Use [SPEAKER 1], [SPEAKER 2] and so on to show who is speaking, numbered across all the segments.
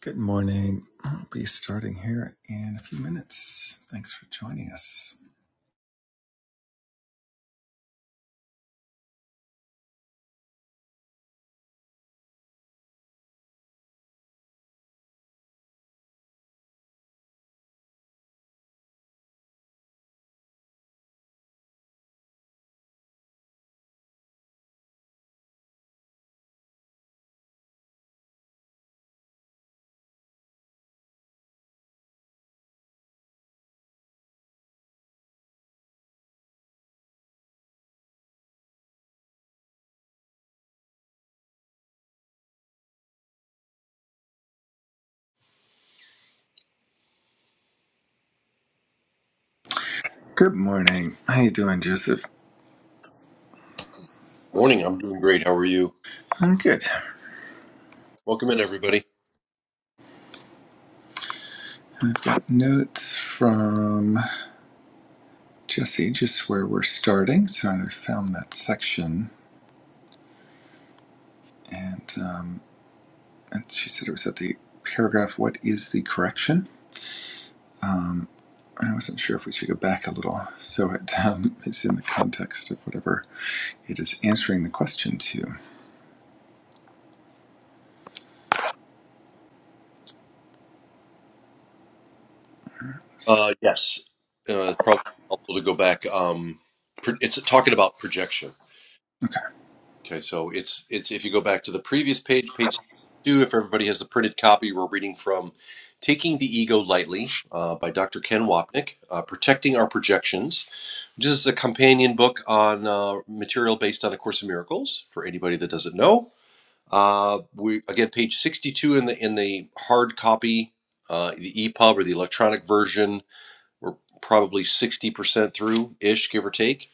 [SPEAKER 1] Good morning. I'll be starting here in a few minutes. Thanks for joining us. Good morning. How you doing, Joseph?
[SPEAKER 2] Morning. I'm doing great. How are you?
[SPEAKER 1] I'm good.
[SPEAKER 2] Welcome in, everybody.
[SPEAKER 1] I've got notes from Jesse just where we're starting, so I found that section, and um, and she said it was at the paragraph. What is the correction? I wasn't sure if we should go back a little, so it um, it's in the context of whatever it is answering the question to.
[SPEAKER 2] Uh, yes, uh, probably helpful to go back. Um, pro- it's talking about projection.
[SPEAKER 1] Okay,
[SPEAKER 2] Okay, so it's it's if you go back to the previous page, page two. If everybody has the printed copy, we're reading from "Taking the Ego Lightly" uh, by Dr. Ken Wapnick, uh, "Protecting Our Projections," which is a companion book on uh, material based on A Course in Miracles. For anybody that doesn't know, Uh, we again page 62 in the in the hard copy, uh, the EPUB or the electronic version. We're probably 60% through ish, give or take.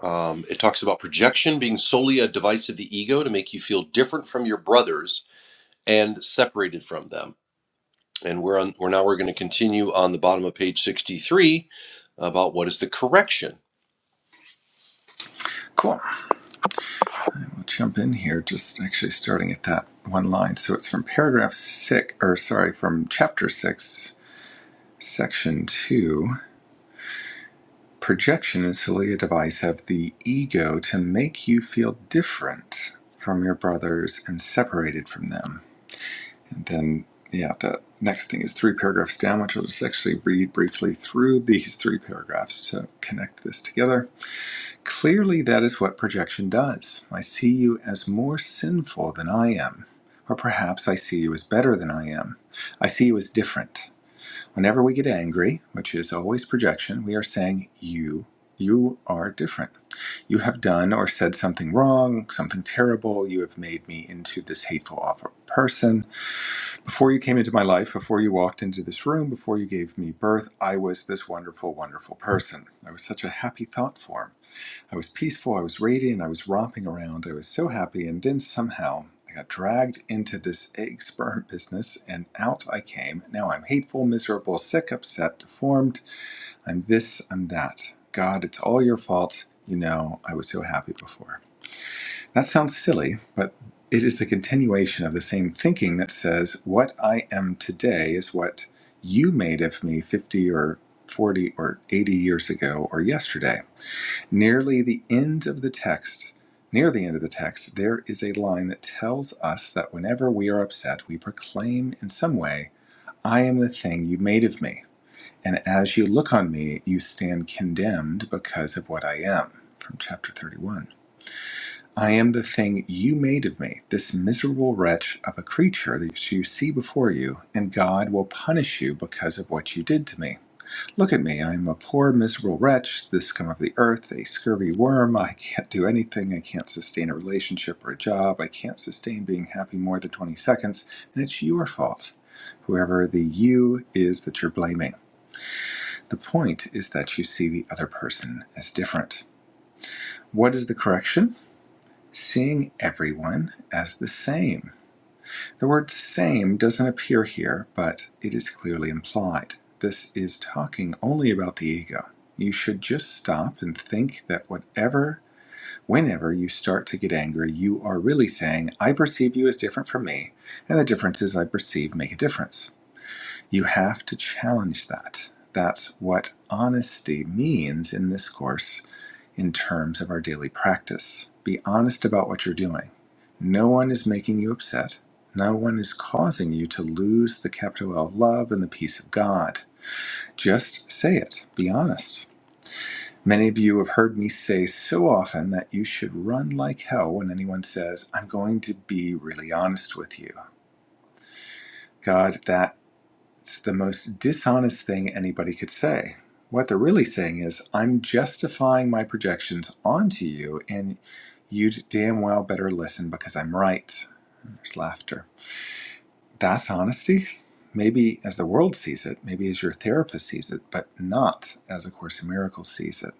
[SPEAKER 2] Um, it talks about projection being solely a device of the ego to make you feel different from your brothers and separated from them. And we're on. We're now we're going to continue on the bottom of page 63 about what is the correction.
[SPEAKER 1] cool. I'll jump in here, just actually starting at that one line. So it's from paragraph six, or sorry, from chapter six, section two. Projection is solely a device of the ego to make you feel different from your brothers and separated from them. And then, yeah, the next thing is three paragraphs down, which I'll just actually read briefly through these three paragraphs to connect this together. Clearly, that is what projection does. I see you as more sinful than I am. Or perhaps I see you as better than I am. I see you as different. Whenever we get angry, which is always projection, we are saying, You, you are different. You have done or said something wrong, something terrible. You have made me into this hateful, awful person. Before you came into my life, before you walked into this room, before you gave me birth, I was this wonderful, wonderful person. I was such a happy thought form. I was peaceful, I was radiant, I was romping around, I was so happy, and then somehow I got dragged into this experiment business and out I came. Now I'm hateful, miserable, sick, upset, deformed. I'm this, I'm that. God, it's all your fault. You know, I was so happy before. That sounds silly, but it is a continuation of the same thinking that says, What I am today is what you made of me 50 or 40 or 80 years ago or yesterday. Nearly the end of the text, near the end of the text, there is a line that tells us that whenever we are upset, we proclaim in some way, I am the thing you made of me. And as you look on me, you stand condemned because of what I am. From chapter 31. I am the thing you made of me, this miserable wretch of a creature that you see before you, and God will punish you because of what you did to me. Look at me, I am a poor, miserable wretch, the scum of the earth, a scurvy worm. I can't do anything. I can't sustain a relationship or a job. I can't sustain being happy more than 20 seconds, and it's your fault. Whoever the you is that you're blaming. The point is that you see the other person as different. What is the correction? Seeing everyone as the same. The word same doesn't appear here, but it is clearly implied. This is talking only about the ego. You should just stop and think that whatever, whenever you start to get angry, you are really saying, I perceive you as different from me, and the differences I perceive make a difference. You have to challenge that. That's what honesty means in this course in terms of our daily practice. Be honest about what you're doing. No one is making you upset. No one is causing you to lose the capital L love and the peace of God. Just say it. Be honest. Many of you have heard me say so often that you should run like hell when anyone says, I'm going to be really honest with you. God, that It's the most dishonest thing anybody could say. What they're really saying is, I'm justifying my projections onto you, and you'd damn well better listen because I'm right. There's laughter. That's honesty. Maybe as the world sees it, maybe as your therapist sees it, but not as A Course in Miracles sees it,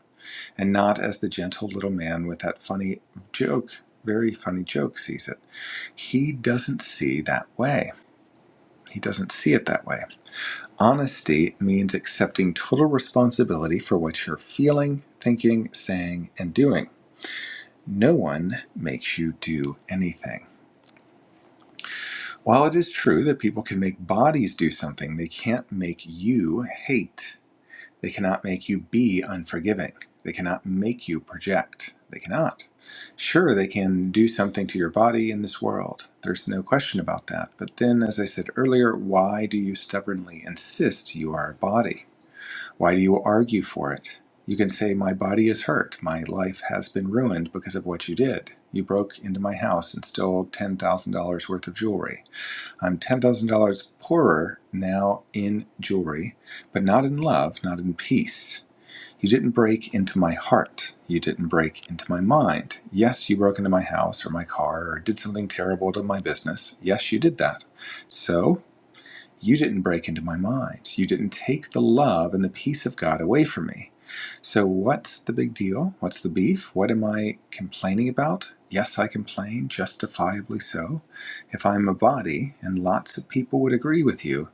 [SPEAKER 1] and not as the gentle little man with that funny joke, very funny joke sees it. He doesn't see that way. He doesn't see it that way. Honesty means accepting total responsibility for what you're feeling, thinking, saying, and doing. No one makes you do anything. While it is true that people can make bodies do something, they can't make you hate. They cannot make you be unforgiving. They cannot make you project. They cannot. Sure, they can do something to your body in this world. There's no question about that. But then, as I said earlier, why do you stubbornly insist you are a body? Why do you argue for it? You can say, My body is hurt. My life has been ruined because of what you did. You broke into my house and stole $10,000 worth of jewelry. I'm $10,000 poorer now in jewelry, but not in love, not in peace. You didn't break into my heart. You didn't break into my mind. Yes, you broke into my house or my car or did something terrible to my business. Yes, you did that. So? You didn't break into my mind. You didn't take the love and the peace of God away from me. So, what's the big deal? What's the beef? What am I complaining about? Yes, I complain, justifiably so, if I'm a body, and lots of people would agree with you.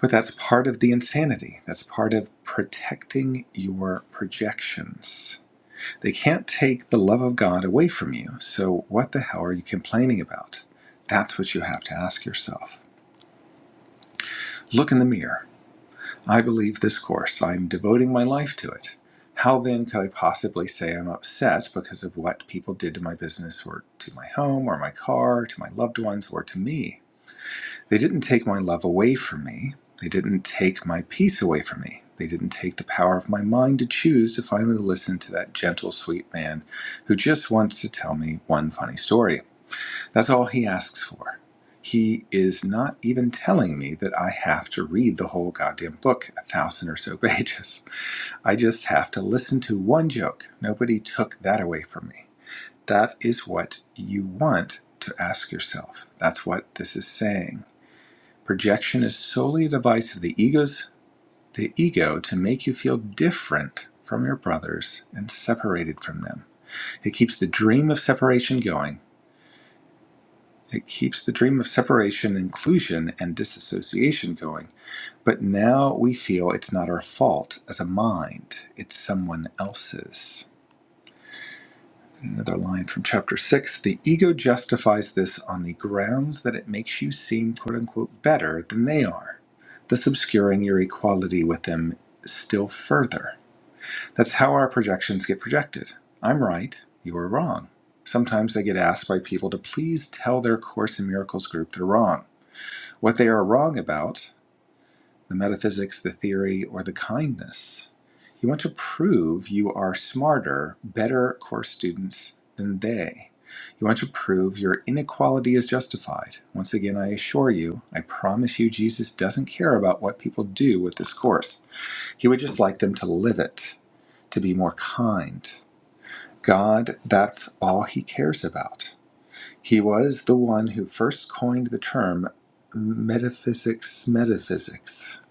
[SPEAKER 1] But that's part of the insanity. That's part of protecting your projections. They can't take the love of God away from you. So, what the hell are you complaining about? That's what you have to ask yourself. Look in the mirror. I believe this course. I'm devoting my life to it. How then could I possibly say I'm upset because of what people did to my business or to my home or my car, to my loved ones or to me? They didn't take my love away from me. They didn't take my peace away from me. They didn't take the power of my mind to choose to finally listen to that gentle, sweet man who just wants to tell me one funny story. That's all he asks for. He is not even telling me that I have to read the whole goddamn book, a thousand or so pages. I just have to listen to one joke. Nobody took that away from me. That is what you want to ask yourself. That's what this is saying. Projection is solely a device of the ego's the ego to make you feel different from your brothers and separated from them. It keeps the dream of separation going It keeps the dream of separation, inclusion, and disassociation going. But now we feel it's not our fault as a mind, it's someone else's. Another line from chapter six the ego justifies this on the grounds that it makes you seem quote unquote better than they are, thus obscuring your equality with them still further. That's how our projections get projected. I'm right, you are wrong. Sometimes they get asked by people to please tell their Course in Miracles group they're wrong what they are wrong about the metaphysics, the theory, or the kindness. You want to prove you are smarter, better course students than they. You want to prove your inequality is justified. Once again, I assure you, I promise you, Jesus doesn't care about what people do with this course. He would just like them to live it, to be more kind. God, that's all he cares about. He was the one who first coined the term metaphysics metaphysics.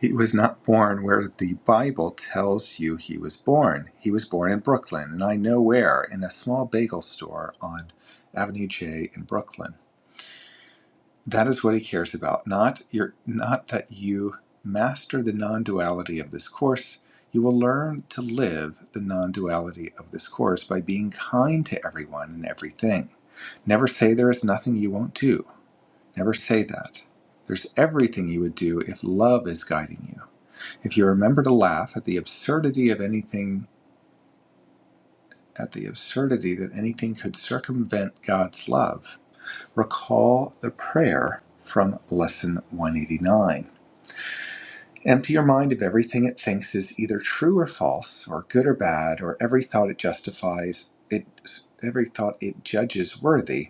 [SPEAKER 1] He was not born where the Bible tells you he was born. He was born in Brooklyn, and I know where, in a small bagel store on Avenue J in Brooklyn. That is what he cares about, not your not that you master the non-duality of this course. You will learn to live the non-duality of this course by being kind to everyone and everything. Never say there is nothing you won't do. Never say that. There's everything you would do if love is guiding you. If you remember to laugh at the absurdity of anything, at the absurdity that anything could circumvent God's love, recall the prayer from Lesson 189. Empty your mind of everything it thinks is either true or false, or good or bad, or every thought it justifies, it, every thought it judges worthy,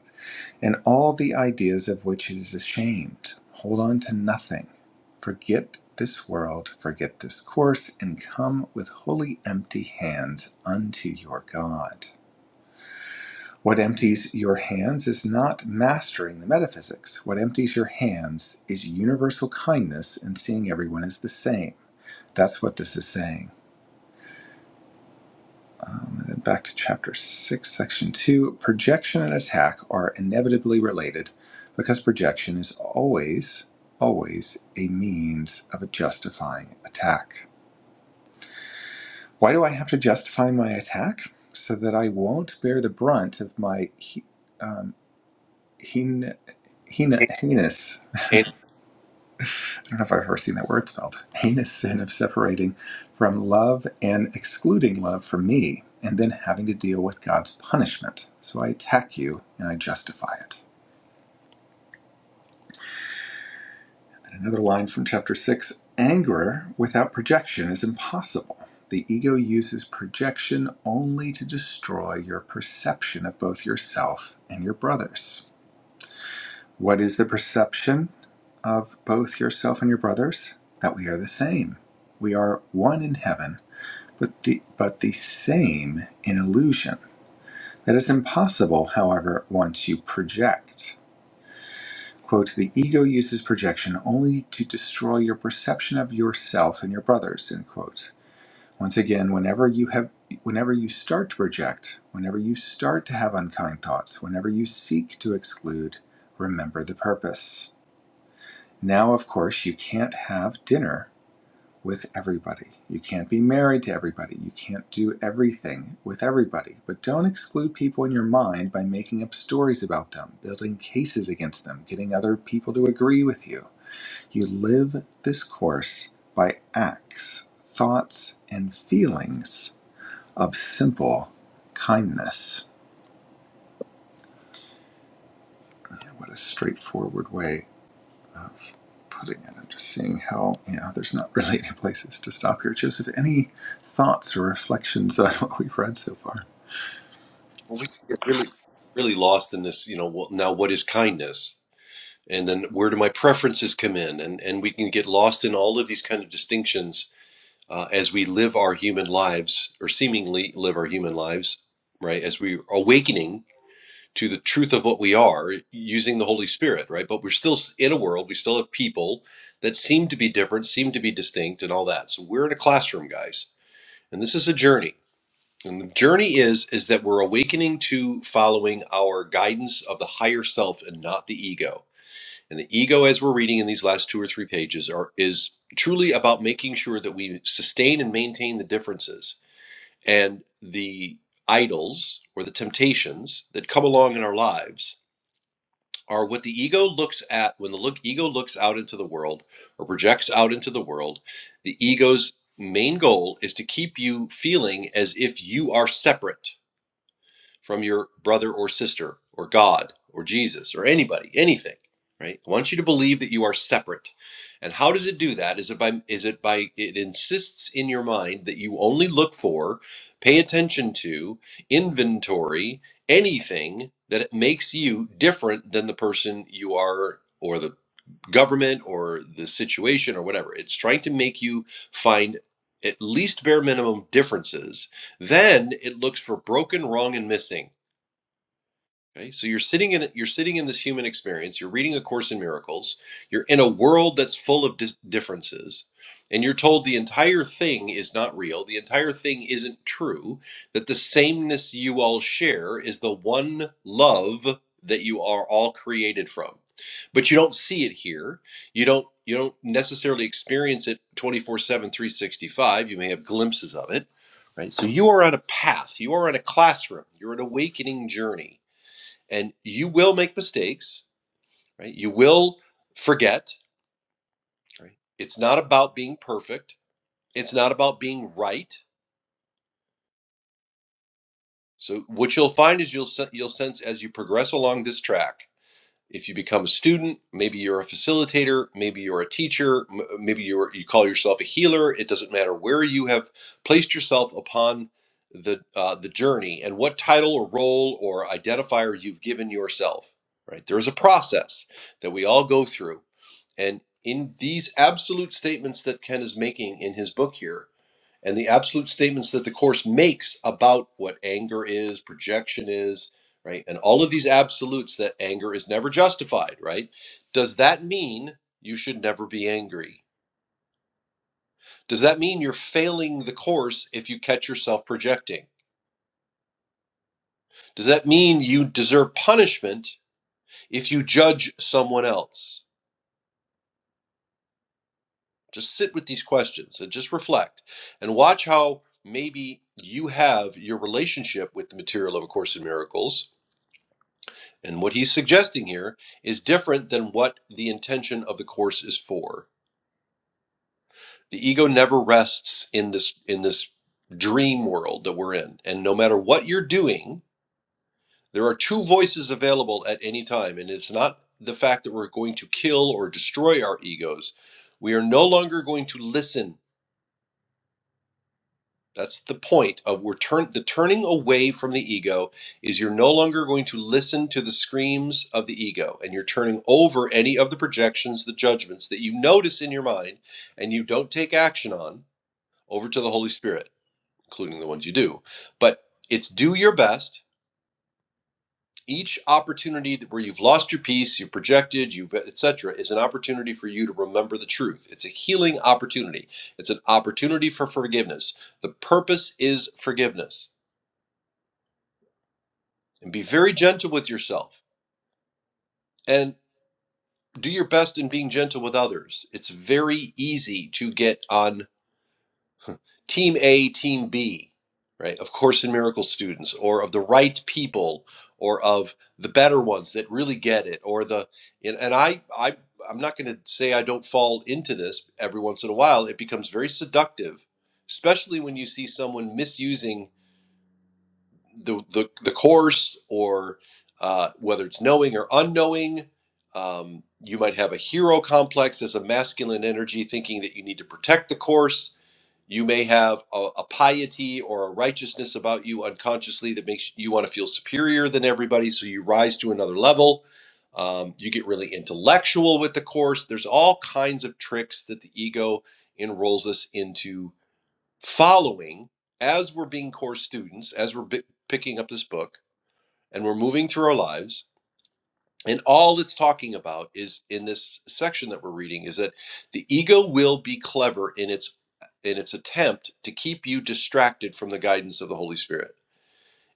[SPEAKER 1] and all the ideas of which it is ashamed. Hold on to nothing. Forget this world, forget this course, and come with wholly empty hands unto your God. What empties your hands is not mastering the metaphysics. What empties your hands is universal kindness and seeing everyone as the same. That's what this is saying. Um, and then back to chapter 6, section 2. Projection and attack are inevitably related because projection is always, always a means of a justifying attack. Why do I have to justify my attack? So that I won't bear the brunt of my he, um, heen, heen, heinous.
[SPEAKER 2] And
[SPEAKER 1] I don't know if I've ever seen that word spelled. Heinous sin of separating from love and excluding love from me, and then having to deal with God's punishment. So I attack you and I justify it. And another line from chapter 6 anger without projection is impossible. The ego uses projection only to destroy your perception of both yourself and your brothers. What is the perception of both yourself and your brothers? That we are the same. We are one in heaven but the, but the same in illusion. That is impossible, however, once you project. Quote, the ego uses projection only to destroy your perception of yourself and your brothers, end quote. Once again, whenever you have whenever you start to project, whenever you start to have unkind thoughts, whenever you seek to exclude, remember the purpose. Now of course you can't have dinner with everybody. You can't be married to everybody. You can't do everything with everybody. But don't exclude people in your mind by making up stories about them, building cases against them, getting other people to agree with you. You live this course by acts, thoughts, and feelings of simple kindness. Yeah, What a straightforward way of putting it. I'm just seeing how, you know, there's not really any places to stop here. Joseph, any thoughts or reflections on what we've read so far?
[SPEAKER 2] we get really really lost in this. You know, well, now what is kindness? and then where do my preferences come in and and we can get lost in all of these kind of distinctions uh, as we live our human lives or seemingly live our human lives right as we're awakening to the truth of what we are using the holy spirit right but we're still s- in a world we still have people that seem to be different seem to be distinct and all that so we're in a classroom guys and this is a journey and the journey is is that we're awakening to following our guidance of the higher self and not the ego and the ego, as we're reading in these last two or three pages, are is truly about making sure that we sustain and maintain the differences and the idols or the temptations that come along in our lives are what the ego looks at when the look ego looks out into the world or projects out into the world the ego's main goal is to keep you feeling as if you are separate from your brother or sister or God or Jesus or anybody, anything, right? I want you to believe that you are separate. And how does it do that? Is it by is it by it insists in your mind that you only look for, pay attention to, inventory anything that makes you different than the person you are or the government or the situation or whatever. It's trying to make you find at least bare minimum differences. Then it looks for broken, wrong and missing Okay, so you're sitting in you're sitting in this human experience. You're reading a course in miracles. You're in a world that's full of dis- differences, and you're told the entire thing is not real. The entire thing isn't true. That the sameness you all share is the one love that you are all created from. But you don't see it here. You don't you don't necessarily experience it twenty four seven three sixty five. You may have glimpses of it, right? So you are on a path. You are in a classroom. You're an awakening journey and you will make mistakes right you will forget right it's not about being perfect it's not about being right so what you'll find is you'll you you'll sense as you progress along this track if you become a student maybe you're a facilitator maybe you're a teacher m- maybe you're you call yourself a healer it doesn't matter where you have placed yourself upon the uh, the journey and what title or role or identifier you've given yourself right there is a process that we all go through And in these absolute statements that Ken is making in his book here, and the absolute statements that the Course makes about what anger is, projection is, right? And all of these absolutes that anger is never justified, right? Does that mean you should never be angry? Does that mean you're failing the Course if you catch yourself projecting? Does that mean you deserve punishment if you judge someone else? Just sit with these questions and just reflect and watch how maybe you have your relationship with the material of A Course in Miracles. And what he's suggesting here is different than what the intention of the course is for. The ego never rests in this in this dream world that we're in. And no matter what you're doing, there are two voices available at any time. And it's not the fact that we're going to kill or destroy our egos. We are no longer going to listen That's the point of we're turn the turning away from the ego is you're no longer going to listen to the screams of the ego and you're turning over any of the projections, the judgments that you notice in your mind and you don't take action on over to the Holy Spirit, including the ones you do. But it's do your best. Each opportunity where you've lost your peace, you've projected, you've etc., is an opportunity for you to remember the truth. It's a healing opportunity. It's an opportunity for forgiveness. The purpose is forgiveness and be very gentle with yourself and do your best in being gentle with others. It's very easy to get on team A, team B, right? Of course in miracle students or of the right people or of the better ones that really get it or the and, and I I I'm not going to say I don't fall into this every once in a while. It becomes very seductive, especially when you see someone misusing the the, the course or uh, whether it's knowing or unknowing um, you might have a hero complex as a masculine energy thinking that you need to protect the course you may have a, a piety or a righteousness about you unconsciously that makes you want to feel superior than everybody so you rise to another level um, you get really intellectual with the course there's all kinds of tricks that the ego enrolls us into following as we're being core students, as we're bi- picking up this book and we're moving through our lives. And all it's talking about is in this section that we're reading is that the ego will be clever in its in its attempt to keep you distracted from the guidance of the Holy Spirit.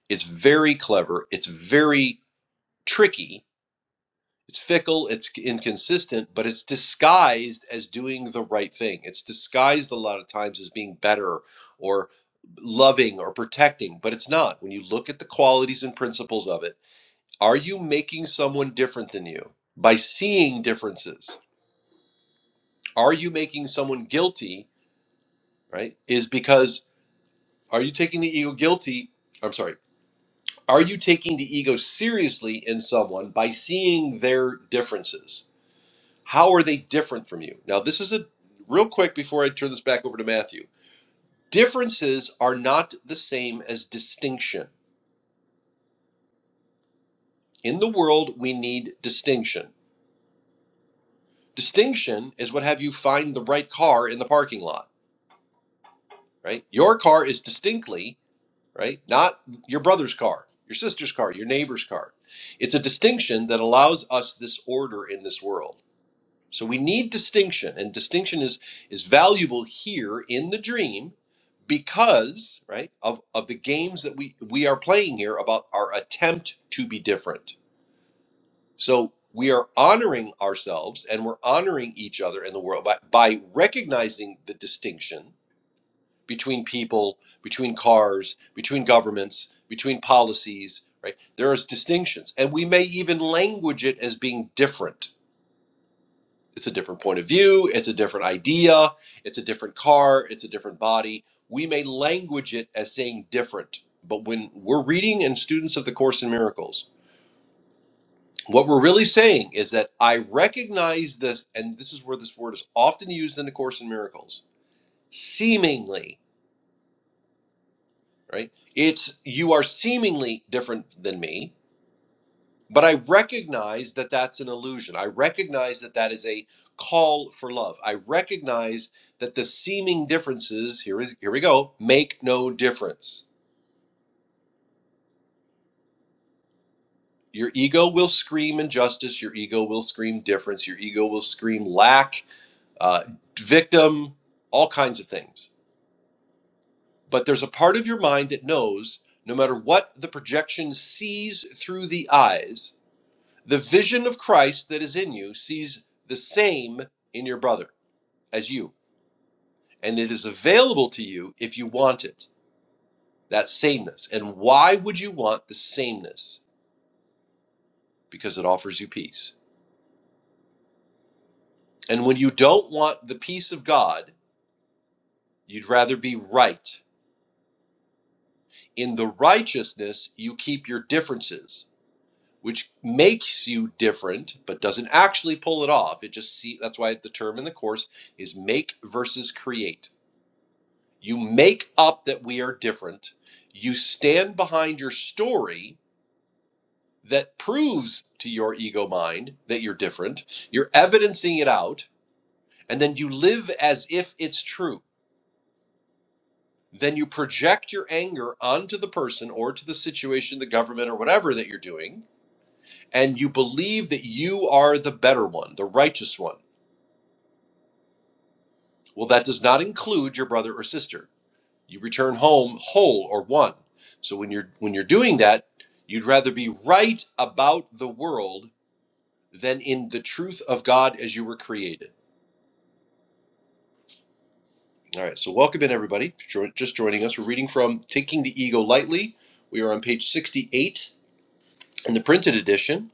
[SPEAKER 2] It's very clever, it's very tricky, It's fickle, it's inconsistent, but it's disguised as doing the right thing. It's disguised a lot of times as being better or loving or protecting, but it's not. When you look at the qualities and principles of it, are you making someone different than you by seeing differences? Are you making someone guilty, right? Is because are you taking the ego guilty? I'm sorry. Are you taking the ego seriously in someone by seeing their differences? How are they different from you? Now, this is a real quick before I turn this back over to Matthew. Differences are not the same as distinction. In the world, we need distinction. Distinction is what have you find the right car in the parking lot, right? Your car is distinctly, right? Not your brother's car, your sister's car, your neighbor's car. It's a distinction that allows us this order in this world. So we need distinction, and distinction is is valuable here in the dream because right of of the games that we we are playing here about our attempt to be different. So we are honoring ourselves and we're honoring each other in the world by, by recognizing the distinction between people, between cars, between governments, between policies, right? There is distinctions. And we may even language it as being different it's a different point of view. It's a different idea. It's a different car. It's a different body. We may language it as saying different, but when we're reading and students of the Course in Miracles, what we're really saying is that I recognize this, and this is where this word is often used in the Course in Miracles seemingly, right? It's you are seemingly different than me But I recognize that that's an illusion. I recognize that that is a call for love. I recognize that the seeming differences here is here we go make no difference. Your ego will scream injustice. Your ego will scream difference. Your ego will scream lack, uh, victim, all kinds of things. But there's a part of your mind that knows no matter what the projection sees through the eyes, the vision of Christ that is in you sees the same in your brother as you. And it is available to you if you want it, that sameness. And why would you want the sameness? Because it offers you peace. And when you don't want the peace of God, you'd rather be right. In the righteousness, you keep your differences, which makes you different, but doesn't actually pull it off. It just see that's why the term in the course is make versus create. You make up that we are different. You stand behind your story that proves to your ego mind that you're different. You're evidencing it out, and then you live as if it's true. Then you project your anger onto the person or to the situation, the government, or whatever that you're doing, and you believe that you are the better one, the righteous one. Well, that does not include your brother or sister. You return home whole or one. So when you're when you're doing that, you'd rather be right about the world than in the truth of God as you were created. All right, so welcome in everybody. Just joining us, we're reading from Taking the Ego Lightly. We are on page 68 in the printed edition.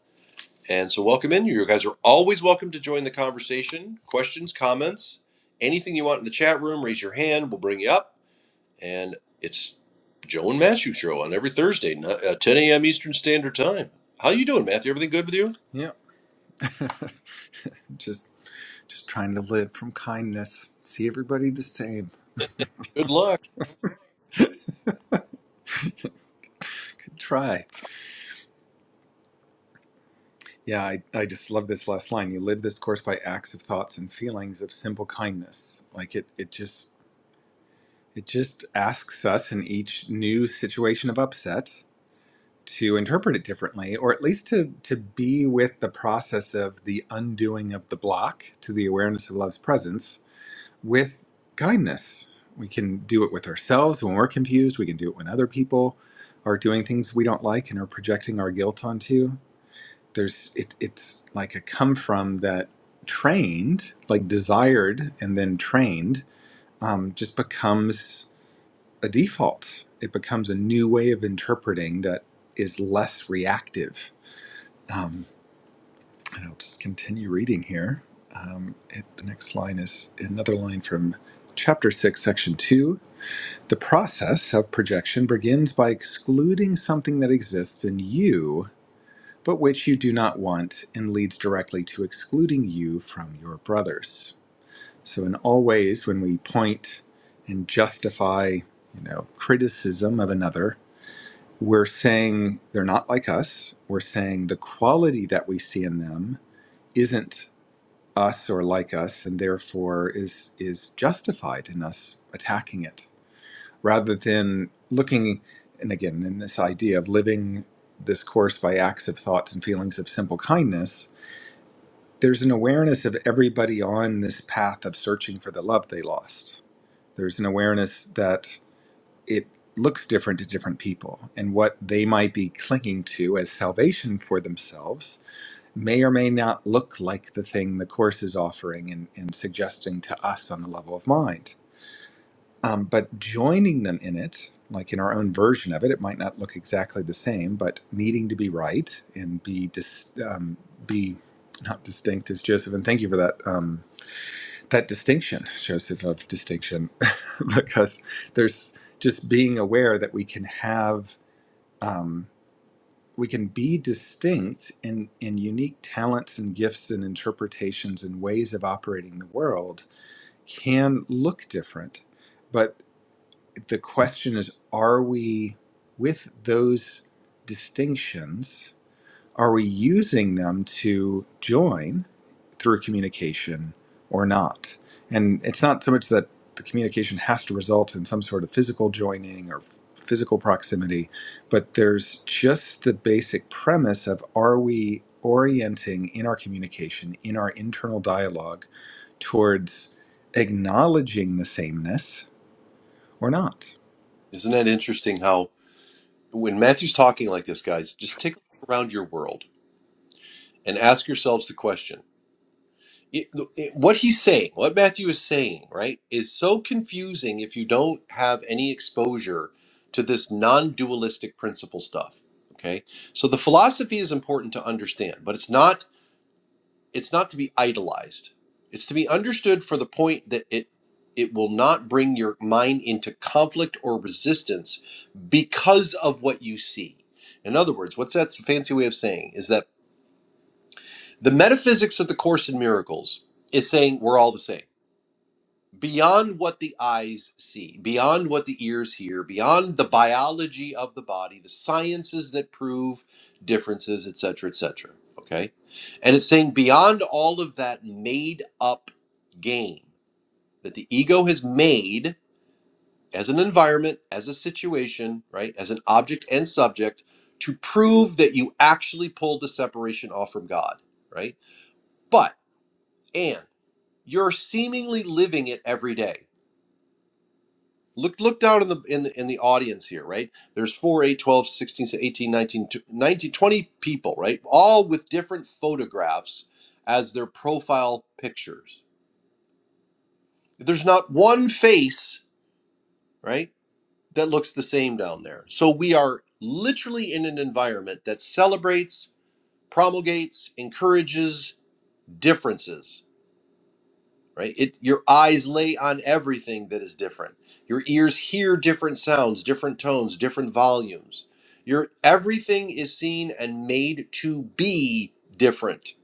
[SPEAKER 2] And so, welcome in. You guys are always welcome to join the conversation. Questions, comments, anything you want in the chat room, raise your hand. We'll bring you up. And it's Joe and Matthew show on every Thursday, no- uh, 10 a.m. Eastern Standard Time. How you doing, Matthew? Everything good with you?
[SPEAKER 1] Yep. just just trying to live from kindness. See everybody the same.
[SPEAKER 2] Good luck.
[SPEAKER 1] Good try. Yeah, I, I just love this last line. You live this course by acts of thoughts and feelings of simple kindness. Like it it just it just asks us in each new situation of upset to interpret it differently, or at least to to be with the process of the undoing of the block to the awareness of love's presence with kindness. We can do it with ourselves when we're confused. We can do it when other people are doing things we don't like and are projecting our guilt onto. There's it, it's like a come from that trained, like desired and then trained, um, just becomes a default. It becomes a new way of interpreting that is less reactive. Um, and I'll just continue reading here. Um, it, the next line is another line from chapter 6, section 2. The process of projection begins by excluding something that exists in you, but which you do not want, and leads directly to excluding you from your brothers. So, in all ways, when we point and justify, you know, criticism of another, we're saying they're not like us. We're saying the quality that we see in them isn't us or like us, and therefore is is justified in us attacking it rather than looking and again in this idea of living this course by acts of thoughts and feelings of simple kindness there's an awareness of everybody on this path of searching for the love they lost there's an awareness that it looks different to different people and what they might be clinging to as salvation for themselves may or may not look like the thing the course is offering and, and suggesting to us on the level of mind um, but joining them in it, like in our own version of it, it might not look exactly the same, but needing to be right and be dis- um, be not distinct as Joseph. And thank you for that um, that distinction, Joseph, of distinction, because there's just being aware that we can have um, we can be distinct in in unique talents and gifts and interpretations and ways of operating the world can look different but the question is are we with those distinctions are we using them to join through communication or not and it's not so much that the communication has to result in some sort of physical joining or physical proximity but there's just the basic premise of are we orienting in our communication in our internal dialogue towards acknowledging the sameness or not
[SPEAKER 2] Isn't that interesting how when Matthew's talking like this, guys, just take a look around your world and ask yourselves the question it, it- what he's saying, what Matthew is saying, right, is so confusing if you don't have any exposure to this non dualistic principle stuff. Okay. So the philosophy is important to understand, but it's not it's not to be idolized. It's to be understood for the point that it it will not bring your mind into conflict or resistance because of what you see. In other words, what's that's a fancy way of saying is that the metaphysics of the course in miracles is saying we're all the same beyond what the eyes see, beyond what the ears hear, beyond the biology of the body, the sciences that prove differences, et cetera, et cetera. Okay, and it's saying beyond all of that made up game that the ego has made as an environment, as a situation, right, as an object and subject to prove that you actually pulled the separation off from God, right? But and you're seemingly living it every day look look down in the in the in the audience here right there's 4 eight, twelve, sixteen, eighteen, nineteen, twenty people right all with different photographs as their profile pictures there's not one face right that looks the same down there so we are literally in an environment that celebrates promulgates encourages differences right it your eyes lay on everything that is different your ears hear different sounds different tones different volumes your everything is seen and made to be different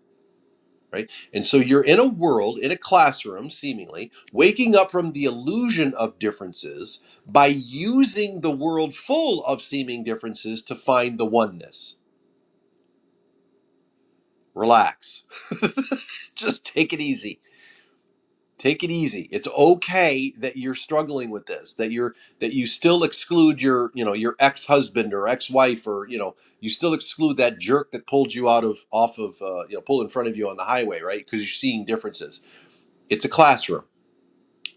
[SPEAKER 2] right and so you're in a world in a classroom seemingly waking up from the illusion of differences by using the world full of seeming differences to find the oneness relax just take it easy take it easy it's okay that you're struggling with this that you're that you still exclude your you know your ex-husband or ex-wife or you know you still exclude that jerk that pulled you out of off of uh, you know pulled in front of you on the highway right because you're seeing differences it's a classroom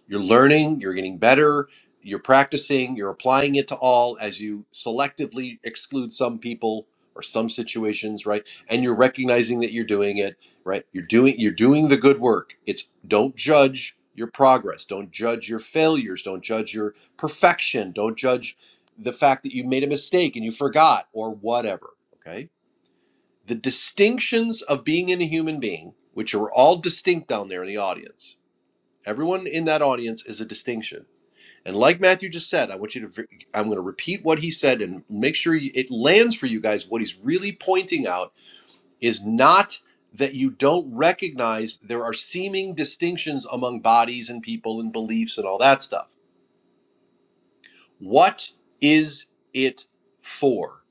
[SPEAKER 2] you're learning, you're getting better, you're practicing, you're applying it to all as you selectively exclude some people or some situations, right? And you're recognizing that you're doing it, right? You're doing you're doing the good work. It's don't judge your progress, don't judge your failures, don't judge your perfection, don't judge the fact that you made a mistake and you forgot or whatever, okay? The distinctions of being in a human being, which are all distinct down there in the audience Everyone in that audience is a distinction. And like Matthew just said, I want you to, i I'm going to repeat what he said and make sure it lands for you guys. What he's really pointing out is not that you don't recognize there are seeming distinctions among bodies and people and beliefs and all that stuff. What is it for?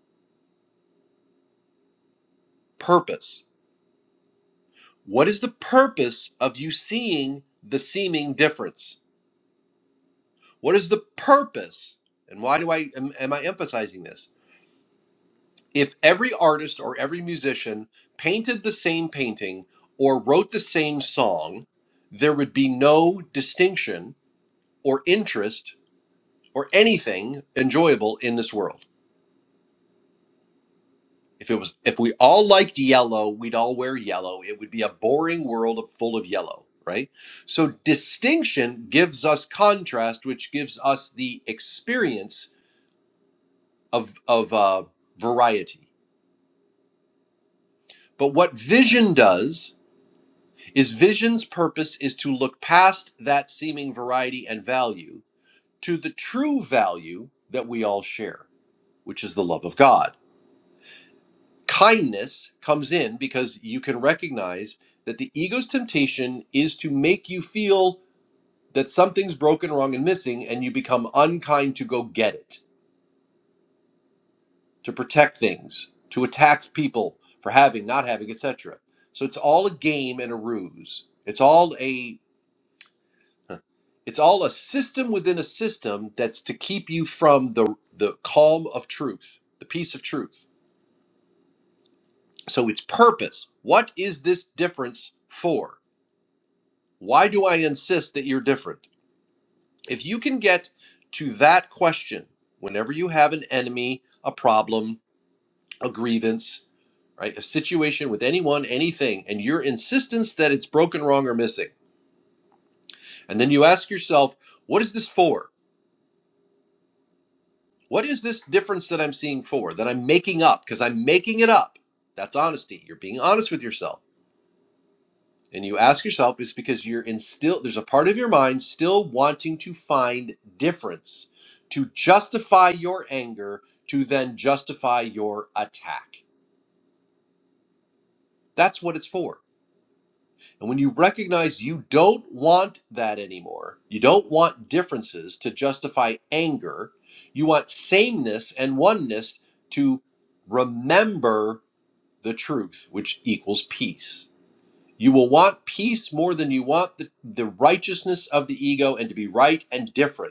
[SPEAKER 2] Purpose. What is the purpose of you seeing the seeming difference? What is the purpose? And why do I am, am I emphasizing this? if every artist or every musician painted the same painting or wrote the same song, there would be no distinction or interest or anything enjoyable in this world. If it was if we all liked yellow, we'd all wear yellow. It would be a boring world of, full of yellow, right? So distinction gives us contrast, which gives us the experience of of uh, variety. But what vision does is vision's purpose is to look past that seeming variety and value to the true value that we all share, which is the love of God. Kindness comes in because you can recognize that the ego's temptation is to make you feel that something's broken, wrong, and missing, and you become unkind to go get it, to protect things, to attack people for having, not having, etc. So it's all a game and a ruse. It's all a It's all a system within a system that's to keep you from the the calm of truth, the peace of truth. So it's purpose. What is this difference for? Why do I insist that you're different? If you can get to that question whenever you have an enemy, a problem, a grievance, right? A situation with anyone, anything, and your insistence that it's broken, wrong, or missing. And then you ask yourself, what is this for? What is this difference that I'm seeing for, that I'm making up? Because I'm making it up. That's honesty. You're being honest with yourself. And you ask yourself, it's because you're in still, there's a part of your mind still wanting to find difference to justify your anger, to then justify your attack. That's what it's for. And when you recognize you don't want that anymore, you don't want differences to justify anger, you want sameness and oneness to remember the truth, which equals peace. You will want peace more than you want the, the righteousness of the ego and to be right and different.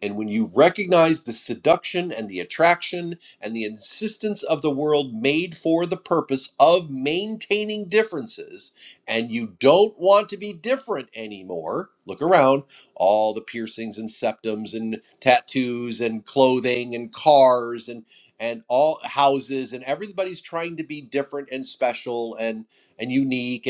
[SPEAKER 2] And when you recognize the seduction and the attraction and the insistence of the world made for the purpose of maintaining differences, and you don't want to be different anymore, look around all the piercings and septums and tattoos and clothing and cars and and all houses and everybody's trying to be different and special and and unique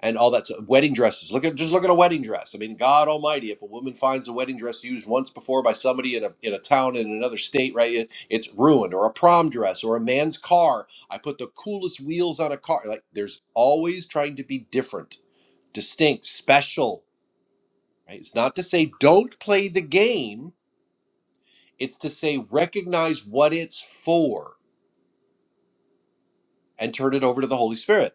[SPEAKER 2] and all that stuff. wedding dresses. Look at just look at a wedding dress. I mean, God Almighty, if a woman finds a wedding dress used once before by somebody in a in a town in another state, right, it, it's ruined. Or a prom dress, or a man's car. I put the coolest wheels on a car. Like there's always trying to be different, distinct, special. Right? It's not to say don't play the game. It's to say recognize what it's for and turn it over to the Holy Spirit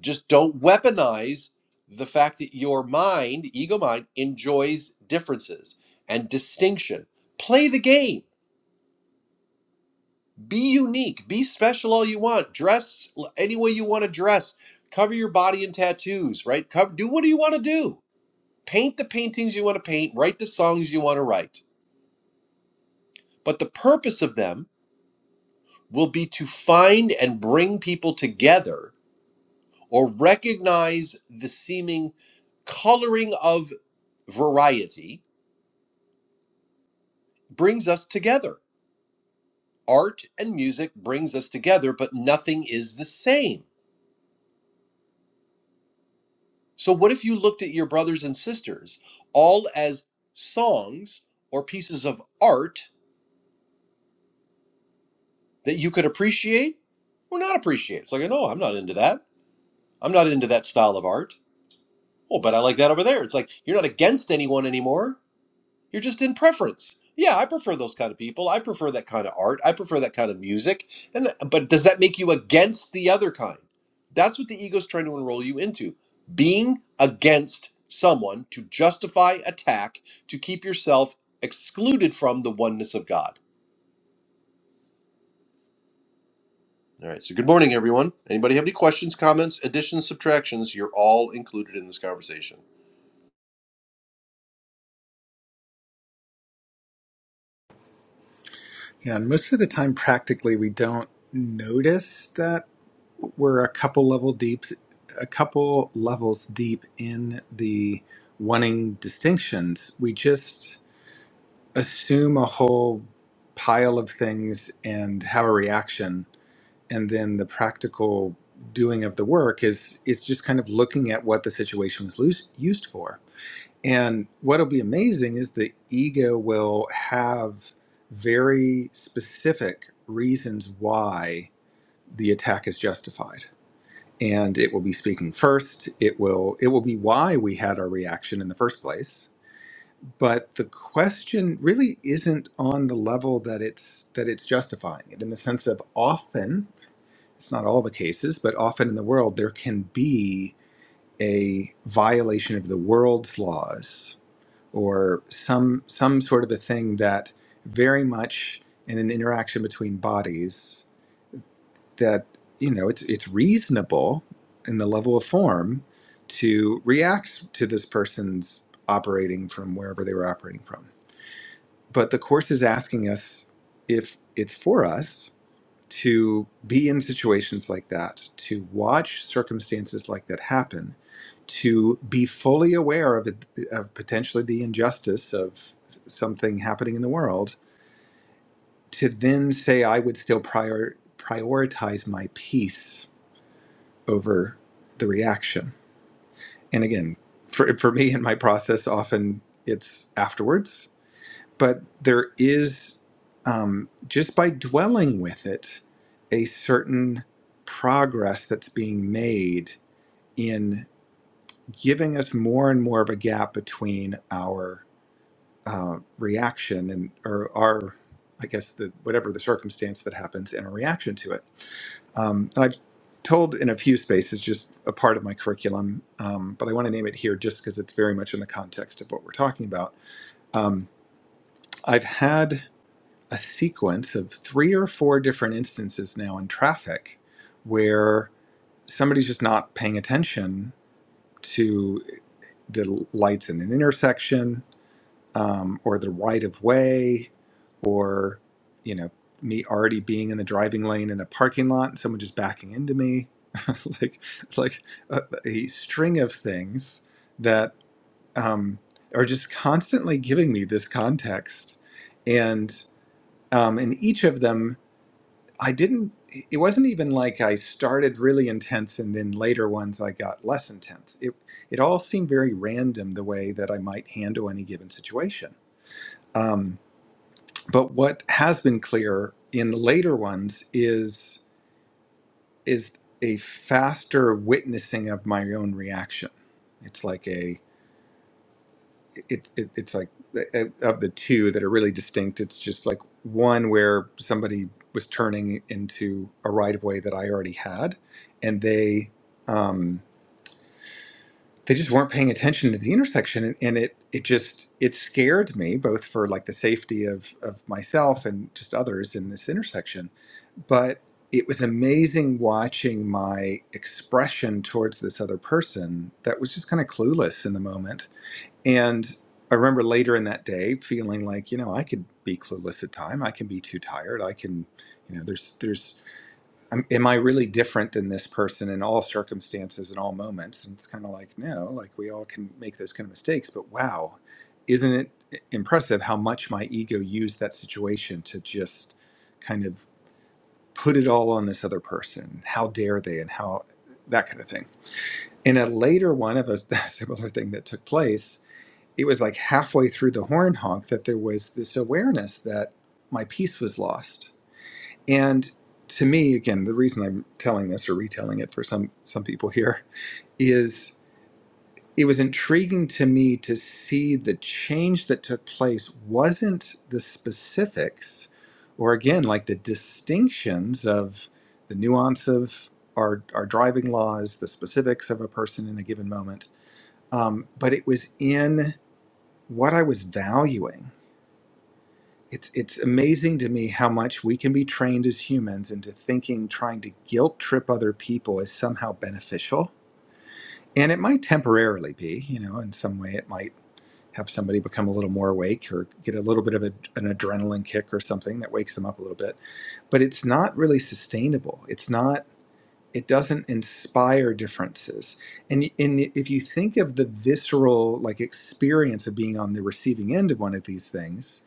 [SPEAKER 2] just don't weaponize the fact that your mind, ego mind, enjoys differences and distinction. Play the game. Be unique. Be special all you want. Dress any way you want to dress. Cover your body in tattoos, right? Cover, do what do you want to do. Paint the paintings you want to paint. Write the songs you want to write. But the purpose of them will be to find and bring people together or recognize the seeming coloring of variety brings us together. Art and music brings us together, but nothing is the same. So what if you looked at your brothers and sisters all as songs or pieces of art that you could appreciate or not appreciate? It's like, no, I'm not into that. I'm not into that style of art. Oh, but I like that over there. It's like you're not against anyone anymore. You're just in preference. Yeah, I prefer those kind of people. I prefer that kind of art. I prefer that kind of music. And th- but does that make you against the other kind? That's what the ego's trying to enroll you into. Being against someone to justify attack to keep yourself excluded from the oneness of God. All right. So good morning everyone. Anybody have any questions, comments, additions, subtractions? You're all included in this conversation.
[SPEAKER 1] Yeah, and most of the time, practically, we don't notice that we're a couple level deep, a couple levels deep in the wanting distinctions. We just assume a whole pile of things and have a reaction, and then the practical doing of the work is it's just kind of looking at what the situation was lo- used for and what'll be amazing is the ego will have very specific reasons why the attack is justified. And it will be speaking first. It will it will be why we had our reaction in the first place. But the question really isn't on the level that it's that it's justifying it in the sense of often, it's not all the cases, but often in the world there can be a violation of the world's laws or some some sort of a thing that very much in an interaction between bodies that you know it's it's reasonable in the level of form to react to this person's operating from wherever they were operating from but the course is asking us if it's for us to be in situations like that, to watch circumstances like that happen, to be fully aware of, it, of potentially the injustice of something happening in the world, to then say, I would still prior, prioritize my peace over the reaction. And again, for, for me in my process, often it's afterwards but there is um, just by dwelling with it a certain progress that's being made in giving us more and more of a gap between our uh, reaction and or our i guess the whatever the circumstance that happens and a reaction to it um, and i've told in a few spaces just a part of my curriculum um, but i want to name it here just because it's very much in the context of what we're talking about um, i've had a sequence of three or four different instances now in traffic where somebody's just not paying attention to the lights in an intersection um, or the right of way or you know me already being in the driving lane in a parking lot and someone just backing into me like like a, a string of things that um, are just constantly giving me this context and um, in each of them I didn't, it wasn't even like I started really intense and then later ones I got less intense. It, it all seemed very random the way that I might handle any given situation. Um, but what has been clear in the later ones is, is a faster witnessing of my own reaction. It's like a, it, it it's like uh, of the two that are really distinct it's just like one where somebody was turning into a right of way that i already had and they um they just weren't paying attention to the intersection and, and it it just it scared me both for like the safety of of myself and just others in this intersection but it was amazing watching my expression towards this other person that was just kind of clueless in the moment and I remember later in that day feeling like, you know, I could be clueless at time. I can be too tired. I can, you know, there's, there's, am am I really different than this person in all circumstances and all moments? And it's kind of like, no, like we all can make those kind of mistakes. But wow, isn't it impressive how much my ego used that situation to just kind of put it all on this other person? How dare they? And how that kind of thing. In a later one of a similar thing that took place, it was like halfway through the horn honk that there was this awareness that my piece was lost. And to me, again, the reason I'm telling this or retelling it for some some people here is it was intriguing to me to see the change that took place wasn't the specifics or again like the distinctions of the nuance of our, our driving laws, the specifics of a person in a given moment, um, but it was in what I was valuing It's, it's amazing to me how much we can be trained as humans into thinking trying to guilt trip other people is somehow beneficial. And it might temporarily be, you know, in some way it might have somebody become a little more awake or get a little bit of a, an adrenaline kick or something that wakes them up a little bit. But it's not really sustainable. It's not it doesn't inspire differences and and if you think of the visceral like experience of being on the receiving end of one of these things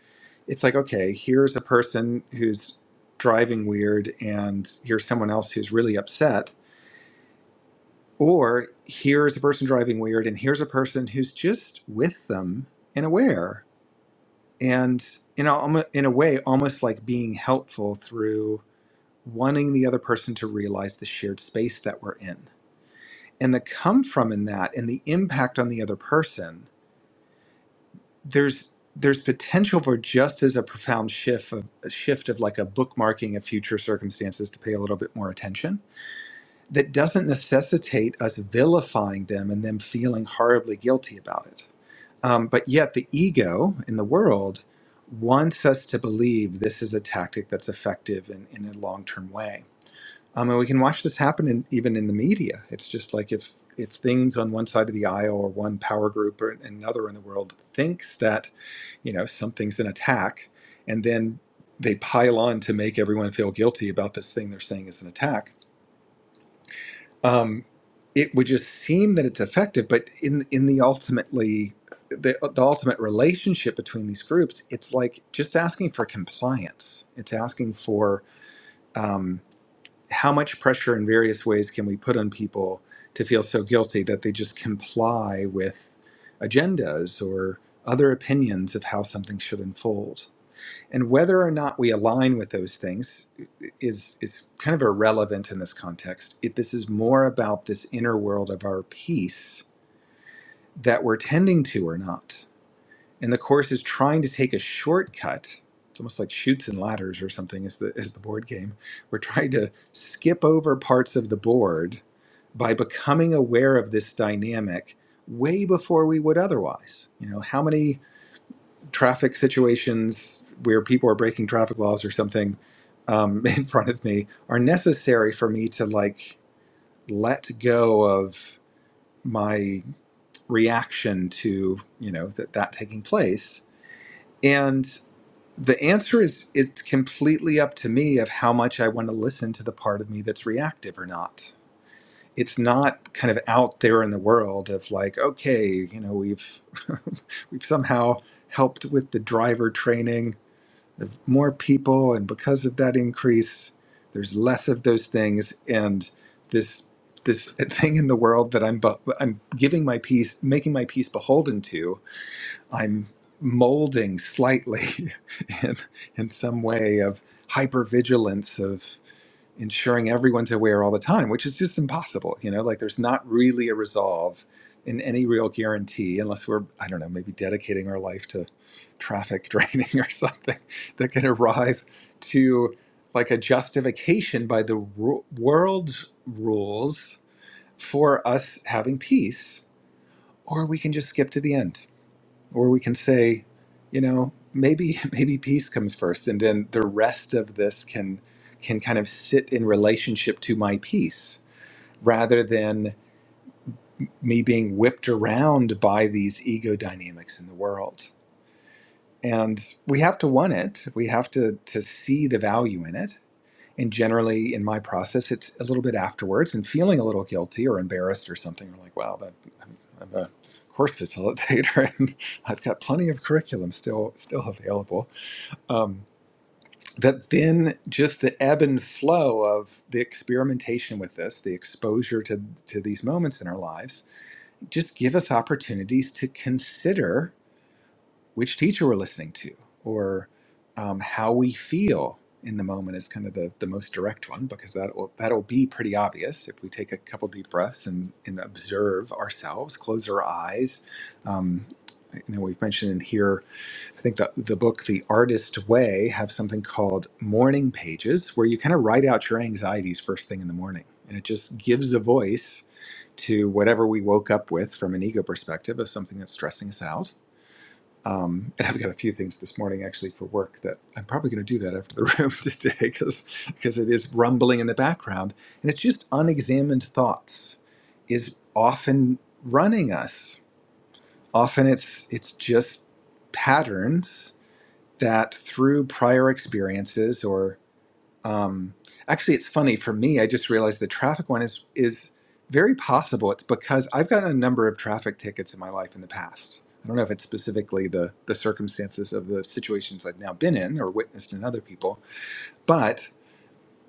[SPEAKER 1] it's like okay here's a person who's driving weird and here's someone else who's really upset or here's a person driving weird and here's a person who's just with them and aware and you know almo- in a way almost like being helpful through wanting the other person to realize the shared space that we're in and the come from in that and the impact on the other person there's there's potential for just as a profound shift of a shift of like a bookmarking of future circumstances to pay a little bit more attention that doesn't necessitate us vilifying them and them feeling horribly guilty about it um, but yet the ego in the world wants us to believe this is a tactic that's effective in, in a long-term way um, and we can watch this happen in, even in the media. It's just like if if things on one side of the aisle or one power group or another in the world thinks that you know something's an attack, and then they pile on to make everyone feel guilty about this thing they're saying is an attack. Um, it would just seem that it's effective, but in in the ultimately the, the ultimate relationship between these groups, it's like just asking for compliance. It's asking for um, how much pressure in various ways can we put on people to feel so guilty that they just comply with agendas or other opinions of how something should unfold and whether or not we align with those things is is kind of irrelevant in this context it, this is more about this inner world of our peace that we're tending to or not and the course is trying to take a shortcut. It's almost like shoots and ladders or something is the is the board game. We're trying to skip over parts of the board by becoming aware of this dynamic way before we would otherwise. You know, how many traffic situations where people are breaking traffic laws or something um, in front of me are necessary for me to like let go of my reaction to you know that that taking place and the answer is it's completely up to me of how much I want to listen to the part of me that's reactive or not. It's not kind of out there in the world of like, okay, you know, we've we've somehow helped with the driver training of more people, and because of that increase, there's less of those things, and this this thing in the world that I'm bu- I'm giving my piece, making my piece beholden to, I'm molding slightly in, in some way of hypervigilance of ensuring everyone's aware all the time, which is just impossible. You know, like there's not really a resolve in any real guarantee unless we're, I don't know, maybe dedicating our life to traffic draining or something that can arrive to like a justification by the ru- world's rules for us having peace, or we can just skip to the end or we can say you know maybe maybe peace comes first and then the rest of this can can kind of sit in relationship to my peace rather than me being whipped around by these ego dynamics in the world and we have to want it we have to to see the value in it and generally in my process it's a little bit afterwards and feeling a little guilty or embarrassed or something I'm like wow that I'm, I'm a course facilitator and i've got plenty of curriculum still still available um, that then just the ebb and flow of the experimentation with this the exposure to to these moments in our lives just give us opportunities to consider which teacher we're listening to or um, how we feel in the moment is kind of the, the most direct one because that will that'll be pretty obvious if we take a couple deep breaths and, and observe ourselves close our eyes um, you know we've mentioned in here i think the, the book the artist way have something called morning pages where you kind of write out your anxieties first thing in the morning and it just gives a voice to whatever we woke up with from an ego perspective of something that's stressing us out um, and I've got a few things this morning actually for work that I'm probably going to do that after the room today because because it is rumbling in the background and it's just unexamined thoughts is often running us. Often it's it's just patterns that through prior experiences or. Um, actually, it's funny for me. I just realized the traffic one is is very possible. It's because I've gotten a number of traffic tickets in my life in the past. I don't know if it's specifically the the circumstances of the situations I've now been in or witnessed in other people, but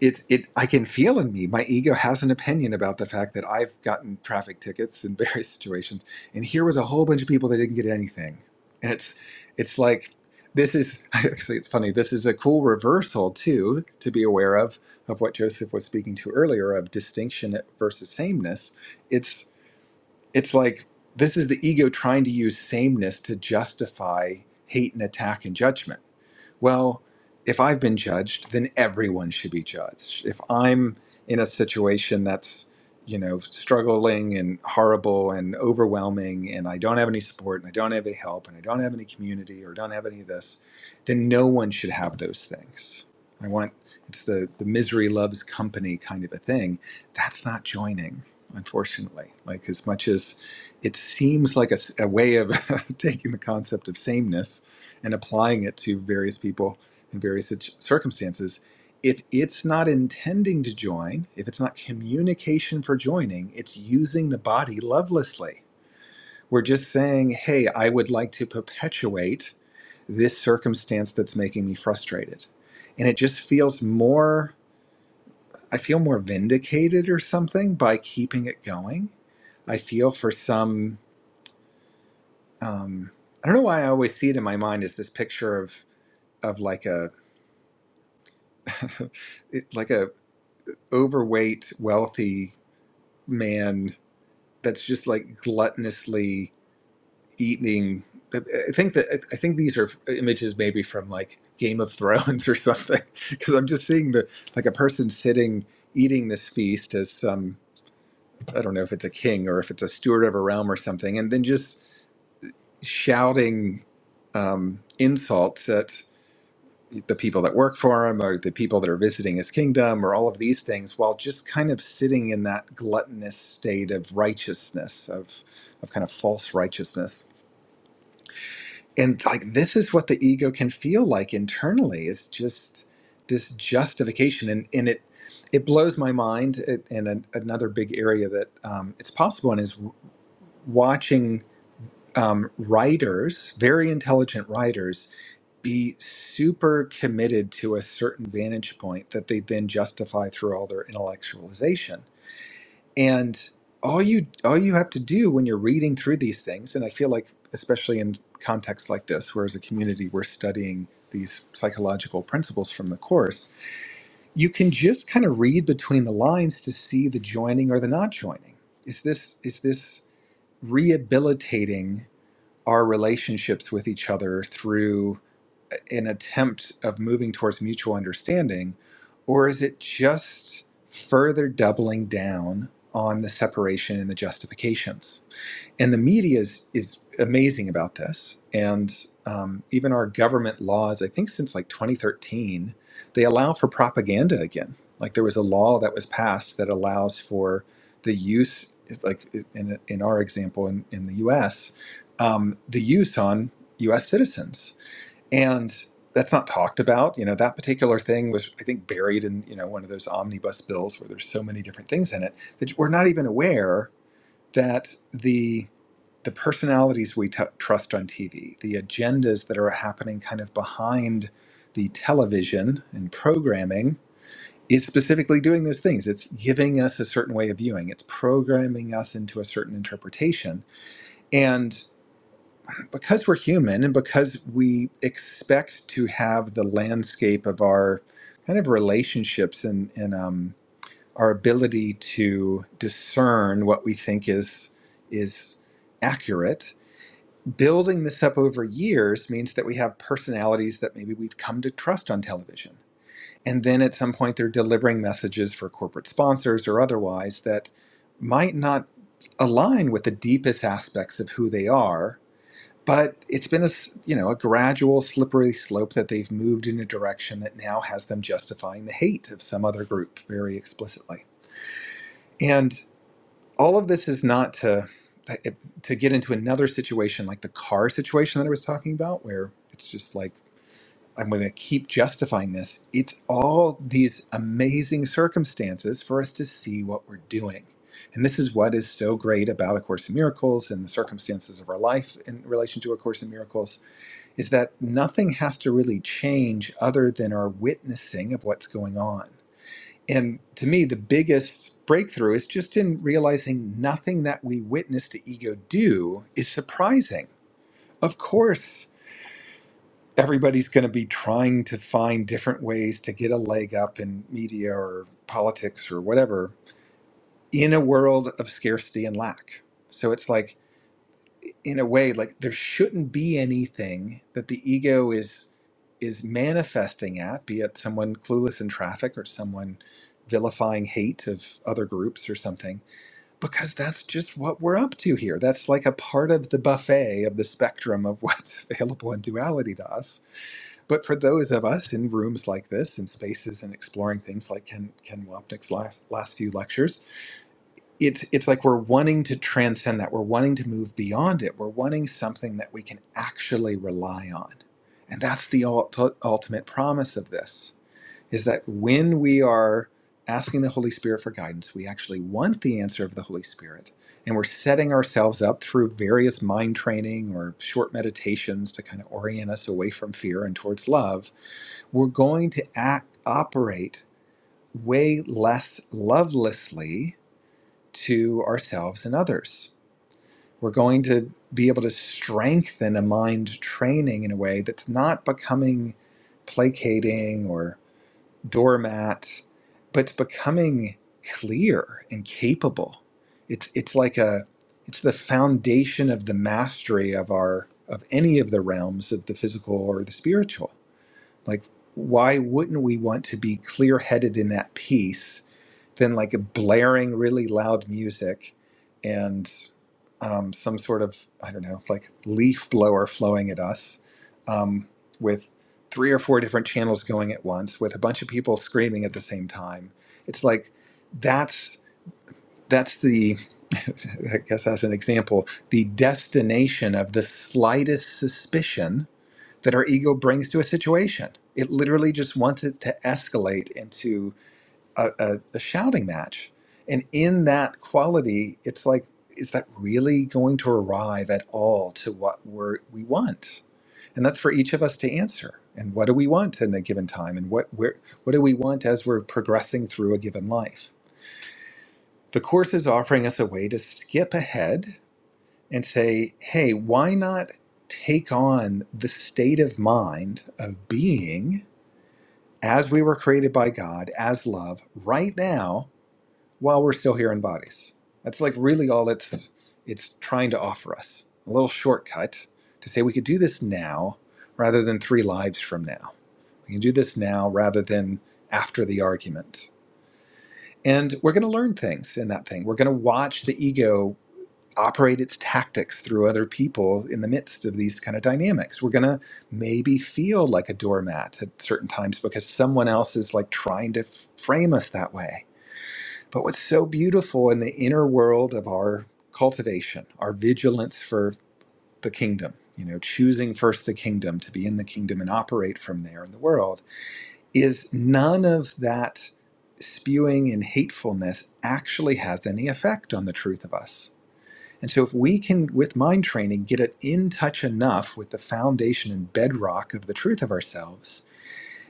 [SPEAKER 1] it it I can feel in me. My ego has an opinion about the fact that I've gotten traffic tickets in various situations, and here was a whole bunch of people that didn't get anything, and it's it's like this is actually it's funny. This is a cool reversal too to be aware of of what Joseph was speaking to earlier of distinction versus sameness. It's it's like this is the ego trying to use sameness to justify hate and attack and judgment well, if I've been judged, then everyone should be judged. If I'm in a situation that's, you know, struggling and horrible and overwhelming, and I don't have any support and I don't have any help and I don't have any community or don't have any of this, then no one should have those things. I want it's the, the misery loves company kind of a thing. That's not joining, unfortunately. Like, as much as it seems like a a way of taking the concept of sameness and applying it to various people in various situ- circumstances. If it's not intending to join, if it's not communication for joining, it's using the body lovelessly. We're just saying, hey, I would like to perpetuate this circumstance that's making me frustrated. And it just feels more, I feel more vindicated or something by keeping it going. I feel for some, um, I don't know why I always see it in my mind as this picture of, of like a, like a overweight wealthy man that's just like gluttonously eating i think that i I think these are images maybe from like game of thrones or something because i'm just seeing the like a person sitting eating this feast as some i don't know if it's a king or if it's a steward of a realm or something and then just shouting um, insults at the people that work for him or the people that are visiting his kingdom or all of these things while just kind of sitting in that gluttonous state of righteousness of of kind of false righteousness and like this is what the ego can feel like internally is just this justification and and it it blows my mind it, and an, another big area that um, it's possible in is watching um, writers very intelligent writers be super committed to a certain vantage point that they then justify through all their intellectualization. And all you all you have to do when you're reading through these things, and I feel like especially in contexts like this, where as a community we're studying these psychological principles from the course, you can just kind of read between the lines to see the joining or the not joining. Is this is this rehabilitating our relationships with each other through an attempt of moving towards mutual understanding, or is it just further doubling down on the separation and the justifications? And the media is, is amazing about this. And um, even our government laws, I think since like 2013, they allow for propaganda again. Like there was a law that was passed that allows for the use, it's like in, in our example in, in the US, um, the use on US citizens and that's not talked about you know that particular thing was i think buried in you know one of those omnibus bills where there's so many different things in it that we're not even aware that the the personalities we t- trust on tv the agendas that are happening kind of behind the television and programming is specifically doing those things it's giving us a certain way of viewing it's programming us into a certain interpretation because we're human and because we expect to have the landscape of our kind of relationships and, and um, our ability to discern what we think is is accurate building this up over years means that we have personalities that maybe we've come to trust on television and then at some point they're delivering messages for corporate sponsors or otherwise that might not align with the deepest aspects of who they are but it's been a s- you know a gradual slippery slope that they've moved in a direction that now has them justifying the hate of some other group very explicitly and all of this is not to to get into another situation like the car situation that I was talking about where it's just like I'm going to keep justifying this it's all these amazing circumstances for us to see what we're doing and this is what is so great about a course in miracles and the circumstances of our life in relation to a course in miracles is that nothing has to really change other than our witnessing of what's going on. And to me, the biggest breakthrough is just in realizing nothing that we witness the ego do is surprising. Of course, everybody's going to be trying to find different ways to get a leg up in media or politics or whatever in a world of scarcity and lack. So it's like, in a way like there shouldn't be anything that the ego is is manifesting at be it someone clueless in traffic or someone vilifying hate of other groups or something because that's just what we're up to here that's like a part of the buffet of the spectrum of what's available in duality to us but for those of us in rooms like this in spaces and exploring things like ken ken wapnick's last last few lectures it's it's like we're wanting to transcend that we're wanting to move beyond it we're wanting something that we can actually rely on and that's the ult- ultimate promise of this is that when we are asking the holy spirit for guidance we actually want the answer of the holy spirit and we're setting ourselves up through various mind training or short meditations to kind of orient us away from fear and towards love we're going to act operate way less lovelessly to ourselves and others. We're going to be able to strengthen a mind training in a way that's not becoming placating or doormat, but it's becoming clear and capable. It's it's like a it's the foundation of the mastery of our of any of the realms of the physical or the spiritual. Like why wouldn't we want to be clear-headed in that peace then like a blaring really loud music and um, some sort of i don't know like leaf blower flowing at us um, with three or four different channels going at once with a bunch of people screaming at the same time it's like that's that's the i guess as an example the destination of the slightest suspicion that our ego brings to a situation it literally just wants it to escalate into a, a, a shouting match. And in that quality, it's like, is that really going to arrive at all to what we're, we want? And that's for each of us to answer. And what do we want in a given time? And what, where, what do we want as we're progressing through a given life? The Course is offering us a way to skip ahead and say, hey, why not take on the state of mind of being as we were created by God, as love, right now? while we're still here in bodies. That's like really all it's it's trying to offer us. A little shortcut to say we could do this now rather than three lives from now. We can do this now rather than after the argument. And we're going to learn things in that thing. We're going to watch the ego operate its tactics through other people in the midst of these kind of dynamics. We're going to maybe feel like a doormat at certain times because someone else is like trying to frame us that way but what's so beautiful in the inner world of our cultivation, our vigilance for the kingdom, you know, choosing first the kingdom to be in the kingdom and operate from there in the world, is none of that spewing and hatefulness actually has any effect on the truth of us. And so, if we can, with mind training, get it in touch enough with the foundation and bedrock of the truth of ourselves,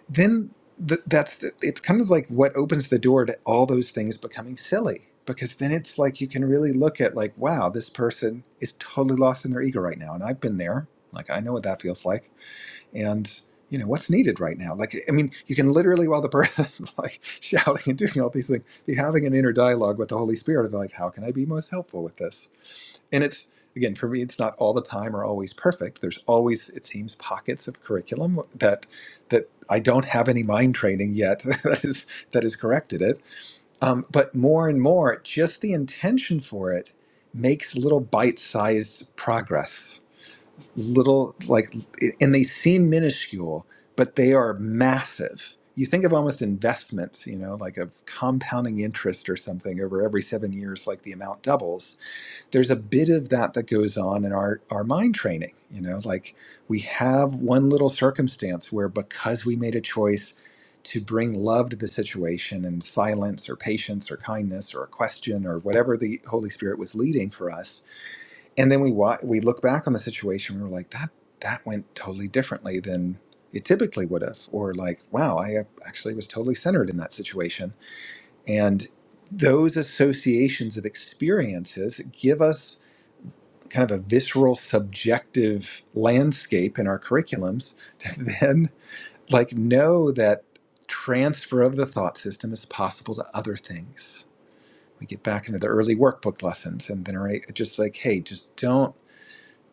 [SPEAKER 1] then th- that's the, it's kind of like what opens the door to all those things becoming silly because then it's like you can really look at like wow this person is totally lost in their ego right now and i've been there like i know what that feels like and you know what's needed right now like i mean you can literally while the person's like shouting and doing all these things be having an inner dialogue with the holy spirit of like how can i be most helpful with this and it's again for me it's not all the time or always perfect there's always it seems pockets of curriculum that that i don't have any mind training yet that is that has corrected it um, but more and more just the intention for it makes little bite-sized progress little like and they seem minuscule but they are massive you think of almost investments you know like of compounding interest or something over every seven years like the amount doubles there's a bit of that that goes on in our our mind training you know like we have one little circumstance where because we made a choice to bring love to the situation and silence or patience or kindness or a question or whatever the holy spirit was leading for us and then we wa- we look back on the situation and we're like that that went totally differently than it typically would have or like wow i uh, actually was totally centered in that situation and those associations of experiences give us kind of a visceral subjective landscape in our curriculums to then like know that transfer of the thought system is possible to other things we get back into the early workbook lessons and then are just like hey just don't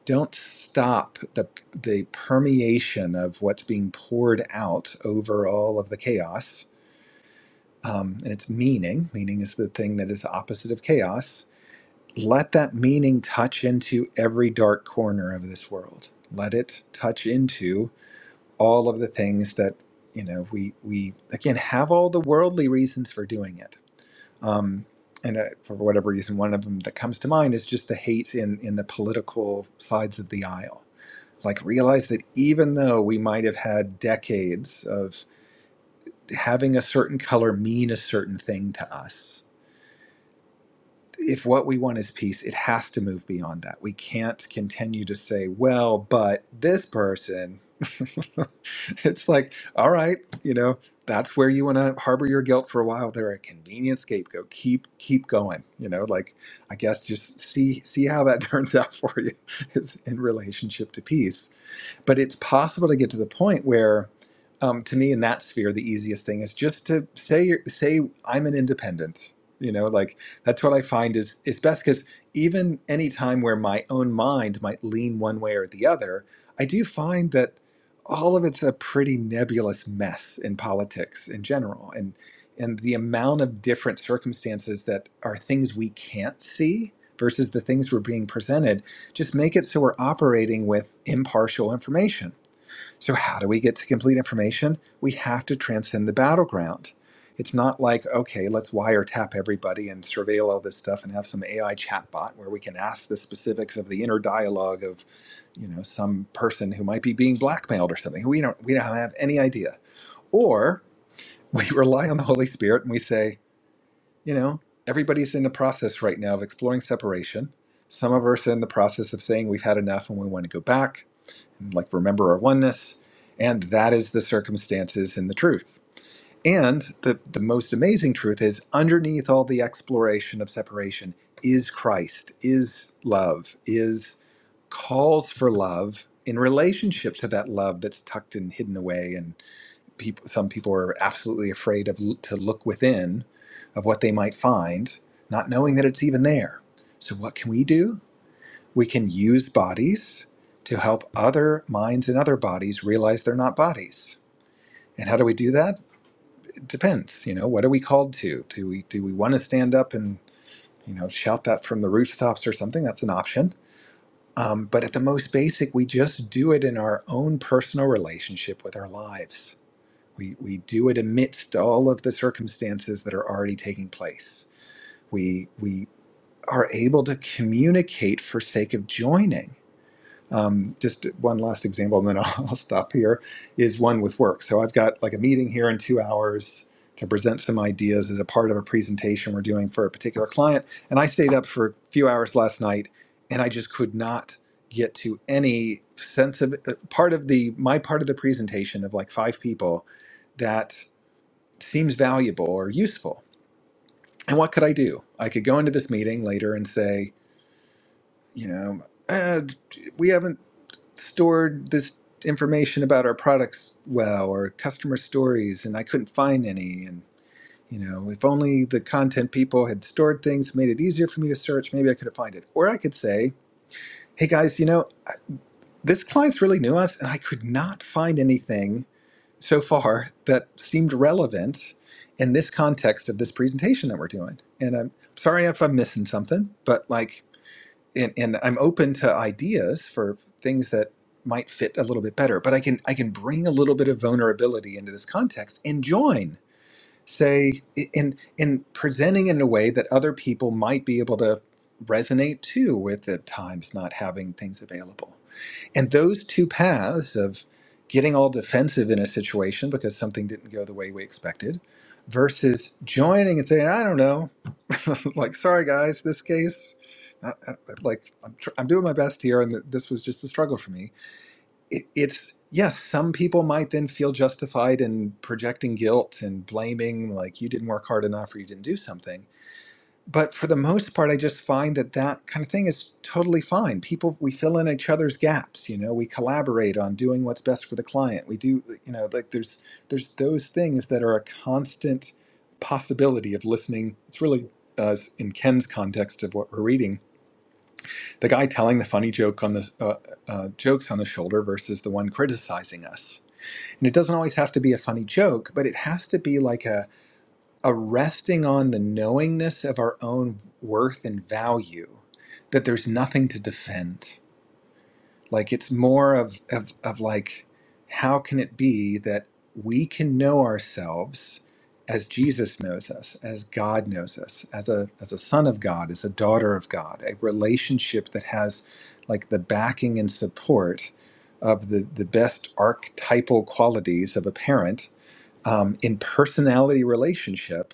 [SPEAKER 1] don't stop the the permeation of what's being poured out over all of the chaos um, and its meaning meaning is the thing that is opposite of chaos let that meaning touch into every dark corner of this world. Let it touch into all of the things that you know we we again have all the worldly reasons for doing it. Um, and uh, for whatever reason, one of them that comes to mind is just the hate in in the political sides of the aisle. Like realize that even though we might have had decades of having a certain color mean a certain thing to us, if what we want is peace, it has to move beyond that. We can't continue to say, well, but this person. it's like, all right, you know, that's where you want to harbor your guilt for a while. They're a convenient scapegoat. Keep keep going. You know, like I guess just see see how that turns out for you. It's in relationship to peace but it's possible to get to the point where, um, to me, in that sphere, the easiest thing is just to say say I'm an independent. You know, like that's what I find is is best because even any time where my own mind might lean one way or the other, I do find that all of it's a pretty nebulous mess in politics in general, and and the amount of different circumstances that are things we can't see versus the things we're being presented just make it so we're operating with impartial information. So, how do we get to complete information? We have to transcend the battleground. It's not like, okay, let's wiretap everybody and surveil all this stuff and have some AI chatbot where we can ask the specifics of the inner dialogue of, you know, some person who might be being blackmailed or something. We don't we don't have any idea. Or we rely on the Holy Spirit and we say, you know, everybody's in the process right now of exploring separation. Some of us are in the process of saying we've had enough and we want to go back and like remember our oneness. And that is the circumstances and the truth. And the, the most amazing truth is underneath all the exploration of separation is Christ, is love, is calls for love in relationship to that love that's tucked and hidden away and people some people are absolutely afraid of to look within of what they might find not knowing that it's even there so what can we do we can use bodies to help other minds and other bodies realize they're not bodies and how do we do that it depends you know what are we called to do we do we want to stand up and you know shout that from the rooftops or something that's an option um, but at the most basic we just do it in our own personal relationship with our lives we, we do it amidst all of the circumstances that are already taking place. We, we are able to communicate for sake of joining. Um, just one last example, and then I'll, I'll stop here, is one with work. So I've got like a meeting here in two hours to present some ideas as a part of a presentation we're doing for a particular client. And I stayed up for a few hours last night and I just could not get to any sense of uh, part of the my part of the presentation of like five people that seems valuable or useful. And what could I do? I could go into this meeting later and say, you know, uh, we haven't stored this information about our products well or customer stories, and I couldn't find any. And, you know, if only the content people had stored things, made it easier for me to search, maybe I could have found it. Or I could say, hey guys, you know, this client's really nuanced and I could not find anything so far that seemed relevant in this context of this presentation that we're doing. And I'm sorry if I'm missing something, but like, and, and I'm open to ideas for things that might fit a little bit better. But I can I can bring a little bit of vulnerability into this context and join, say, in in presenting in a way that other people might be able to resonate too with at times not having things available. And those two paths of getting all defensive in a situation because something didn't go the way we expected versus joining and saying, I don't know, like, sorry guys, this case, I, I, like, I'm, tr- I'm doing my best here and th- this was just a struggle for me. It, it's, yes, some people might then feel justified in projecting guilt and blaming, like, you didn't work hard enough or you didn't do something but for the most part i just find that that kind of thing is totally fine people we fill in each other's gaps you know we collaborate on doing what's best for the client we do you know like there's there's those things that are a constant possibility of listening it's really uh, in ken's context of what we're reading the guy telling the funny joke on the uh, uh, jokes on the shoulder versus the one criticizing us and it doesn't always have to be a funny joke but it has to be like a a resting on the knowingness of our own worth and value that there's nothing to defend like it's more of of, of like how can it be that we can know ourselves as Jesus knows us, as God knows us, as a as a son of God, as a daughter of God, a relationship that has like the backing and support of the, the best archetypal qualities of a parent um, in personality relationship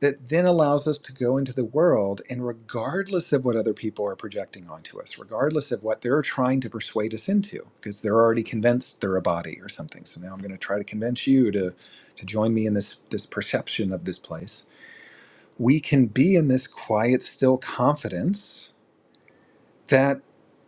[SPEAKER 1] that then allows us to go into the world and regardless of what other people are projecting onto us regardless of what they're trying to persuade us into because they're already convinced they're a body or something so now i'm going to try to convince you to to join me in this this perception of this place we can be in this quiet still confidence that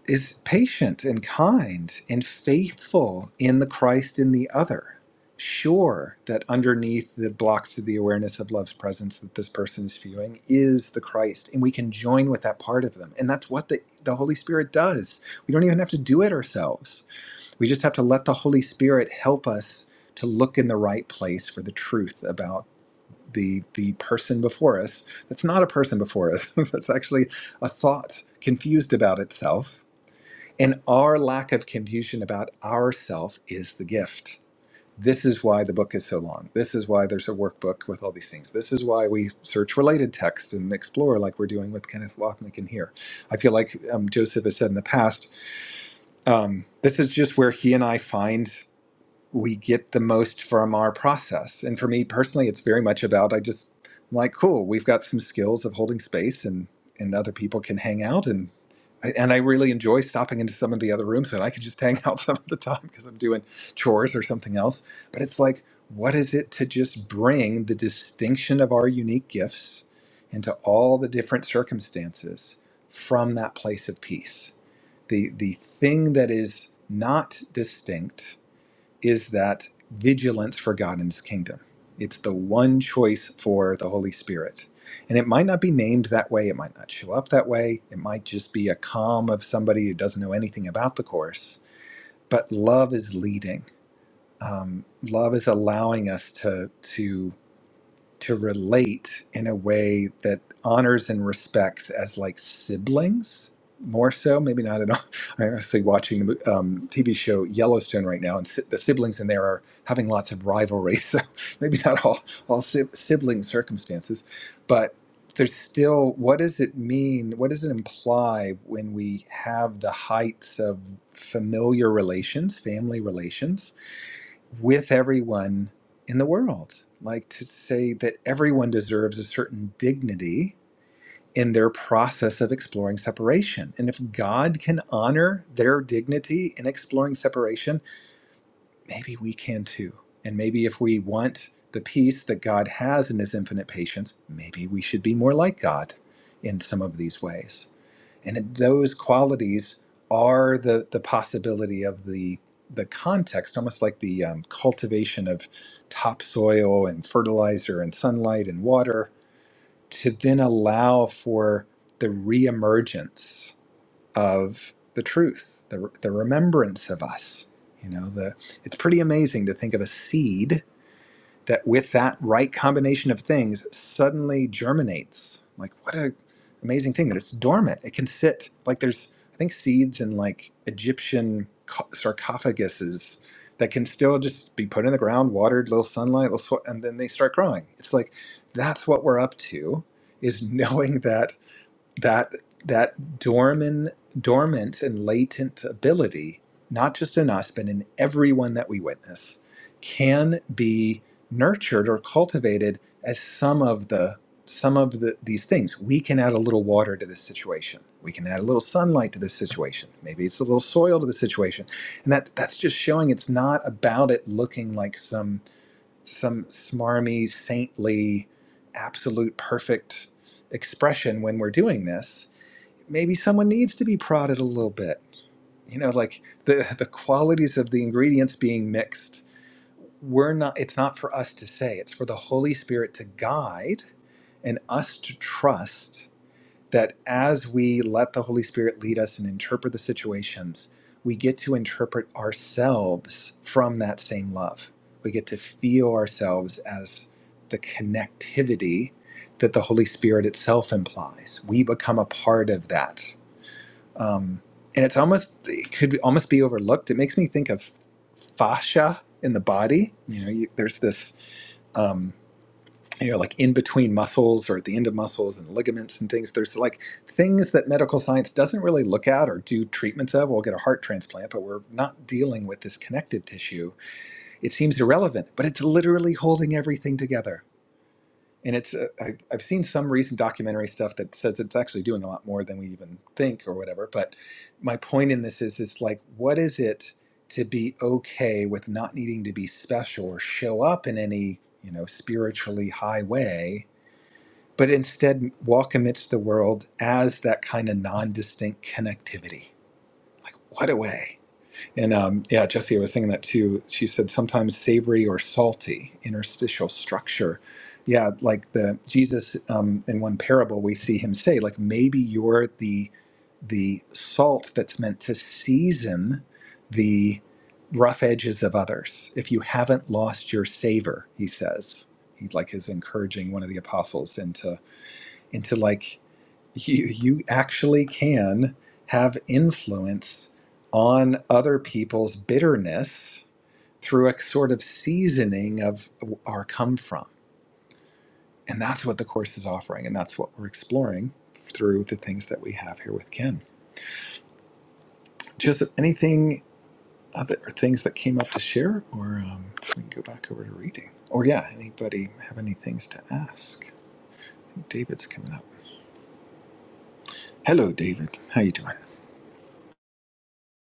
[SPEAKER 1] is patient and kind and faithful in the Christ in the other. Sure that underneath the blocks to the awareness of love's presence that this person is viewing is the Christ, and we can join with that part of them. And that's what the, the Holy Spirit does. We don't even have to do it ourselves. We just have to let the Holy Spirit help us to look in the right place for the truth about the the person before us that's not a person before us that's actually a thought confused about itself and our lack of confusion about ourself is the gift this is why the book is so long this is why there's a workbook with all these things this is why we search related texts and explore like we're doing with kenneth lochnick in here i feel like um, joseph has said in the past um, this is just where he and i find we get the most from our process. And for me personally, it's very much about I just I'm like cool. We've got some skills of holding space, and and other people can hang out and. And I really enjoy stopping into some of the other rooms, and I can just hang out some of the time because I'm doing chores or something else. But it's like, what is it to just bring the distinction of our unique gifts into all the different circumstances from that place of peace? The the thing that is not distinct, is that vigilance for God and His kingdom. It's the one choice for the Holy Spirit. And it might not be named that way, it might not show up that way, it might just be a calm of somebody who doesn't know anything about the Course. But love is leading. Um, love is allowing us to, to to relate in a way that honors and respects as like siblings more so maybe not at all i'm actually watching the um, tv show yellowstone right now and si- the siblings in there are having lots of rivalry so maybe not all all si- sibling circumstances but there's still what does it mean what does it imply when we have the heights of familiar relations family relations with everyone in the world. Like to say that everyone deserves a certain dignity in their process of exploring separation. And if God can honor their dignity in exploring separation, maybe we can too. And maybe if we want the peace that God has in his infinite patience, maybe we should be more like God in some of these ways and those qualities are the the possibility of the the context almost like the um, cultivation of topsoil and fertilizer and sunlight and water to then allow for the reemergence of the truth the, the remembrance of us you know the it's pretty amazing to think of a seed that with that right combination of things suddenly germinates. Like what a amazing thing that it's dormant. It can sit like there's I think seeds in like Egyptian ca- sarcophaguses that can still just be put in the ground, watered, little sunlight, little sw- and then they start growing. It's like that's what we're up to is knowing that that that dormant dormant and latent ability not just in us but in everyone that we witness can be nurtured or cultivated as some of the some of the, these things we can add a little water to this situation we can add a little sunlight to this situation maybe it's a little soil to the situation and that that's just showing it's not about it looking like some some smarmy, saintly, absolute perfect expression when we're doing this. Maybe someone needs to be prodded a little bit. You know, like the the qualities of the ingredients being mixed. We're not. It's not for us to say. It's for the Holy Spirit to guide and us to trust that as we let the Holy Spirit lead us and interpret the situations, we get to interpret ourselves from that same love. We get to feel ourselves as the connectivity that the Holy Spirit itself implies. We become a part of that. Um, and it's almost, it could almost be overlooked. It makes me think of fascia in the body. You know, you, there's this. Um, you know, like in between muscles or at the end of muscles and ligaments and things. There's like things that medical science doesn't really look at or do treatments of. We'll get a heart transplant, but we're not dealing with this connected tissue. It seems irrelevant, but it's literally holding everything together. And it's uh, I, I've seen some recent documentary stuff that says it's actually doing a lot more than we even think or whatever. But my point in this is, it's like, what is it to be okay with not needing to be special or show up in any you know spiritually high way? but instead walk amidst the world as that kind of non-distinct connectivity. Like what a way! And um, yeah, Jesse, I was thinking that too. She said sometimes savory or salty interstitial structure. Yeah, like the Jesus um, in one parable, we see him say, like maybe you're the the salt that's meant to season the rough edges of others. If you haven't lost your savor, he says. He like is encouraging one of the apostles into into like you you actually can have influence on other people's bitterness through a sort of seasoning of our come from and that's what the course is offering and that's what we're exploring through the things that we have here with ken just anything other or things that came up to share or um, we can go back over to reading or yeah anybody have any things to ask david's coming up hello david how you doing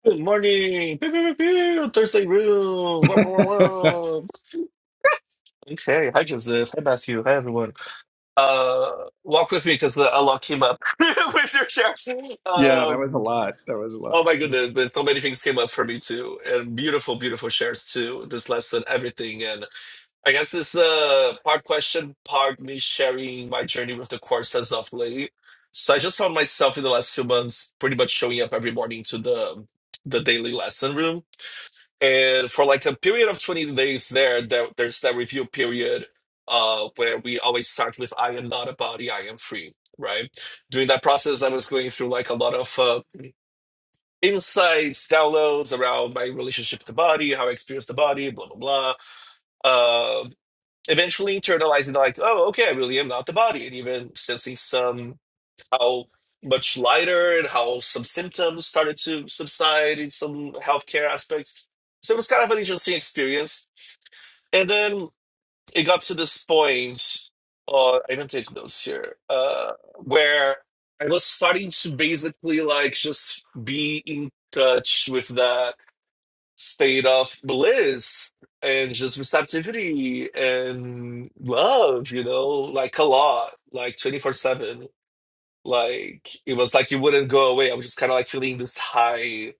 [SPEAKER 3] Good morning. Pew, pew, pew, pew. Thursday room. Wah, wah, wah, wah. Okay. Hi, Joseph. Hi, Matthew. Hi, everyone. Uh, walk with me because the unlock came up with your share.
[SPEAKER 1] Yeah, that was a
[SPEAKER 3] Um,
[SPEAKER 1] lot. That was a lot
[SPEAKER 3] oh
[SPEAKER 1] for
[SPEAKER 3] my
[SPEAKER 1] sure.
[SPEAKER 3] goodness, but so many things came up for me too, and beautiful, beautiful shares too. This lesson, everything, and I guess this uh part question, part me sharing my journey with the course as of late. So I just found myself in the last few months pretty much showing up every morning to the the daily lesson room and for like a period of 20 days there, there there's that review period uh, where we always start with i am not a body i am free right during that process i was going through like a lot of uh, insights downloads around my relationship to the body how i experience the body blah blah blah uh, eventually internalizing like oh okay i really am not the body and even sensing some how much lighter and how some symptoms started to subside in some healthcare aspects so it was kind of an interesting experience and then it got to this point, uh, I do not take notes here, uh, where I was starting to basically like just be in touch with that state of bliss and just receptivity and love, you know, like a lot, like 24 7. Like it was like it wouldn't go away. I was just kind of like feeling this high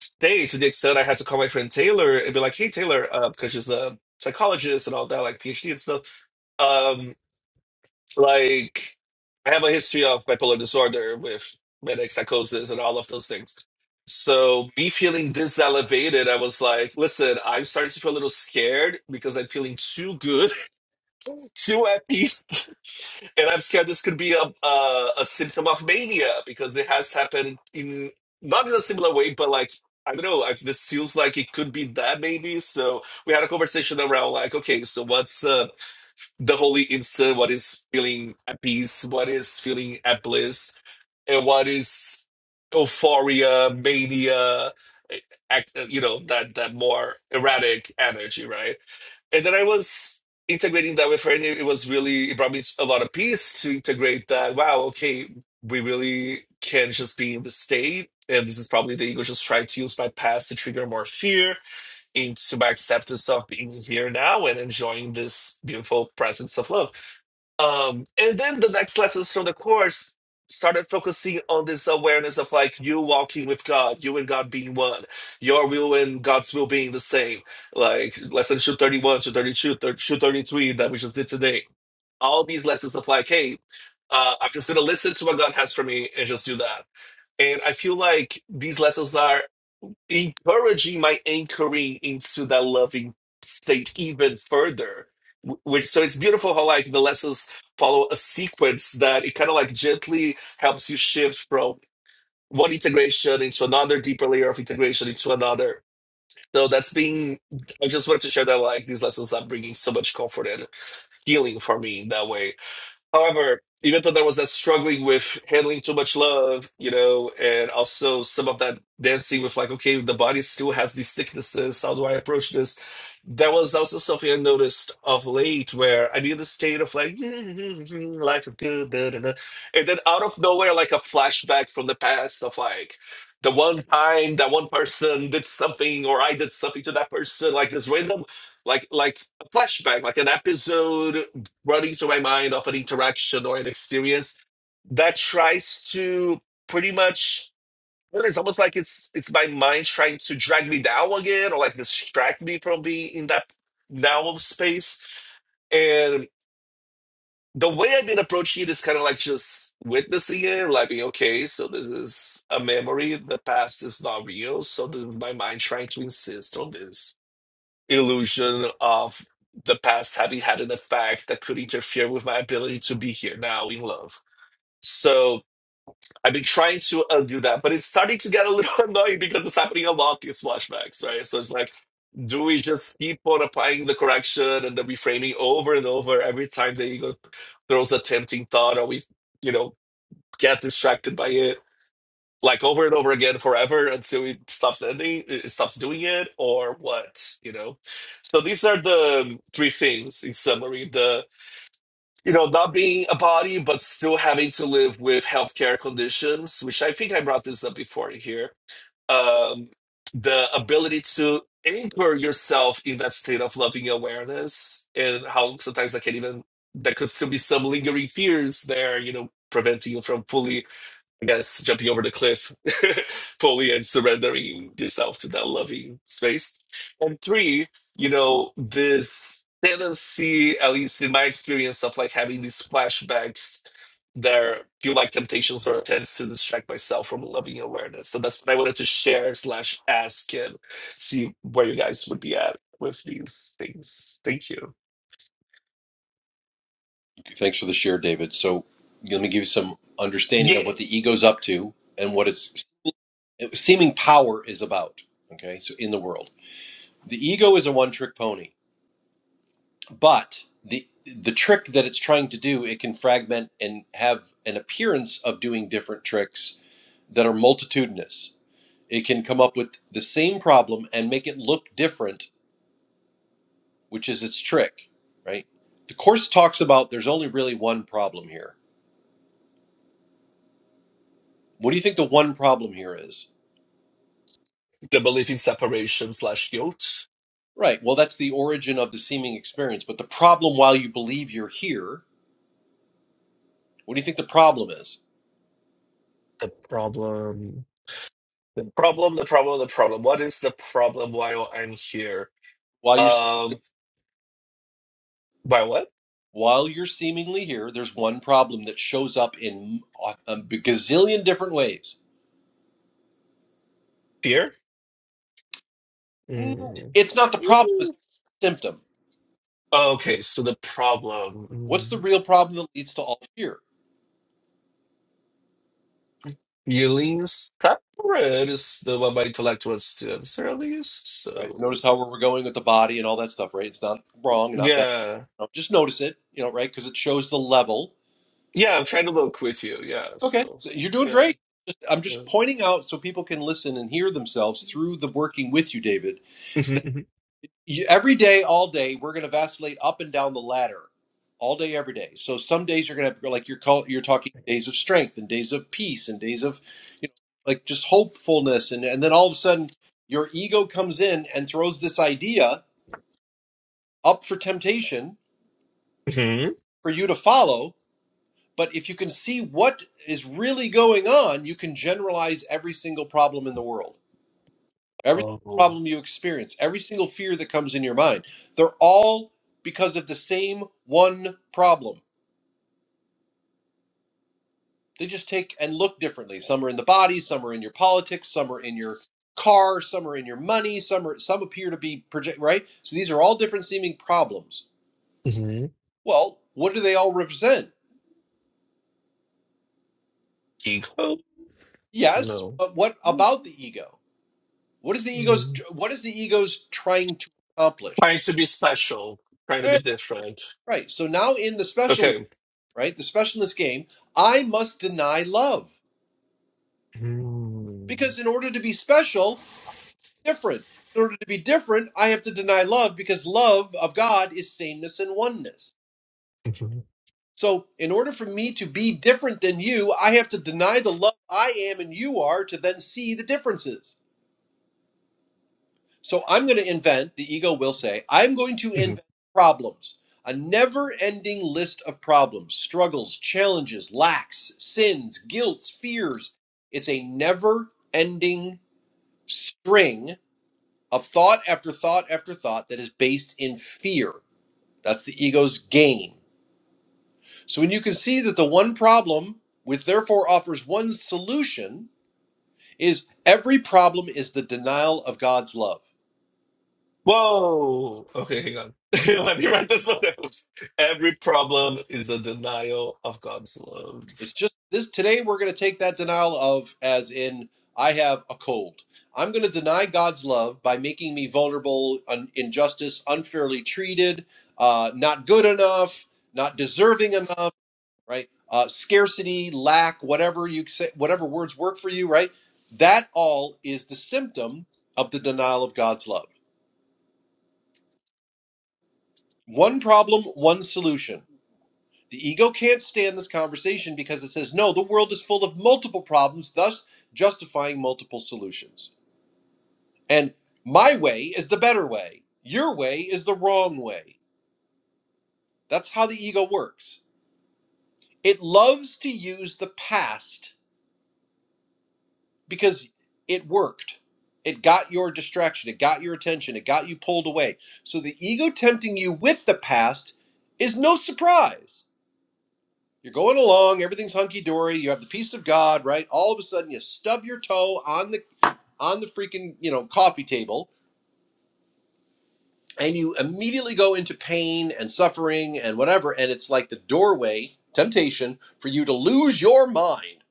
[SPEAKER 3] stay to the extent I had to call my friend Taylor and be like, "Hey Taylor," uh, because she's a psychologist and all that, like PhD and stuff. Um, like I have a history of bipolar disorder with manic psychosis and all of those things. So me feeling this elevated, I was like, "Listen, I'm starting to feel a little scared because I'm feeling too good, too at peace and I'm scared this could be a, a a symptom of mania because it has happened in not in a similar way, but like I don't know. I, this feels like it could be that maybe. So we had a conversation around like, okay, so what's uh, the holy instant? What is feeling at peace? What is feeling at bliss? And what is euphoria, mania? eh, Act, uh, you know that that more erratic energy, right? and then I was integrating that with her, and it, it was really it brought me a lot of peace to integrate that. Wow, okay, we really can just be in the state, and this is probably the ego just trying to use my past to trigger more fear into my acceptance of being here now and enjoying this beautiful presence of love. Um, and then the next lessons from the course started focusing on this awareness of like you walking with God, you and God being one, your will and God's will being the same. Like lesson 231, 232, 233 that we just did today. All these lessons of like, hey, uh, I'm just gonna listen to what God has for me and just do that. And I feel like these lessons are encouraging my anchoring into that loving state even further. Wh- Which so it's beautiful how like the lessons follow a sequence that it kind of like gently helps you shift from one integration into another deeper layer of integration into another. So that's been I just wanted to share that like these lessons are bringing so much comfort and healing for me in that way. However, even though there was that struggling with handling too much love, you know, and also some of that dancing with like, okay, the body still has these sicknesses. How do I approach this? That was also something I noticed of late where I needed a state of like, life is good. da, da, da. And then out of nowhere, like a flashback from the past of like, the one time that one person did something or I did something to that person, like this random, like, like a flashback, like an episode running through my mind of an interaction or an experience that tries to pretty much well, it's almost like it's it's my mind trying to drag me down again or like distract me from being in that now space and the way i've been approaching it is kind of like just witnessing it like being okay so this is a memory the past is not real so this is my mind trying to insist on this illusion of the past having had an effect that could interfere with my ability to be here now in love. So I've been trying to undo that, but it's starting to get a little annoying because it's happening a lot, these flashbacks, right? So it's like, do we just keep on applying the correction and the reframing over and over every time the ego throws a tempting thought or we, you know, get distracted by it? like over and over again forever until it stops ending it stops doing it or what you know so these are the three things in summary the you know not being a body but still having to live with healthcare conditions which i think i brought this up before here um the ability to anchor yourself in that state of loving awareness and how sometimes that can even that could still be some lingering fears there you know preventing you from fully I guess jumping over the cliff fully and surrendering yourself to that loving space. And three, you know, this tendency, at least in my experience, of like having these flashbacks that feel like temptations or attempts to distract myself from loving awareness. So that's what I wanted to share slash ask and see where you guys would be at with these things. Thank you.
[SPEAKER 2] Thanks for the share, David. So let me give you some understanding of
[SPEAKER 3] Yeah.
[SPEAKER 2] what the ego's up to and what it's seeming power is about okay so in the world the ego is a one trick pony but the the trick that it's trying to do it can fragment and have an appearance of doing different tricks that are multitudinous it can come up with the same problem and make it look different which is its trick right the course talks about there's only really one problem here what do you think the one problem here is
[SPEAKER 3] The belief in separation slash guilt.
[SPEAKER 2] right well that's the origin of the seeming experience but the problem while you believe you're here What do you think the problem is?
[SPEAKER 3] The problem. The problem, the problem, the problem. What is the problem? while I'm here?
[SPEAKER 2] While you're
[SPEAKER 3] Um, by what?
[SPEAKER 2] while you're seemingly here, there's one problem that shows up in a gazillion different ways.
[SPEAKER 3] Fear? Mm.
[SPEAKER 2] It's not the problem; it's
[SPEAKER 3] Mm.
[SPEAKER 2] the symptom.
[SPEAKER 3] Okay, so the
[SPEAKER 2] What's the
[SPEAKER 3] problem.
[SPEAKER 2] real problem that leads to all fear?
[SPEAKER 3] Mm. Yelene's separate is the one my intellect wants to answer at least.
[SPEAKER 2] Right.
[SPEAKER 3] So
[SPEAKER 2] Notice how we're going with the body and all that stuff. Right. It's not wrong and not bad.
[SPEAKER 3] yeah,
[SPEAKER 2] No, just notice it. You know, right? Because it shows the level.
[SPEAKER 3] yeah, I'm trying to look with you. Yeah,
[SPEAKER 2] Okay,
[SPEAKER 3] so
[SPEAKER 2] so you're doing
[SPEAKER 3] yeah,
[SPEAKER 2] great. Just, I'm
[SPEAKER 3] yeah.
[SPEAKER 2] just pointing out so people can listen and hear themselves through the working with you, David
[SPEAKER 3] Mm-hmm,
[SPEAKER 2] you, every day, all day, we're going to vacillate up and down the ladder, all day, every day. So some days you're going to have like you're call, you're talking days of strength and days of peace and days of you know like just hopefulness, and and then all of a sudden your ego comes in and throws this idea up for temptation
[SPEAKER 3] mm-hmm.
[SPEAKER 2] for you to follow. But if you can see what is really going on, you can generalize every single problem in the world. Every
[SPEAKER 3] Oh,
[SPEAKER 2] problem you experience, every single fear that comes in your mind, they're all because of the same one problem. They just take and look differently. Some are in the body, some are in your politics, some are in your car, some are in your money, some are some appear to be project right? So these are all different seeming problems.
[SPEAKER 3] mm-hmm.
[SPEAKER 2] Well, what do they all represent?
[SPEAKER 3] ego?
[SPEAKER 2] Yes,
[SPEAKER 3] No.
[SPEAKER 2] but what about the ego? What is the ego's
[SPEAKER 3] Mm.
[SPEAKER 2] what is the ego's trying to accomplish?
[SPEAKER 3] Trying to be special, trying to be
[SPEAKER 2] Right,
[SPEAKER 3] different.
[SPEAKER 2] right. So now in the specialness.
[SPEAKER 3] Okay.
[SPEAKER 2] right? The specialness game, I must deny love.
[SPEAKER 3] Mm.
[SPEAKER 2] Because in order to be special, different. In order to be different, I have to deny love because love of God is sameness and oneness. So, in order for me to be different than you, I have to deny the love I am and you are to then see the differences. So I'm going to invent, the ego will say, I'm going to invent problems. A never ending list of problems, struggles, challenges, lacks, sins, guilts, fears. It's a never ending string of thought after thought after thought that is based in fear. That's the ego's game. So when you can see that the one problem, which therefore offers one solution, is every problem is the denial of God's love.
[SPEAKER 3] Whoa. Okay, hang on. Let me write this one down. Every problem is a denial of God's love.
[SPEAKER 2] It's just this today we're going to take that denial of as in I have a cold. I'm going to deny God's love by making me vulnerable, un- injustice, unfairly treated, uh, not good enough, not deserving enough, right? Uh, scarcity, lack, whatever you say, whatever words work for you, right? That all is the symptom of the denial of God's love. One problem, one solution The ego can't stand this conversation because it says, no, the world is full of multiple problems, thus justifying multiple solutions. And my way is the better way. Your way is the wrong way. That's how the ego works. It loves to use the past because it worked. It got your distraction, it got your attention, it got you pulled away. So the ego tempting you with the past is no surprise You're going along, everything's hunky dory. You have the peace of God, right? All of a sudden, you stub your toe on the on the freaking you know coffee table, and you immediately go into pain and suffering and whatever, and it's like the doorway temptation for you to lose your mind,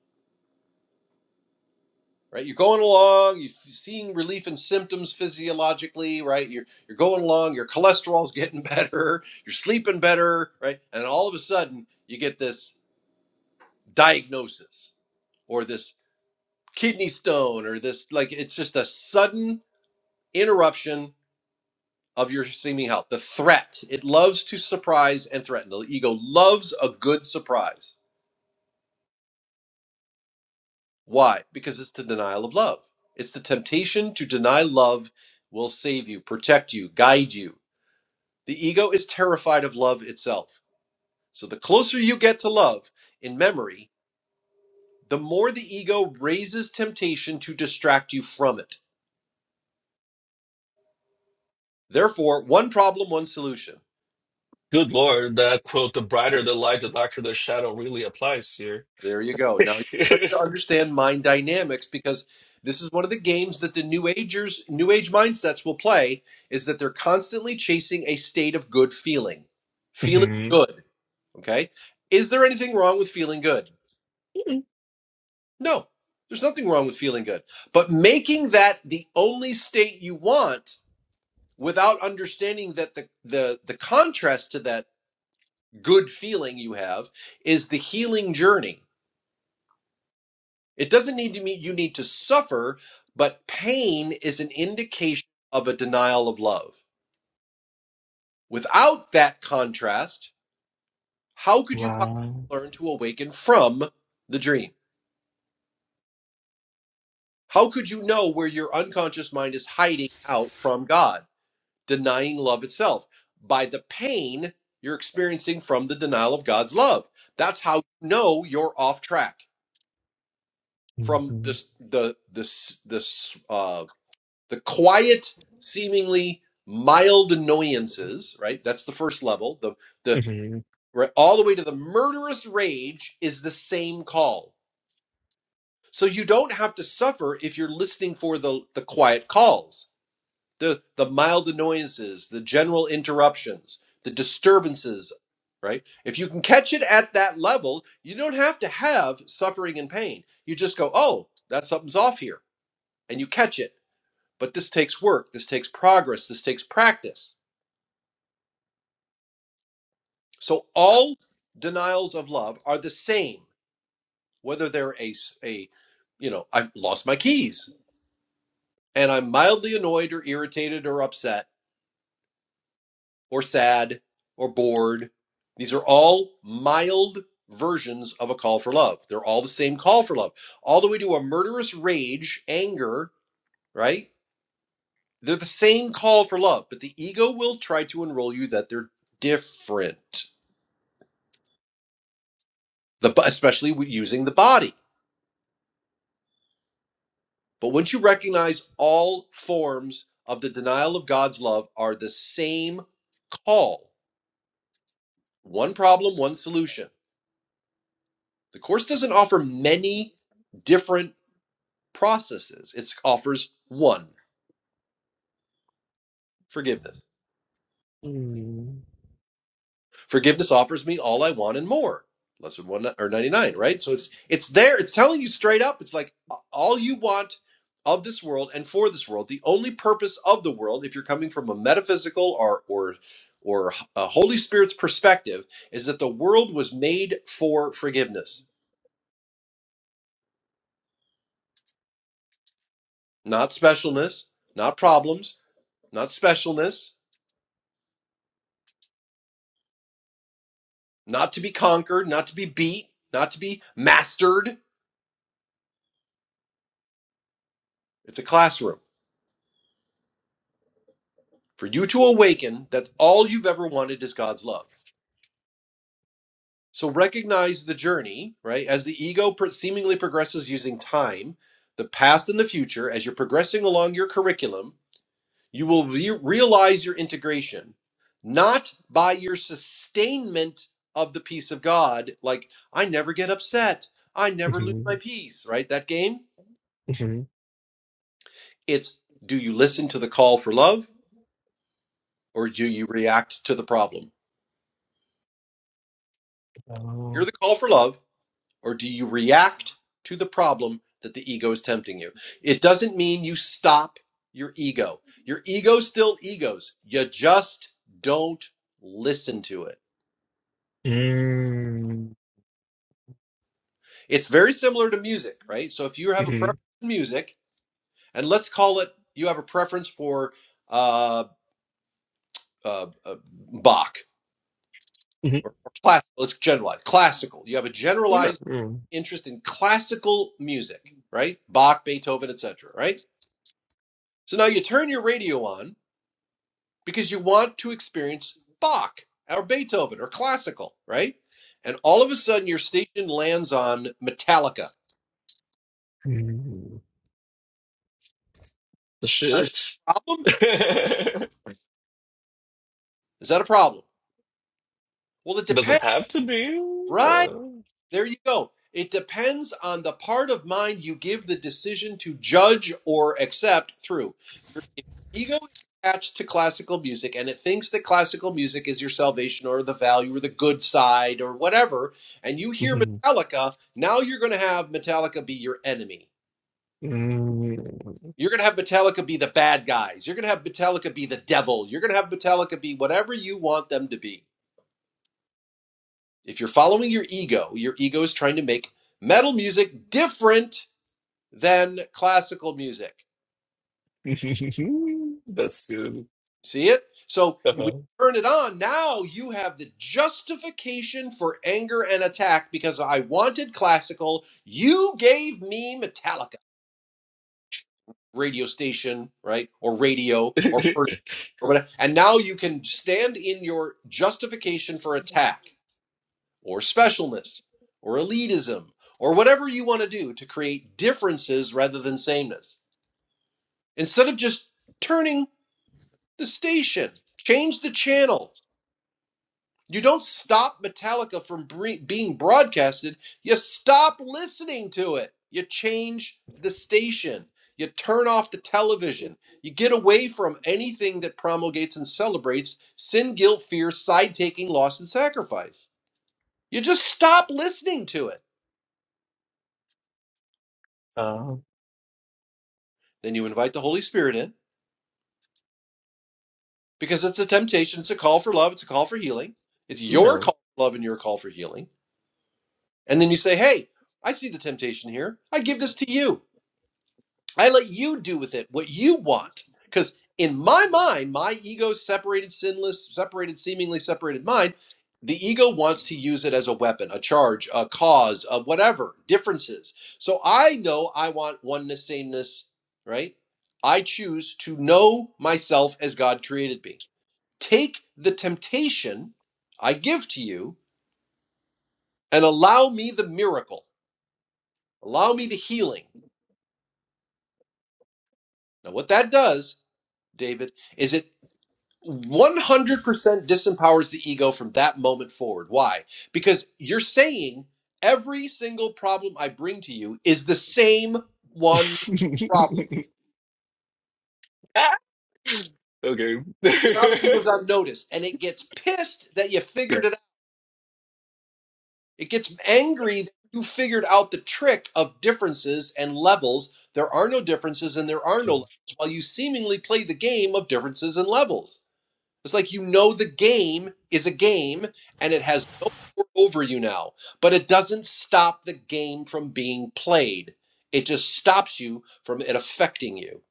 [SPEAKER 2] right? You're going along, you're seeing relief in symptoms physiologically, right? You're you're going along, your cholesterol's getting better, you're sleeping better, right? And all of a sudden, you get this diagnosis or this kidney stone or this like it's just a sudden interruption of your seeming health the threat it loves to surprise and threaten the ego loves a good surprise why because it's the denial of love it's the temptation to deny love will save you protect you guide you the ego is terrified of love itself so the closer you get to love in memory the more the ego raises temptation to distract you from it therefore one problem one solution
[SPEAKER 3] Good Lord, that quote, the brighter the light, the darker the shadow, really applies here.
[SPEAKER 2] There you go. Now you start to understand mind dynamics because this is one of the games that the new agers, new age mindsets will play is that they're constantly chasing a state of good feeling. Feeling
[SPEAKER 3] Mhm.
[SPEAKER 2] good, okay? Is there anything wrong with feeling good? No. There's nothing wrong with feeling good. But making that the only state you want without understanding that the the the contrast to that good feeling you have is the healing journey It doesn't need to mean you need to suffer, but pain is an indication of a denial of love. Without that contrast, how could you possibly
[SPEAKER 3] Wow.
[SPEAKER 2] learn to awaken from the dream? How could you know where your unconscious mind is hiding out from God, denying love itself? By the pain you're experiencing from the denial of God's love. That's how you know you're off track from
[SPEAKER 3] Mhm.
[SPEAKER 2] this the this this uh, the quiet, seemingly mild annoyances, right? That's the first level. The the
[SPEAKER 3] Mhm.
[SPEAKER 2] right, all the way to the murderous rage is the same call. So you don't have to suffer if you're listening for the the quiet calls, the the mild annoyances, the general interruptions, the disturbances, right? If you can catch it at that level, you don't have to have suffering and pain. You just go, "Oh, that something's off here." And you catch it but this takes work, this takes progress, this takes practice. So all denials of love are the same, whether they're a, a a you know, I've lost my keys and I'm mildly annoyed or irritated or upset or sad or bored. These are all mild versions of a call for love. They're all the same call for love. All the way to a murderous rage, anger, right? They're the same call for love, but the ego will try to enroll you that they're different the bo- especially using the body. But once you recognize all forms of the denial of God's love are the same call, one problem, one solution. The course doesn't offer many different processes. It offers one, forgiveness.
[SPEAKER 3] Mhm.
[SPEAKER 2] Forgiveness offers me all I want and more. Lesson one or ninety nine, right? So it's it's there. It's telling you straight up. It's like all you want of this world and for this world. The only purpose of the world, if you're coming from a metaphysical or or or a Holy Spirit's perspective, is that the world was made for forgiveness, not specialness, not problems, not specialness, not to be conquered, not to be beat, not to be mastered. It's a classroom. For you to awaken that all you've ever wanted is God's love. So recognize the journey, right? As the ego pro- seemingly progresses using time, the past and the future, as you're progressing along your curriculum, you will re- realize your integration, not by your sustainment of the peace of God, like, I never get upset, I never lose
[SPEAKER 3] Mhm.
[SPEAKER 2] my peace, right? That game.
[SPEAKER 3] Mhm.
[SPEAKER 2] It's do you listen to the call for love or do you react to the problem? Hear
[SPEAKER 3] Oh.
[SPEAKER 2] the call for love or do you react to the problem that the ego is tempting you? It doesn't mean you stop your ego. Your ego still egos. You just don't listen to it.
[SPEAKER 3] Mm.
[SPEAKER 2] It's very similar to music, right? So if you have a
[SPEAKER 3] Mhm.
[SPEAKER 2] preference in music, and let's call it you have a preference for uh, uh, uh, Bach
[SPEAKER 3] Mhm.
[SPEAKER 2] or or classical, let's generalize classical. You have a
[SPEAKER 3] Yeah.
[SPEAKER 2] generalized
[SPEAKER 3] Mm.
[SPEAKER 2] interest in classical music, right? Bach, Beethoven, etc. Right. So now you turn your radio on, because you want to experience Bach or Beethoven or classical, right? And all of a sudden your station lands on Metallica.
[SPEAKER 3] Mhm. the
[SPEAKER 2] Is that
[SPEAKER 3] shift.
[SPEAKER 2] a problem? Is that a problem? Well, it
[SPEAKER 3] Doesn't
[SPEAKER 2] depends,
[SPEAKER 3] have to be.
[SPEAKER 2] right?
[SPEAKER 3] Yeah.
[SPEAKER 2] There you go. It depends on the part of mind you give the decision to judge or accept through. Your ego is attached to classical music and it thinks that classical music is your salvation or the value or the good side or whatever, and you hear
[SPEAKER 3] Mhm.
[SPEAKER 2] Metallica, now you're going to have Metallica be your enemy. You're going to have Metallica be the bad guys. You're going to have Metallica be the devil. You're going to have Metallica be whatever you want them to be. If you're following your ego, your ego is trying to make metal music different than classical music.
[SPEAKER 3] Mm. That's good.
[SPEAKER 2] See it? So when you
[SPEAKER 3] Uh-huh.
[SPEAKER 2] turn it on, now you have the justification for anger and attack because I wanted classical. You gave me Metallica radio station, right? Or radio or person or whatever. And now you can stand in your justification for attack or specialness or elitism or whatever you want to do to create differences rather than sameness. Instead of just turning the station, change the channel. You don't stop Metallica from bre- being broadcasted, you stop listening to it. You change the station. You turn off the television. You get away from anything that promulgates and celebrates sin, guilt, fear, side taking, loss, and sacrifice. You just stop listening to it.
[SPEAKER 3] uh,
[SPEAKER 2] Then you invite the Holy Spirit in because it's a temptation. It's a call for love. It's a call for healing. It's your
[SPEAKER 3] no.
[SPEAKER 2] call for love and your call for healing And then you say, hey, I see the temptation here. I give this to you. I let you do with it what you want. Because in my mind, my ego separated, sinless, separated, seemingly separated mind, the ego wants to use it as a weapon, a charge, a cause, a whatever, differences. So I know I want oneness, sameness, right? I choose to know myself as God created me. Take the temptation I give to you and allow me the miracle, allow me the healing. Now, what that does, David, is it 100% disempowers the ego from that moment forward. Why? Because you're saying every single problem I bring to you is the same one problem.
[SPEAKER 3] Ah, okay.
[SPEAKER 2] So now the ego's on notice and it gets pissed that you
[SPEAKER 3] Yeah.
[SPEAKER 2] figured it out. It gets angry that you figured out the trick of differences and levels. There are no differences and there are no levels while you seemingly play the game of differences and levels. It's like you know the game is a game and it has no power over you now, but it doesn't stop the game from being played. It just stops you from it affecting you.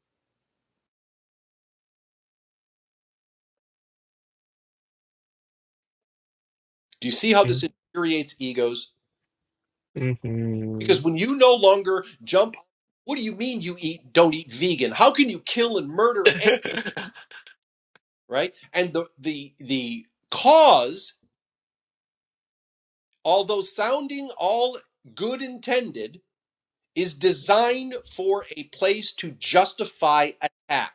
[SPEAKER 2] Do you see how this
[SPEAKER 3] Mm,
[SPEAKER 2] infuriates egos? Because
[SPEAKER 3] mhm.
[SPEAKER 2] when you no longer jump, what do you mean you eat don't eat vegan? How can you kill and murder an- right? And the the the cause, although sounding all good intended, is designed for a place to justify attack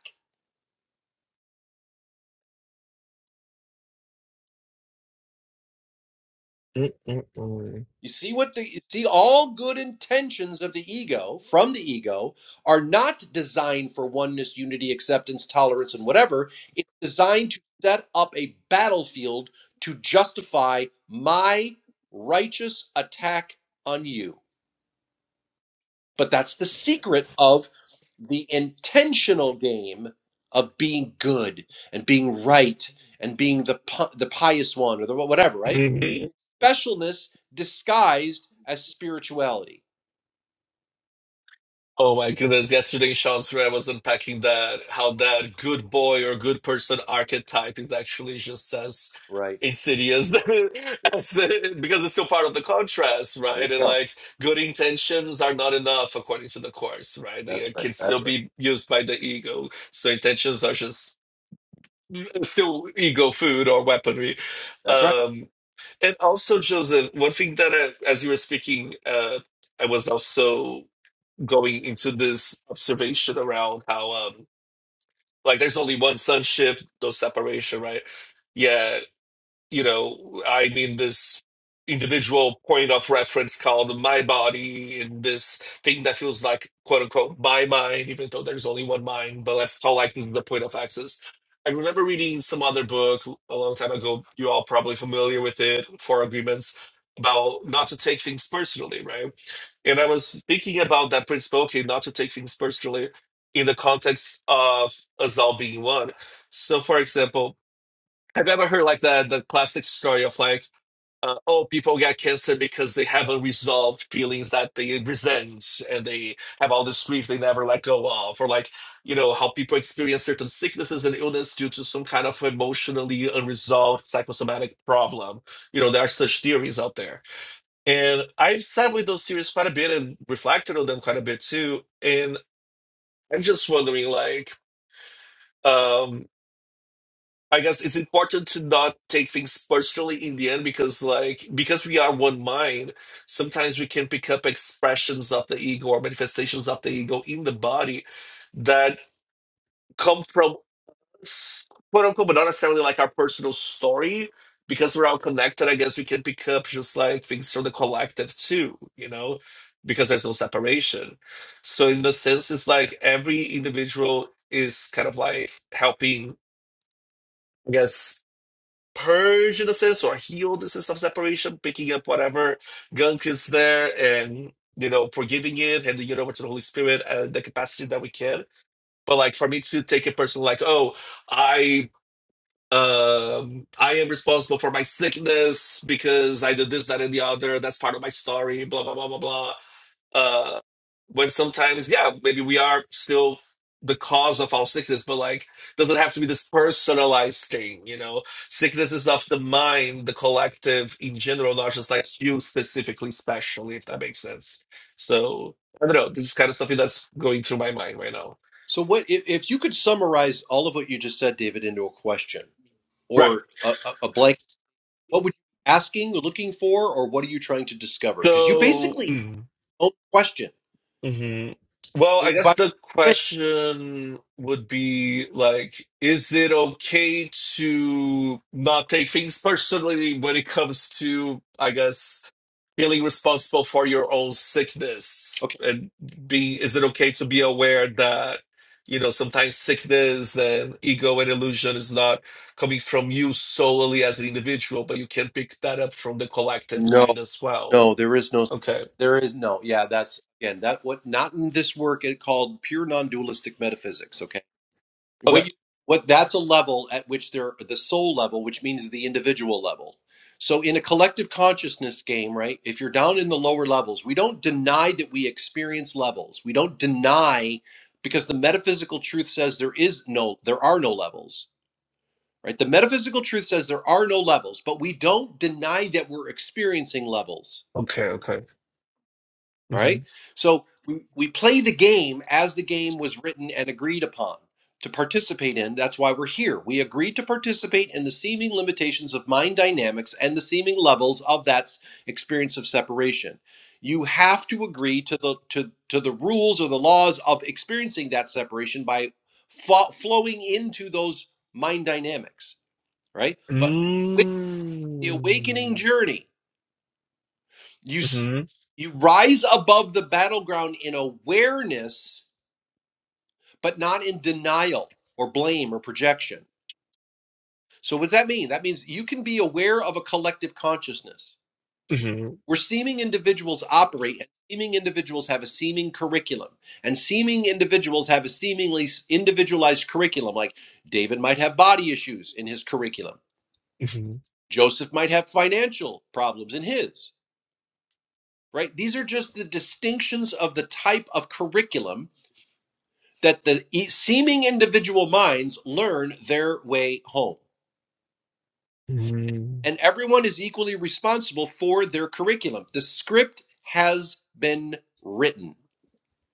[SPEAKER 3] Mm, mm,
[SPEAKER 2] You see what the you see all good intentions of the ego from the ego are not designed for oneness, unity, acceptance, tolerance, and whatever. It's designed to set up a battlefield to justify my righteous attack on you. But that's the secret of the intentional game of being good and being right and being the pi- the pious one or the whatever, right?
[SPEAKER 3] mm.
[SPEAKER 2] Specialness disguised as spirituality
[SPEAKER 3] Oh my goodness, yesterday, Sean's where I was unpacking that, how that good boy or good person archetype is actually just as
[SPEAKER 2] Right.
[SPEAKER 3] insidious
[SPEAKER 2] Yeah,
[SPEAKER 3] as, because it's still part of the contrast,
[SPEAKER 2] There you
[SPEAKER 3] right? And
[SPEAKER 2] go.
[SPEAKER 3] like good intentions are not enough according to the course, right? They
[SPEAKER 2] That's
[SPEAKER 3] uh,
[SPEAKER 2] right.
[SPEAKER 3] can still
[SPEAKER 2] That's right.
[SPEAKER 3] be used by the ego. So intentions are just still ego food or weaponry.
[SPEAKER 2] That's right.
[SPEAKER 3] Um, and also, Joseph, one thing that I, as you were speaking, uh, I was also going into this observation around how um like there's only one sonship, no separation, right? Yeah, you know, I mean this individual point of reference called my body and this thing that feels like quote unquote my mind, even though there's only one mind, but let's call like this is the point of access. I remember reading some other book a long time ago, you all probably familiar with it, Four Agreements, about not to take things personally, right? And I was thinking about that principle, okay, not to take things personally in the context of us all being one. So, for example, have you ever heard like the, the classic story of like, uh, oh, people get cancer because they have unresolved feelings that they resent and they have all this grief they never let go of, or like, you know, how people experience certain sicknesses and illness due to some kind of emotionally unresolved psychosomatic problem. You know, there are such theories out there and I've sat with those series quite a bit and reflected on them quite a bit too. And I'm just wondering, like, um, I guess it's important to not take things personally in the end because, like, because we are one mind, sometimes we can pick up expressions of the ego or manifestations of the ego in the body that come from s- quote unquote, but not necessarily like our personal story. Because we're all connected, I guess we can pick up just like things from the collective too, you know, because there's no separation. So in the sense, it's like every individual is kind of like helping, I guess, purge in a sense or heal the sense of separation, picking up whatever gunk is there and you know, forgiving it, handing it over to the Holy Spirit at the capacity that we can. But like for me to take it personal, like, oh, I um i am responsible for my sickness because i did this that and the other that's part of my story blah blah blah blah blah uh when sometimes yeah maybe we are still the cause of our sickness but like doesn't have to be this personalized thing you know sickness is of the mind the collective in general not just like you specifically specially if that makes sense so i don't know this is kind of something that's going through my mind right now
[SPEAKER 2] So, what if, if you could summarize all of what you just said, David, into a question
[SPEAKER 3] right
[SPEAKER 2] or a, a, a blank? What would you be asking, looking for, or what are you trying to discover? Because you
[SPEAKER 3] so
[SPEAKER 2] basically own the question.
[SPEAKER 3] hmm Well, I
[SPEAKER 2] It-
[SPEAKER 3] guess
[SPEAKER 2] By
[SPEAKER 3] the question would be like, is it okay to not take things personally when it comes to, I guess, feeling responsible for your own sickness?
[SPEAKER 2] okay,
[SPEAKER 3] And being, is it okay to be aware that, you know, sometimes sickness and ego and illusion is not coming from you solely as an individual, but you can pick that up from the collective mind
[SPEAKER 2] no,
[SPEAKER 3] as
[SPEAKER 2] no,
[SPEAKER 3] well?
[SPEAKER 2] there is no,
[SPEAKER 3] Okay.
[SPEAKER 2] there is no. Yeah, that's again that what not in this work. It called pure non-dualistic metaphysics. okay? What
[SPEAKER 3] Okay.
[SPEAKER 2] you, what that's a level at which they're the soul level, which means the individual level. So in a collective consciousness game, right? If you're down in the lower levels, we don't deny that we experience levels. We don't deny because the metaphysical truth says there is no there are no levels. Right? The metaphysical truth says there are no levels, but we don't deny that we're experiencing levels.
[SPEAKER 3] Okay.
[SPEAKER 2] All
[SPEAKER 3] Okay.
[SPEAKER 2] right. So we, we play the game as the game was written and agreed upon to participate in. That's why we're here. We agreed to participate in the seeming limitations of mind dynamics and the seeming levels of that s- experience of separation. You have to agree to the to, to the rules or the laws of experiencing that separation by fo- flowing into those mind dynamics, right? But with the awakening
[SPEAKER 3] Mm.
[SPEAKER 2] journey, you s-
[SPEAKER 3] Mhm.
[SPEAKER 2] you rise above the battleground in awareness, but not in denial or blame or projection. So what does that mean? That means you can be aware of a collective consciousness
[SPEAKER 3] Mhm.
[SPEAKER 2] where seeming individuals operate and seeming individuals have a seeming curriculum and seeming individuals have a seemingly s- individualized curriculum like David might have body issues in his curriculum.
[SPEAKER 3] Mhm.
[SPEAKER 2] Joseph might have financial problems in his, right? These are just the distinctions of the type of curriculum that the e- seeming individual minds learn their way home.
[SPEAKER 3] Mhm.
[SPEAKER 2] And everyone is equally responsible for their curriculum. The script has been written.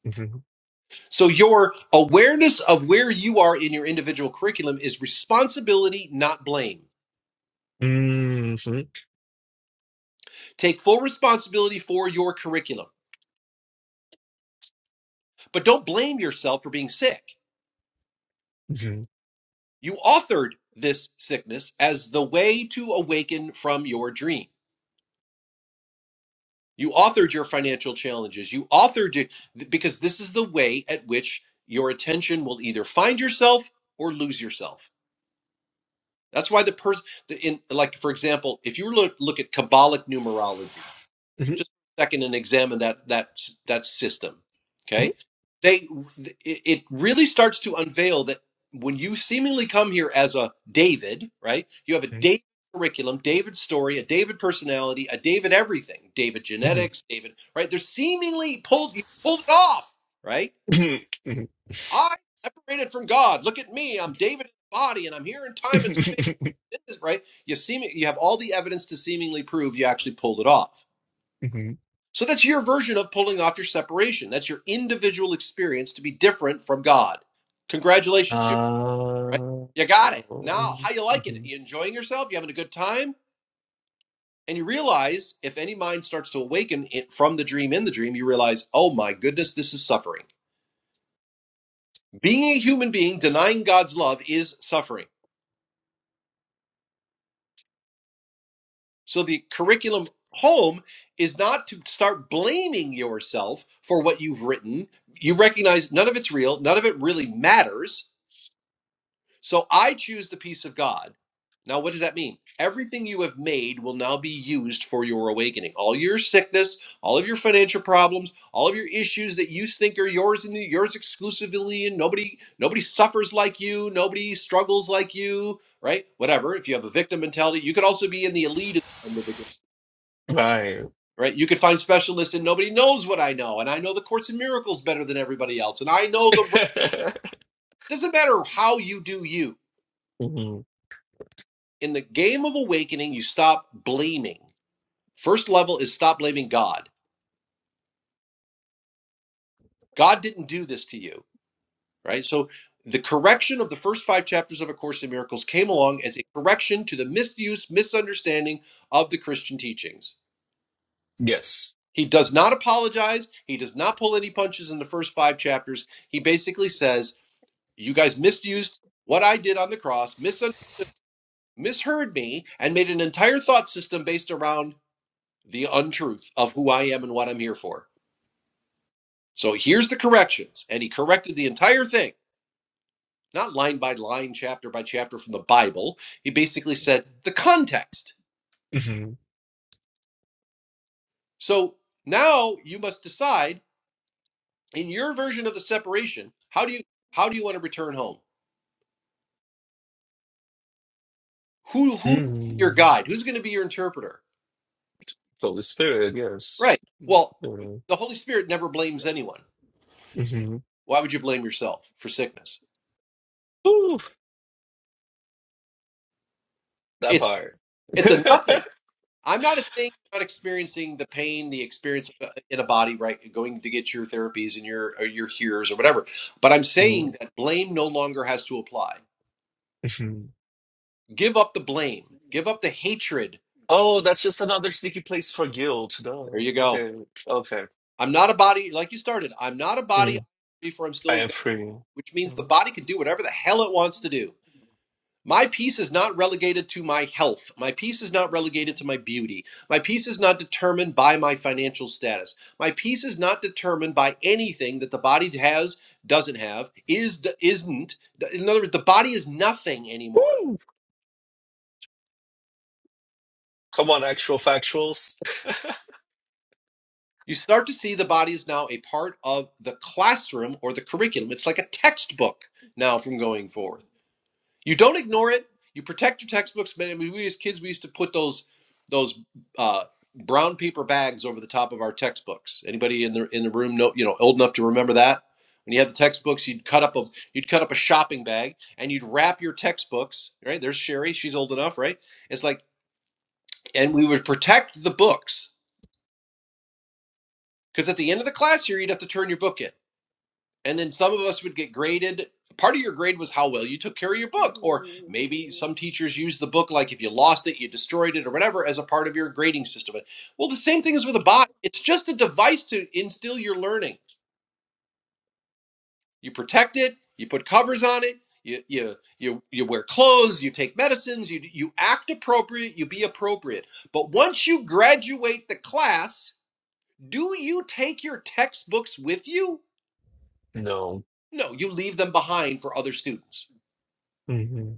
[SPEAKER 3] Mhm.
[SPEAKER 2] So your awareness of where you are in your individual curriculum is responsibility, not blame.
[SPEAKER 3] Mhm. Mhm.
[SPEAKER 2] Take full responsibility for your curriculum, but don't blame yourself for being sick.
[SPEAKER 3] Mhm. Mhm.
[SPEAKER 2] You authored this sickness as the way to awaken from your dream. You authored your financial challenges. You authored it because this is the way at which your attention will either find yourself or lose yourself. That's why the person, in like for example, if you look look at Kabbalic numerology just a second and examine that that that system okay they it it really starts to unveil that when you seemingly come here as a david right you have a david curriculum david story a david personality a david everything david
[SPEAKER 3] Mhm. Mhm. Mhm.
[SPEAKER 2] genetics david right they're seemingly pulled you pulled it off right
[SPEAKER 3] Mhm.
[SPEAKER 2] i separated from god look at me i'm david in the body and i'm here in time and space this is right you seem you have all the evidence to seemingly prove you actually pulled it off
[SPEAKER 3] Mhm.
[SPEAKER 2] so that's your version of pulling off your separation. That's your individual experience to be different from God. Congratulations, you right?
[SPEAKER 3] Ah.
[SPEAKER 2] You got it. Now, how you liking it?
[SPEAKER 3] Mhm.
[SPEAKER 2] You enjoying yourself? You having a good time? And you realize if any mind starts to awaken it from the dream in the dream, you realize, oh my goodness, this is suffering. Being a human being, denying God's love is suffering. So the curriculum home is not to start blaming yourself for what you've written. You recognize none of it's real, none of it really matters So I choose the peace of God. Now, what does that mean? Everything you have made will now be used for your awakening. All your sickness, all of your financial problems, all of your issues that you think are yours and yours exclusively, and nobody nobody suffers like you, nobody struggles like you, right? Whatever. If you have a victim mentality, you could also be in the elite at the end of the game,
[SPEAKER 3] Right.
[SPEAKER 2] right? You could find specialists and nobody knows what I know, and I know the Course in Miracles better than everybody else, and I know the right. Doesn't matter how you do you
[SPEAKER 3] Mhm.
[SPEAKER 2] in the game of awakening, you stop blaming. First level is stop blaming God. God didn't do this to you, right? So the correction of the first five chapters of A Course in Miracles came along as a correction to the misuse, misunderstanding of the Christian teachings.
[SPEAKER 3] Yes.
[SPEAKER 2] He does not apologize. He does not pull any punches in the first five chapters. He basically says, You guys misused what I did on the cross, misunderstood, misheard me, and made an entire thought system based around the untruth of who I am and what I'm here for So here's the corrections. And he corrected the entire thing, not line by line, chapter by chapter from the Bible. He basically said the context.
[SPEAKER 3] Mhm.
[SPEAKER 2] So now you must decide in your version of the separation, how do you how do you want to return home? Who who is your
[SPEAKER 3] Mm.
[SPEAKER 2] guide? Who's going to be your interpreter?
[SPEAKER 3] Holy Spirit, yes.
[SPEAKER 2] Right. Well,
[SPEAKER 3] Mhm.
[SPEAKER 2] the Holy Spirit never blames anyone.
[SPEAKER 3] Mhm.
[SPEAKER 2] Why would you blame yourself for sickness?
[SPEAKER 3] Ooh, that
[SPEAKER 2] It's
[SPEAKER 3] part.
[SPEAKER 2] it's a nothing. I'm not saying you're not experiencing the pain, the experience of- a- in a body, right? Going to get your therapies and your or your hearers or whatever. But I'm saying
[SPEAKER 3] Mhm.
[SPEAKER 2] that blame no longer has to apply. Give up the blame.
[SPEAKER 3] Mhm.
[SPEAKER 2] Give up the hatred.
[SPEAKER 3] Oh, that's just another sneaky place for guilt. Duh.
[SPEAKER 2] There you go.
[SPEAKER 3] Okay, okay.
[SPEAKER 2] I'm not a body like you started. I'm not a body
[SPEAKER 3] Mm,
[SPEAKER 2] before I'm
[SPEAKER 3] I
[SPEAKER 2] still as
[SPEAKER 3] am
[SPEAKER 2] God,
[SPEAKER 3] free.
[SPEAKER 2] which means the
[SPEAKER 3] Mm.
[SPEAKER 2] body can do whatever the hell it wants to do. My peace is not relegated to my health. My peace is not relegated to my beauty. My peace is not determined by my financial status. My peace is not determined by anything that the body has, doesn't have, is, isn't. In other words, the body is nothing anymore.
[SPEAKER 3] Come on, actual factuals.
[SPEAKER 2] You start to see the body is now a part of the classroom or the curriculum. It's like a textbook now from going forward. You don't ignore it. You protect your textbooks. Man, I mean, we as kids, we used to put those those uh, brown paper bags over the top of our textbooks. Anybody in the in the room know you know old enough to remember that? When you had the textbooks, you'd cut up a you'd cut up a shopping bag and you'd wrap your textbooks. Right there's Sherry, she's old enough, right? It's like, and we would protect the books because at the end of the class year, you'd have to turn your book in. and then some of us would get graded part of your grade was how well you took care of your book or maybe some teachers use the book like if you lost it you destroyed it or whatever as a part of your grading system well the same thing is with a body it's just a device to instill your learning you protect it you put covers on it you you you, you wear clothes you take medicines you you act appropriate you be appropriate but once you graduate the class do you take your textbooks with you
[SPEAKER 3] No.
[SPEAKER 2] no you leave them behind for other students
[SPEAKER 3] Mhm.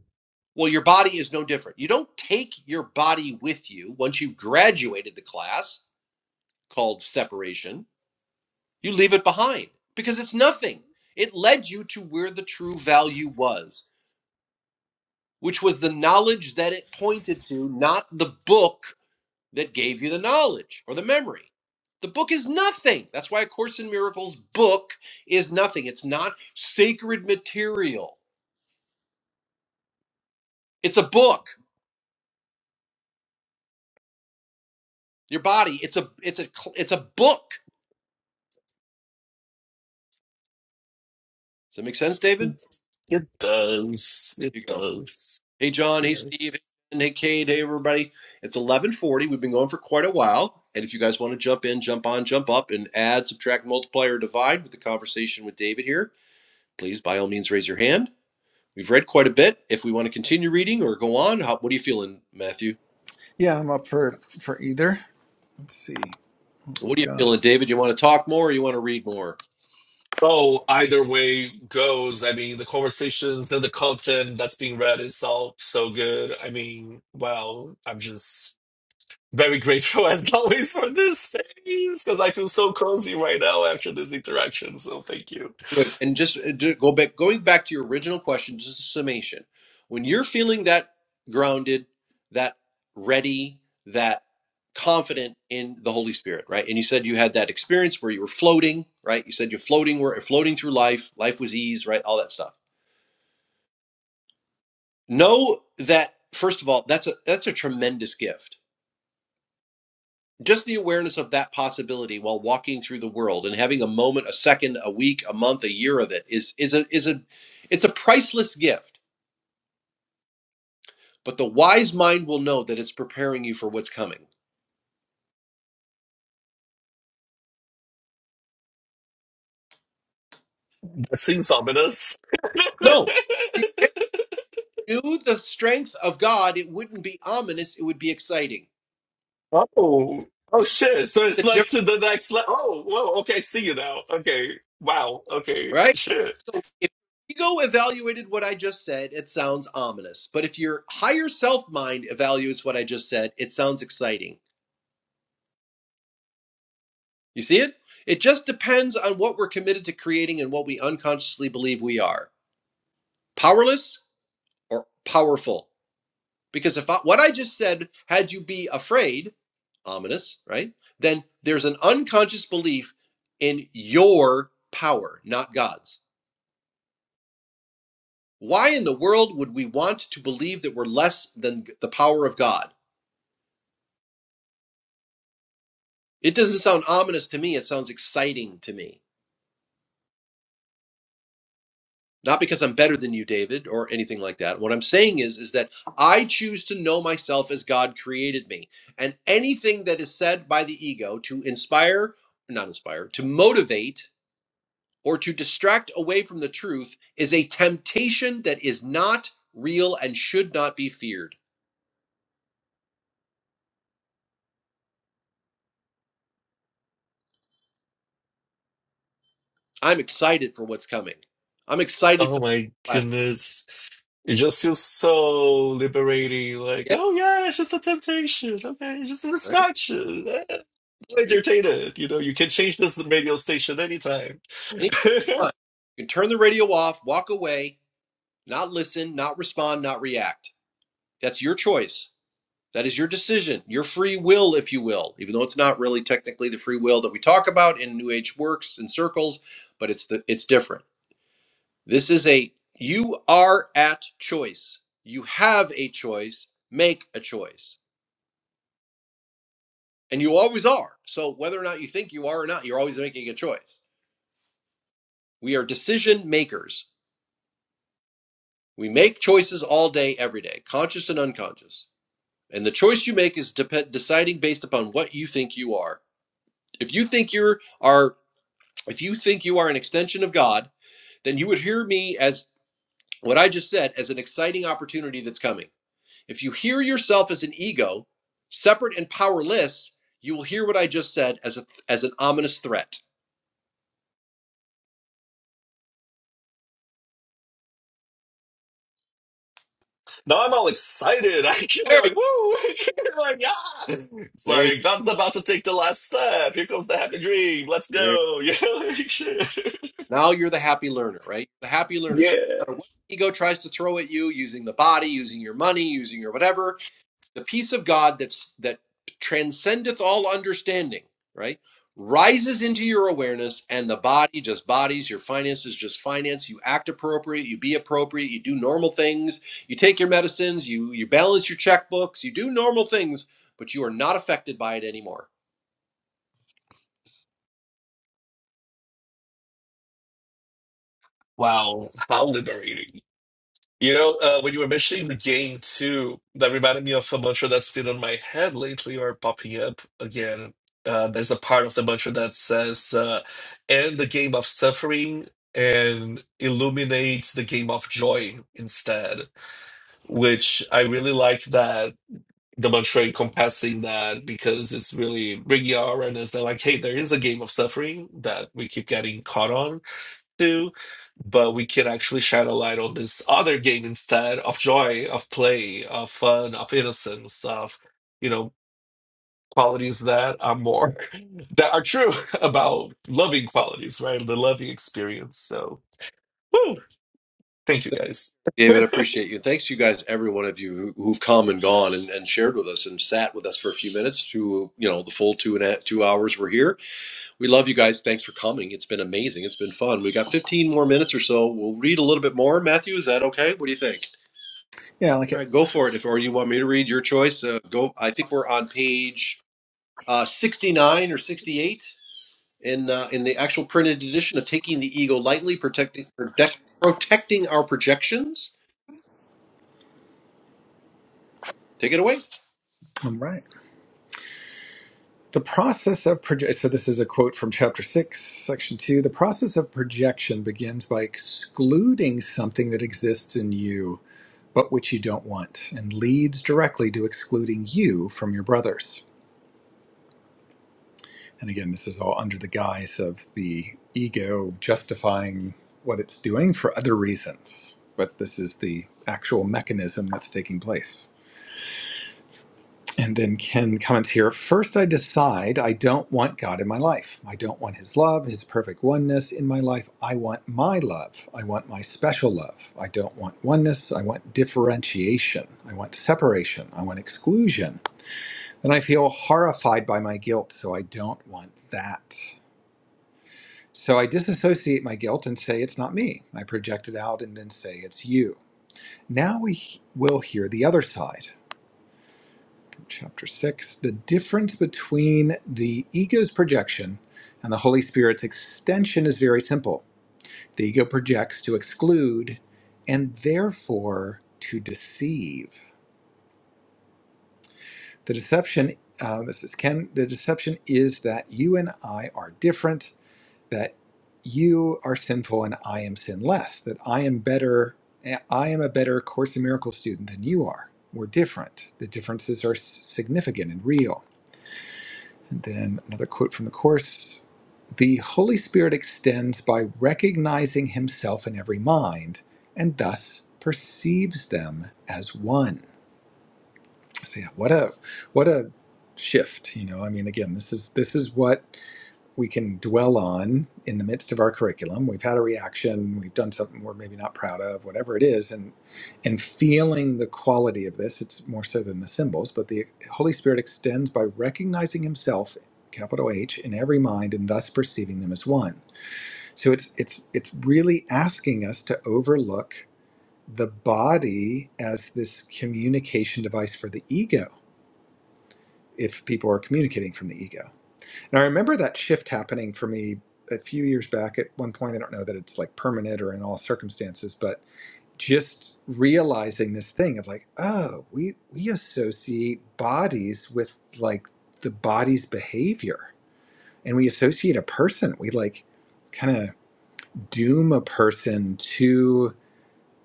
[SPEAKER 2] Well, your body is no different. You don't take your body with you once you've graduated the class called separation. You leave it behind because it's nothing. It led you to where the true value was, which was the knowledge that it pointed to, not the book that gave you the knowledge or the memory. The book is nothing. That's why A Course in Miracles book is nothing. It's not sacred material. It's a book. Your body, it's a it's a it's a book. Does that make sense, David?
[SPEAKER 3] It does. It
[SPEAKER 2] you go.
[SPEAKER 3] does.
[SPEAKER 2] Hey, John. Hey, Steve.
[SPEAKER 3] Yes.
[SPEAKER 2] Hey, Kate. Hey, everybody. It's 1140. We've been going for quite a while. And if you guys want to jump in, jump on, jump up, and add, subtract, multiply, or divide with the conversation with David here, please, by all means, raise your hand. We've read quite a bit. If we want to continue reading or go on, how, what are you feeling, Matthew?
[SPEAKER 1] Yeah, I'm up for for either. Let's see what
[SPEAKER 2] What are
[SPEAKER 1] we
[SPEAKER 2] you
[SPEAKER 1] got.
[SPEAKER 2] feeling, David? You want to talk more or you want to read more?
[SPEAKER 3] Oh, either way goes. I mean, the conversations and the content that's being read is all so good. I mean, well, I'm just very grateful as always for this space because I feel so cozy right now after this interaction. So thank you.
[SPEAKER 2] Good. And just uh, do- go back, going back to your original question, just a summation. When you're feeling that grounded, that ready, that confident in the Holy Spirit, right? And you said you had that experience where you were floating, right? You said you're floating, were floating through life. Life was ease, right? All that stuff. Know that first of all, that's a that's a tremendous gift. Just the awareness of that possibility while walking through the world and having a moment, a second, a week, a month, a year of it is is a is a it's a priceless gift But the wise mind will know that it's preparing you for what's coming.
[SPEAKER 3] That seems ominous.
[SPEAKER 2] No. If it knew the strength of God, it wouldn't be ominous, it would be exciting.
[SPEAKER 3] oh, oh
[SPEAKER 2] You see
[SPEAKER 3] shit! So it's
[SPEAKER 2] the
[SPEAKER 3] like
[SPEAKER 2] difference,
[SPEAKER 3] to the next level. Oh, whoa. Okay, see you now. Okay, wow. Okay,
[SPEAKER 2] right?
[SPEAKER 3] shit.
[SPEAKER 2] So if ego evaluated what I just said, it sounds ominous. But if your higher self mind evaluates what I just said, it sounds exciting. You see it? It just depends on what we're committed to creating and what we unconsciously believe we are. Powerless or powerful? Because if I, what I just said had you be afraid, ominous, right? Then there's an unconscious belief in your power, not God's. Why in the world would we want to believe that we're less than the power of God? It doesn't sound ominous to me, it sounds exciting to me. Not because I'm better than you, David, or anything like that. What I'm saying is is that I choose to know myself as God created me. And anything that is said by the ego to inspire, not inspire, to motivate or to distract away from the truth is a temptation that is not real and should not be feared. I'm excited for what's coming. I'm excited for
[SPEAKER 3] Oh
[SPEAKER 2] the
[SPEAKER 3] my
[SPEAKER 2] class.
[SPEAKER 3] goodness! It just feels so liberating. Like,
[SPEAKER 2] Yeah,
[SPEAKER 3] oh yeah, it's just a temptation. Okay, it's just a
[SPEAKER 2] right.
[SPEAKER 3] distraction. Eh, I'm
[SPEAKER 2] There you go.
[SPEAKER 3] entertained. You know, you can change this radio station anytime.
[SPEAKER 2] Anytime. You can turn the radio off, walk away, not listen, not respond, not react. That's your choice. That is your decision, your free will, if you will, even though it's not really technically the free will that we talk about in New Age works and circles, but it's the it's different. This is a you are at choice. You have a choice, make a choice. And you always are. So whether or not you think you are or not, you're always making a choice. We are decision makers. We make choices all day every day, conscious and unconscious. And the choice you make is dep- deciding based upon what you think you are. If you think you are if you think you are an extension of God, then you would hear me as what I just said as an exciting opportunity that's coming If you hear yourself as an ego, separate and powerless, you will hear what I just said as a as an ominous threat.
[SPEAKER 3] Now I'm all excited, actually.
[SPEAKER 2] There
[SPEAKER 3] I'm
[SPEAKER 2] you
[SPEAKER 3] like, woo! like, yeah! It's
[SPEAKER 2] there you
[SPEAKER 3] like, I'm about to take the last step. Here comes the happy dream. Let's
[SPEAKER 2] there.
[SPEAKER 3] go. You know, like, shit.
[SPEAKER 2] Now you're the happy learner, right? The happy learner.
[SPEAKER 3] yeah.
[SPEAKER 2] So no matter what ego tries to throw at you, using the body, using your money, using your whatever, the peace of God that's that transcendeth all understanding, right? Rises into your awareness and the body just bodies, your finances just finance, you act appropriate, you be appropriate, you do normal things, you take your medicines, you you balance your checkbooks, you do normal things, but you are not affected by it anymore.
[SPEAKER 3] Wow. How liberating. You know, uh, when you were mentioning the game too, that reminded me of a mantra that's been on my head lately or popping up again. Uh, there's a part of the mantra that says, uh, end the game of suffering and illuminate the game of joy instead which I really like that demonstrate compassing that because it's really bringing our awareness that like, hey, there is a game of suffering that we keep getting caught on to, but we can actually shine a light on this other game instead of joy, of play, of fun, of innocence, of you know qualities that are more that are true about loving qualities, right? The loving experience. So, woo, thank you guys.
[SPEAKER 2] David, I appreciate you. Thanks, to you guys, every one of you who- who've come and gone and, and shared with us and sat with us for a few minutes to, you know, the full two and a, two hours we're here We love you guys. Thanks for coming. It's been amazing. It's been fun. We got 15 more minutes or so. We'll read a little bit more. Matthew, is that okay? What do you think?
[SPEAKER 1] Yeah, I like
[SPEAKER 2] All
[SPEAKER 1] it.
[SPEAKER 2] right, go for it. If or you want me to read your choice, uh, go. I think we're on page uh, 69 or 68 in uh, in the actual printed edition of Taking the Ego Lightly, protecting protect, protecting our projections. Take it away.
[SPEAKER 1] All right. The process of projection. So this is a quote from chapter six, section two. The process of projection begins by excluding something that exists in you, but which you don't want, and leads directly to excluding you from your brothers. And again, this is all under the guise of the ego justifying what it's doing for other reasons. But this is the actual mechanism that's taking place. And then Ken comments here First, I decide I don't want God in my life. I don't want His love, His perfect oneness in my life. I want my love. I want my special love. I don't want oneness. I want differentiation. I want separation. I want exclusion. Then I feel horrified by my guilt, so I don't want that. So I disassociate my guilt and say it's not me. I project it out and then say it's you. Now we he- will hear the other side from chapter 6 the difference between the ego's projection and the Holy Spirit's extension is very simple. The ego projects to exclude and therefore to deceive. The deception, uh, this is Ken, the deception is that you and I are different that you are sinful and I am sinless, that I am better, I am a better Course in Miracles student than you are. We're different. The differences are s- significant and real. And then another quote from the Course The Holy Spirit extends by recognizing himself in every mind and thus perceives them as one. So yeah, what a what a shift, you know. I mean again, this is this is what we can dwell on in the midst of our curriculum. We've had a reaction, we've done something we're maybe not proud of, whatever it is, and and feeling the quality of this, it's more so than the symbols, but the Holy Spirit extends by recognizing himself capital H in every mind and thus perceiving them as one. So it's it's it's really asking us to overlook the body as this communication device for the ego if people are communicating from the ego and I remember that shift happening for me a few years back at one point. I don't know that it's like permanent or in all circumstances, but just realizing this thing of like, oh, we we associate bodies with like the body's behavior. And we associate a person. We like kind of doom a person to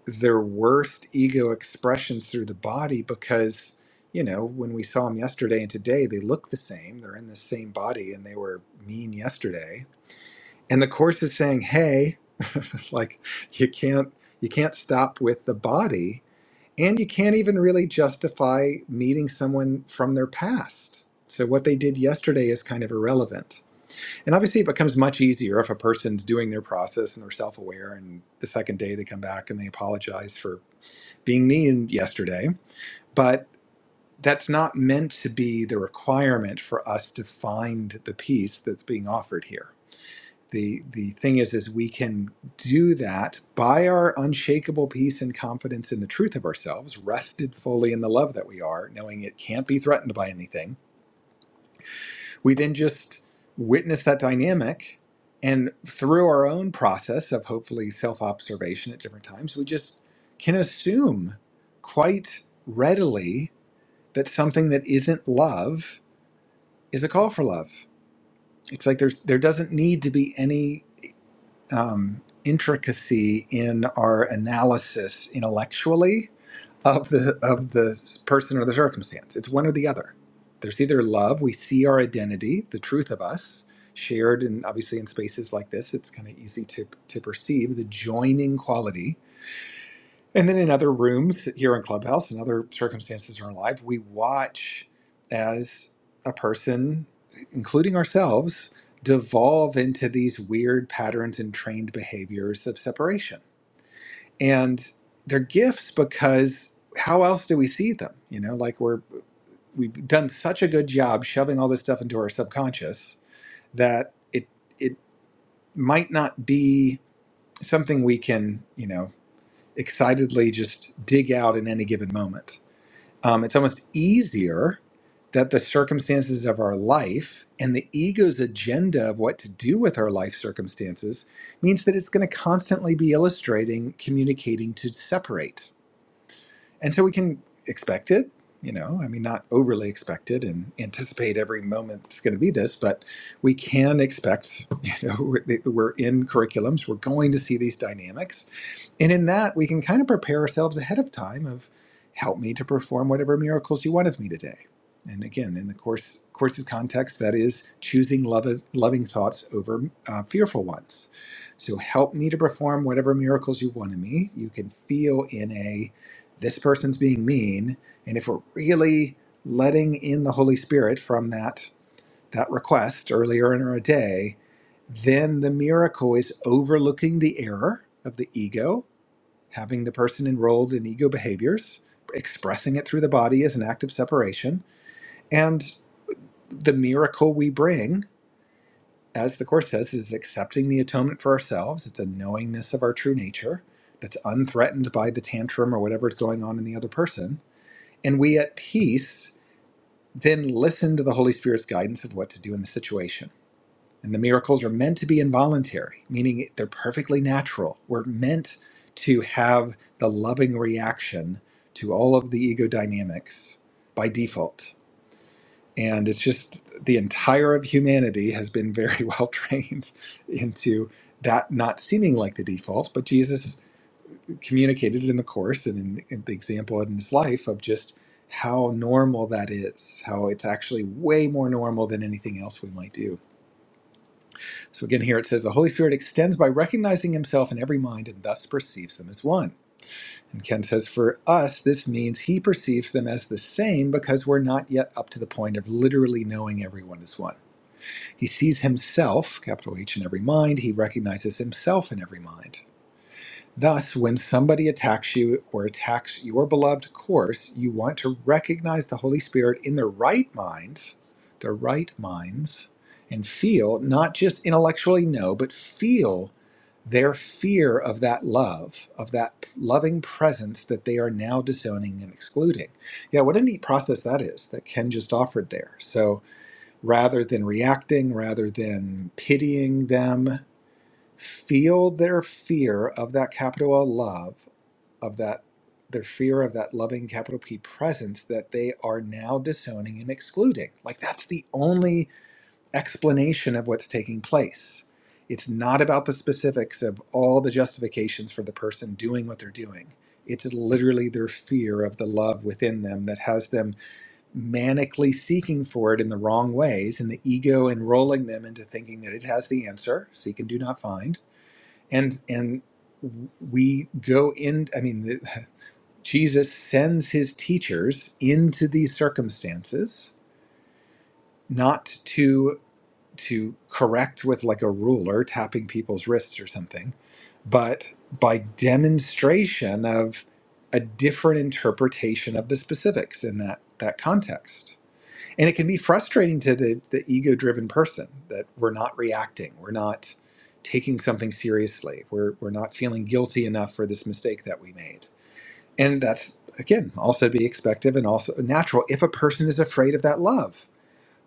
[SPEAKER 1] their worst ego expressions through the body because you know, when we saw them yesterday and today, they look the same. They're in the same body and they were mean yesterday and the course is saying hey like you can't you can't stop with the body and you can't even really justify meeting someone from their past so what they did yesterday is kind of irrelevant and obviously it becomes much easier if a person's doing their process and they're self-aware and the second day they come back and they apologize for being mean yesterday but that's not meant to be the requirement for us to find the peace that's being offered here the the thing is is we can do that by our unshakable peace and confidence in the truth of ourselves rested fully in the love that we are knowing it can't be threatened by anything we then just witness that dynamic and through our own process of hopefully self-observation at different times we just can assume quite readily that something that isn't love is a call for love it's like there's there doesn't need to be any um, intricacy in our analysis intellectually of the of the person or the circumstance. It's one or the other. There's either love, we see our identity, the truth of us, shared and obviously in spaces like this, it's kind of easy to to perceive the joining quality and then in other rooms here in Clubhouse and other circumstances in our life, we watch as a person, including ourselves, devolve into these weird patterns and trained behaviors of separation. And they're gifts because how else do we see them? You know, like we're we've done such a good job shoving all this stuff into our subconscious that it it might not be something we can, you know, excitedly just dig out in any given moment Um, it's almost easier that the circumstances of our life and the ego's agenda of what to do with our life circumstances means that it's going to constantly be illustrating, communicating to separate and so we can expect it you know i mean not overly expected, and anticipate every moment it's going to be this but we can expect you know we're, we're in curriculums we're going to see these dynamics and in that we can kind of prepare ourselves ahead of time of help me to perform whatever miracles you want of me today and again in the course course's context that is choosing love, loving thoughts over uh, fearful ones so help me to perform whatever miracles you want of me you can feel in a this person's being mean and if we're really letting in the holy spirit from that that request earlier in our day then the miracle is overlooking the error of the ego having the person enrolled in ego behaviors expressing it through the body as an act of separation and the miracle we bring as the course says is accepting the atonement for ourselves it's a knowingness of our true nature that's unthreatened by the tantrum or whatever's going on in the other person and we at peace then listen to the Holy Spirit's guidance of what to do in the situation. And the miracles are meant to be involuntary, meaning they're perfectly natural. We're meant to have the loving reaction to all of the ego dynamics by default. And it's just the entire of humanity has been very well trained into that not seeming like the default, but Jesus communicated in the course and in, in the example in his life of just how normal that is, how it's actually way more normal than anything else we might do. So again, here it says the Holy Spirit extends by recognizing himself in every mind and thus perceives them as one. And Ken says, for us, this means he perceives them as the same because we're not yet up to the point of literally knowing everyone as one. He sees himself, capital H, in every mind. He recognizes himself in every mind. Thus, when somebody attacks you or attacks your beloved course, you want to recognize the Holy Spirit in their right minds, their right minds, and feel, not just intellectually know, but feel their fear of that love, of that loving presence that they are now disowning and excluding. Yeah, what a neat process that is that Ken just offered there. So rather than reacting, rather than pitying them, feel their fear of that capital L love, of that their fear of that loving capital P presence that they are now disowning and excluding. Like that's the only explanation of what's taking place. It's not about the specifics of all the justifications for the person doing what they're doing. It's literally their fear of the love within them that has them manically seeking for it in the wrong ways, and the ego enrolling them into thinking that it has the answer seek and do not find and and we go in i mean the, jesus sends his teachers into these circumstances not to to correct with like a ruler tapping people's wrists or something but by demonstration of a different interpretation of the specifics in that that context and it can be frustrating to the, the ego driven person that we're not reacting we're not taking something seriously we're, we're not feeling guilty enough for this mistake that we made and that's again also be expective and also natural if a person is afraid of that love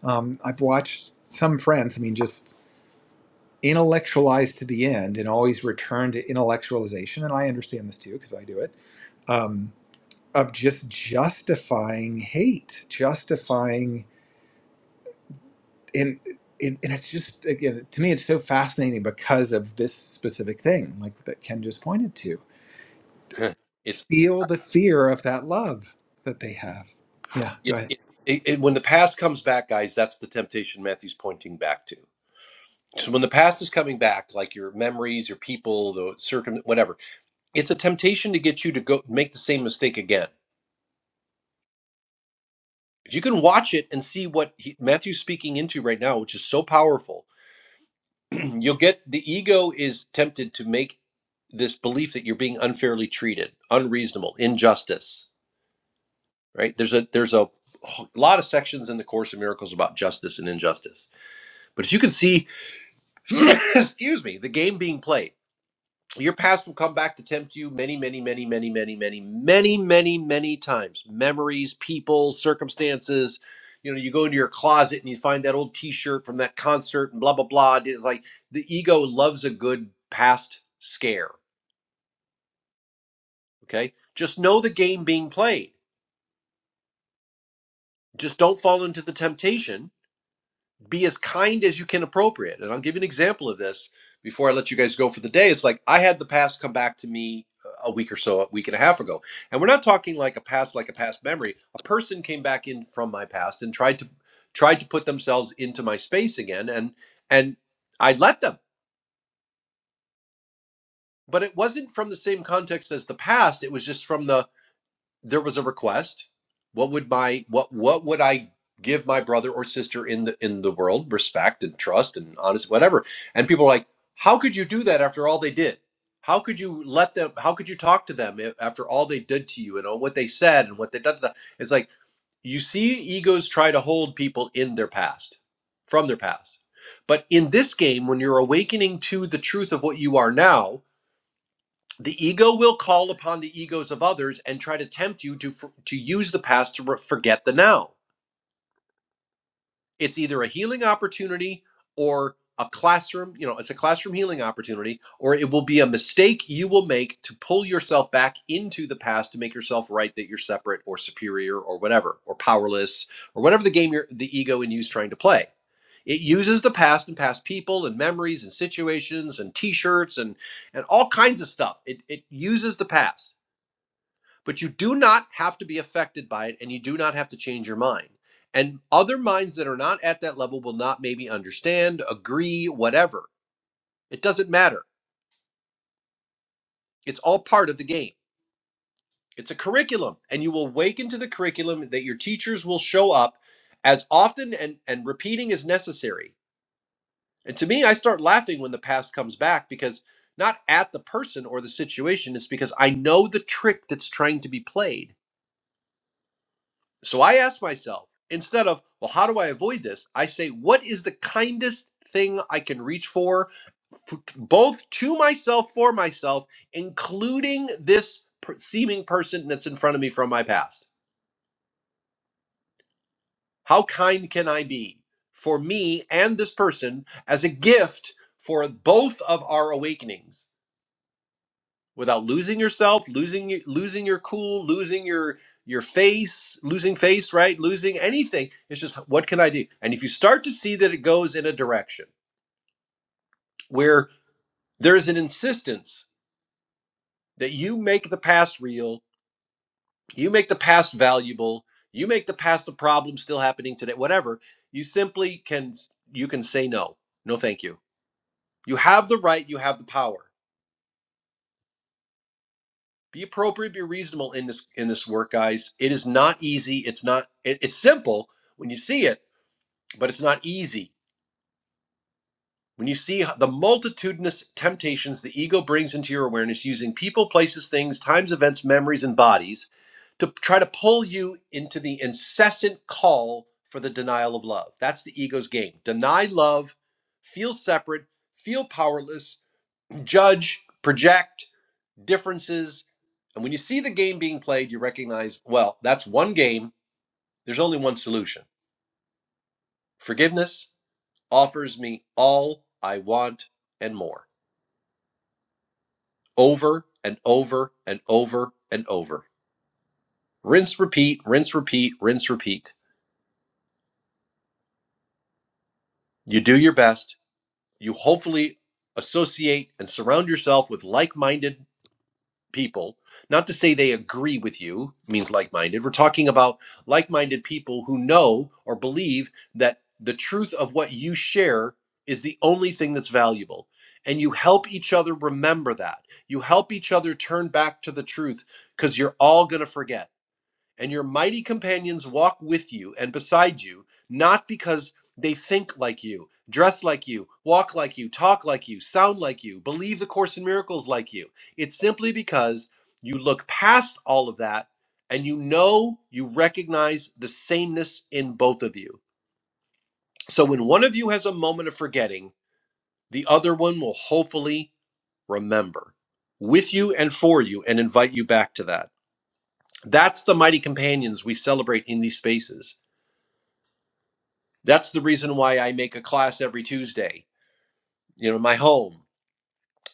[SPEAKER 1] um, i've watched some friends i mean just intellectualize to the end and always return to intellectualization and i understand this too because i do it um, of just justifying hate justifying and it, and it's just again to me it's so fascinating because of this specific thing like that ken just pointed to
[SPEAKER 2] it's
[SPEAKER 1] feel the fear of that love that they have yeah go
[SPEAKER 2] it,
[SPEAKER 1] ahead
[SPEAKER 2] it, it, it- when the past comes back, guys. That's the temptation Matthew's pointing back to. So when the past is coming back, like your memories, your people, the circum, whatever, it's a temptation to get you to go make the same mistake again. If you can watch it and see what he, Matthew's speaking into right now, which is so powerful, you'll get the ego is tempted to make this belief that you're being unfairly treated, unreasonable, injustice. Right? There's a there's a lot of sections in the Course of Miracles about justice and injustice. But if you can see, excuse me, the game being played Your past will come back to tempt you many, many, many, many, many, many, many, many, many times. Memories, people, circumstances. You know, you go into your closet and you find that old T-shirt from that concert and blah blah blah. It's like the ego loves a good past scare. Okay, just know the game being played. Just don't fall into the temptation be as kind as you can appropriate. And I'll give you an example of this before I let you guys go for the day. It's like I had the past come back to me uh, a week or so, a week and a half ago. And we're not talking like a past, like a past memory. A person came back in from my past and tried to tried to put themselves into my space again and and I let them. But it wasn't from the same context as the past. It was just from the there was a request what would my what what would i give my brother or sister in the in the world respect and trust and honest whatever and people are like how could you do that after all they did how could you let them how could you talk to them after all they did to you and all what they said and what they done to them it's like you see egos try to hold people in their past from their past but in this game when you're awakening to the truth of what you are now the ego will call upon the egos of others and try to tempt you to for, to use the past to re- forget the now. It's either a healing opportunity or a classroom, you know, it's a classroom healing opportunity, or it will be a mistake you will make to pull yourself back into the past to make yourself right that you're separate or superior or whatever, or powerless, or whatever the game you're, the ego in you is trying to play. It uses the past and past people and memories and situations and t shirts and, and all kinds of stuff. It, it uses the past but you do not have to be affected by it and you do not have to change your mind and other minds that are not at that level will not maybe understand agree whatever it doesn't matter it's all part of the game it's a curriculum and you will awaken to the curriculum that your teachers will show up as often and and repeating is necessary and to me i start laughing when the past comes back because not at the person or the situation it's because i know the trick that's trying to be played So I ask myself, instead of, well, how do I avoid this? I say, what is the kindest thing I can reach for, f- both to myself, for myself, including this per- seeming person that's in front of me from my past? How kind can I be for me and this person as a gift for both of our awakenings? without losing yourself, losing losing your cool, losing your your face, losing face, right? Losing anything. It's just what can I do? And if you start to see that it goes in a direction where there's an insistence that you make the past real, you make the past valuable, you make the past a problem still happening today, whatever, you simply can you can say no. No, thank you. You have the right, you have the power. be appropriate be reasonable in this in this work guys it is not easy it's not it- it's simple when you see it but it's not easy when you see the multitudinous temptations the ego brings into your awareness using people places things times events memories and bodies to try to pull you into the incessant call for the denial of love that's the ego's game deny love feel separate feel powerless judge project differences. And when you see the game being played, you recognize, well, that's one game. There's only one solution. Forgiveness offers me all I want and more over and over and over and over. Rinse, repeat, rinse, repeat, rinse, repeat. You do your best. You hopefully associate and surround yourself with like minded people not to say they agree with you means like-minded we're talking about like-minded people who know or believe that the truth of what you share is the only thing that's valuable and you help each other remember that you help each other turn back to the truth because you're all going to forget and your mighty companions walk with you and beside you, not because they think like you, dress like you, walk like you, talk like you, sound like you, believe the Course in Miracles like you. It's simply because you look past all of that and you know you recognize the sameness in both of you. So when one of you has a moment of forgetting, the other one will hopefully remember with you and for you and invite you back to that. That's the mighty companions we celebrate in these spaces. That's the reason why I make a class every Tuesday, you know, in my home.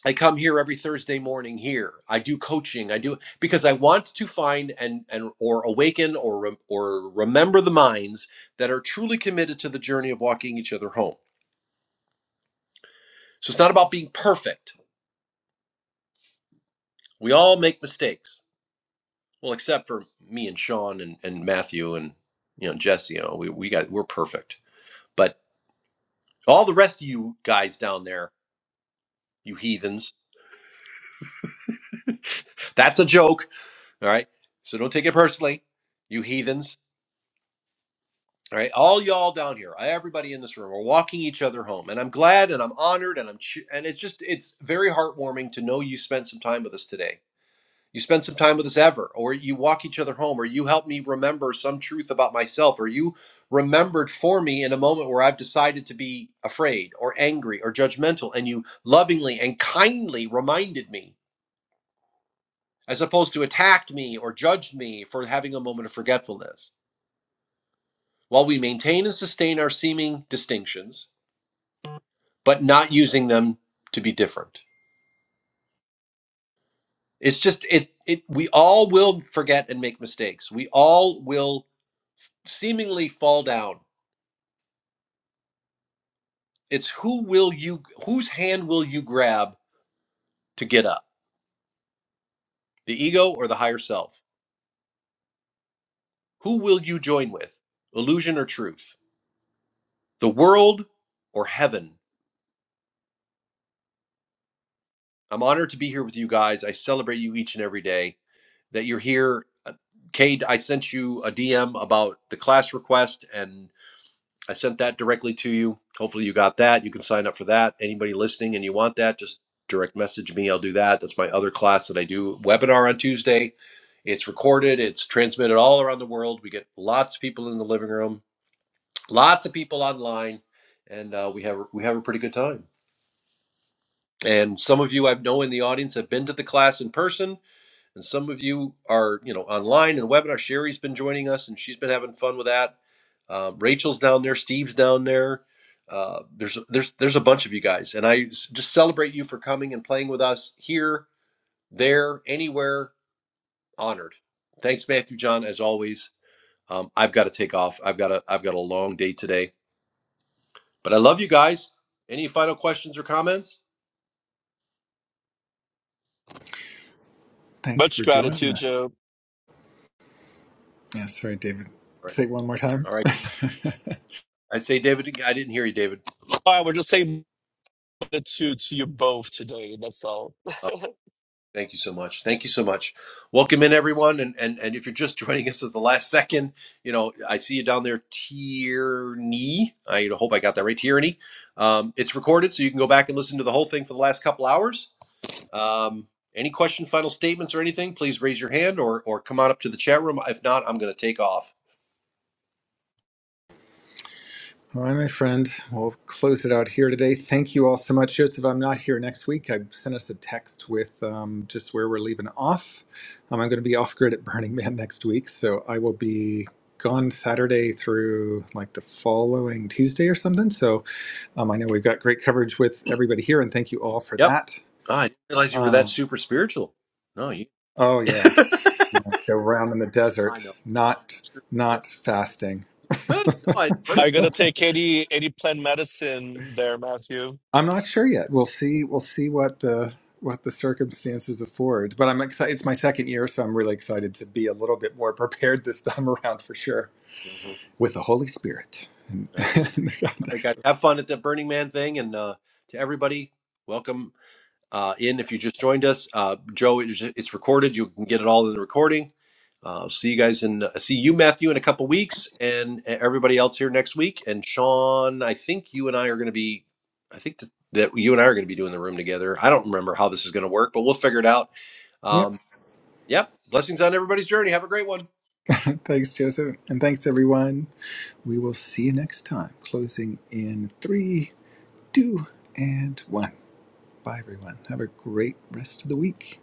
[SPEAKER 2] I come here every Thursday morning here. I do coaching. I do because I want to find and and or awaken or or remember the minds that are truly committed to the journey of walking each other home. So it's not about being perfect. We all make mistakes. Well, except for me and Sean and, and Matthew and you know Jesse, you know, we, we got we're perfect. But all the rest of you guys down there, you heathens, that's a joke All right. So don't take it personally, you heathens. All right. All y'all down here, everybody in this room, we're walking each other home. And I'm glad and I'm honored and I'm, che- and it's just, it's very heartwarming to know you spent some time with us today. You spent some time with us ever, or you walk each other home, or you help me remember some truth about myself, or you remembered for me in a moment where I've decided to be afraid or angry or judgmental, and you lovingly and kindly reminded me as opposed to attacked me or judged me for having a moment of forgetfulness. while we maintain and sustain our seeming distinctions, but not using them to be different. It's just it it we all will forget and make mistakes. We all will seemingly fall down. It's who will you whose hand will you grab to get up? The ego or the higher self? Who will you join with? Illusion or truth? The world or heaven? I'm honored to be here with you guys. I celebrate you each and every day that you're here. Uh, Cade, I sent you a DM about the class request and I sent that directly to you. Hopefully, you got that. You can sign up for that. Anybody listening and you want that, just direct message me. I'll do that. That's my other class that I do webinar on Tuesday. It's recorded, it's transmitted all around the world. We get lots of people in the living room, lots of people online, and uh, we have we have a pretty good time. And some of you I know in the audience have been to the class in person and some of you are, you know, online and webinar. Sherry's been joining us, and she's been having fun with that. Um, Rachel's down there. Steve's down there. Uh, there's there's there's a bunch of you guys, and I s- just celebrate you for coming and playing with us here, there, anywhere. Honored. Thanks, Matthew John, as always. Um, I've got to take off. I've got a I've got a long day today, but I love you guys. Any final questions or comments?
[SPEAKER 1] thanks
[SPEAKER 3] Much
[SPEAKER 1] for joining
[SPEAKER 3] gratitude,
[SPEAKER 1] us
[SPEAKER 3] Joe.
[SPEAKER 1] yeah sorry david
[SPEAKER 2] All right.
[SPEAKER 1] say it one more time
[SPEAKER 2] All right. I say, David. I didn't hear you, David.
[SPEAKER 3] Oh, I would just say it to to you both today. That's all.
[SPEAKER 2] Thank you so much. Thank you so much. Welcome in everyone, and and and if you're just joining us at the last second, you know I see you down there, Tierney. I hope I got that right, Tierney. Um, it's recorded, so you can go back and listen to the whole thing for the last couple hours. Um, any questions, final statements, or anything? Please raise your hand, or or come on up to the chat room. If not, I'm going to take off.
[SPEAKER 1] All right, my friend. We'll close it out here today. Thank you all so much. Joseph, I'm not here next week. I sent us a text with um, just where we're leaving off. Um, I'm going to be off grid at Burning Man next week. So I will be gone Saturday through like the following Tuesday or something. So um, I know we've got great coverage with everybody here, and thank you all for
[SPEAKER 2] Yep.
[SPEAKER 1] that.
[SPEAKER 2] Ah, I didn't realize you were that
[SPEAKER 1] Um,
[SPEAKER 2] super spiritual. No, you.
[SPEAKER 1] oh, yeah. Go round in the
[SPEAKER 2] I
[SPEAKER 1] desert,
[SPEAKER 2] know.
[SPEAKER 1] not,
[SPEAKER 2] Good.
[SPEAKER 1] not fasting.
[SPEAKER 2] No, I
[SPEAKER 3] I gotta take any any plant medicine there, Matthew.
[SPEAKER 1] I'm not sure yet. We'll see. We'll see what the what the circumstances afford. But I'm excited. It's my second year, so I'm really excited to be a little bit more prepared this time around for sure
[SPEAKER 2] hmm
[SPEAKER 1] with the Holy Spirit in,
[SPEAKER 2] I get.
[SPEAKER 1] in the
[SPEAKER 2] All right, guys,
[SPEAKER 1] context. Of,
[SPEAKER 2] have fun at the Burning Man thing, and uh, to everybody, welcome uh, in if you just joined us. Uh, Joe, it's, it's recorded. You can get it all in the recording. Uh, see you guys in, uh, see you, Matthew, in a couple weeks, and uh, everybody else here next week. And Sean, I think you and I are going to be, I think that, that you and I are going to be doing the room together. I don't remember how this is going to work, but we'll figure it out.
[SPEAKER 1] yep.
[SPEAKER 2] Um, yep. Blessings on everybody's journey. Have a great one.
[SPEAKER 1] thanks, Joseph, and thanks everyone. We will see you next time. Closing in three, two, and one. Bye, everyone. Have a great rest of the week.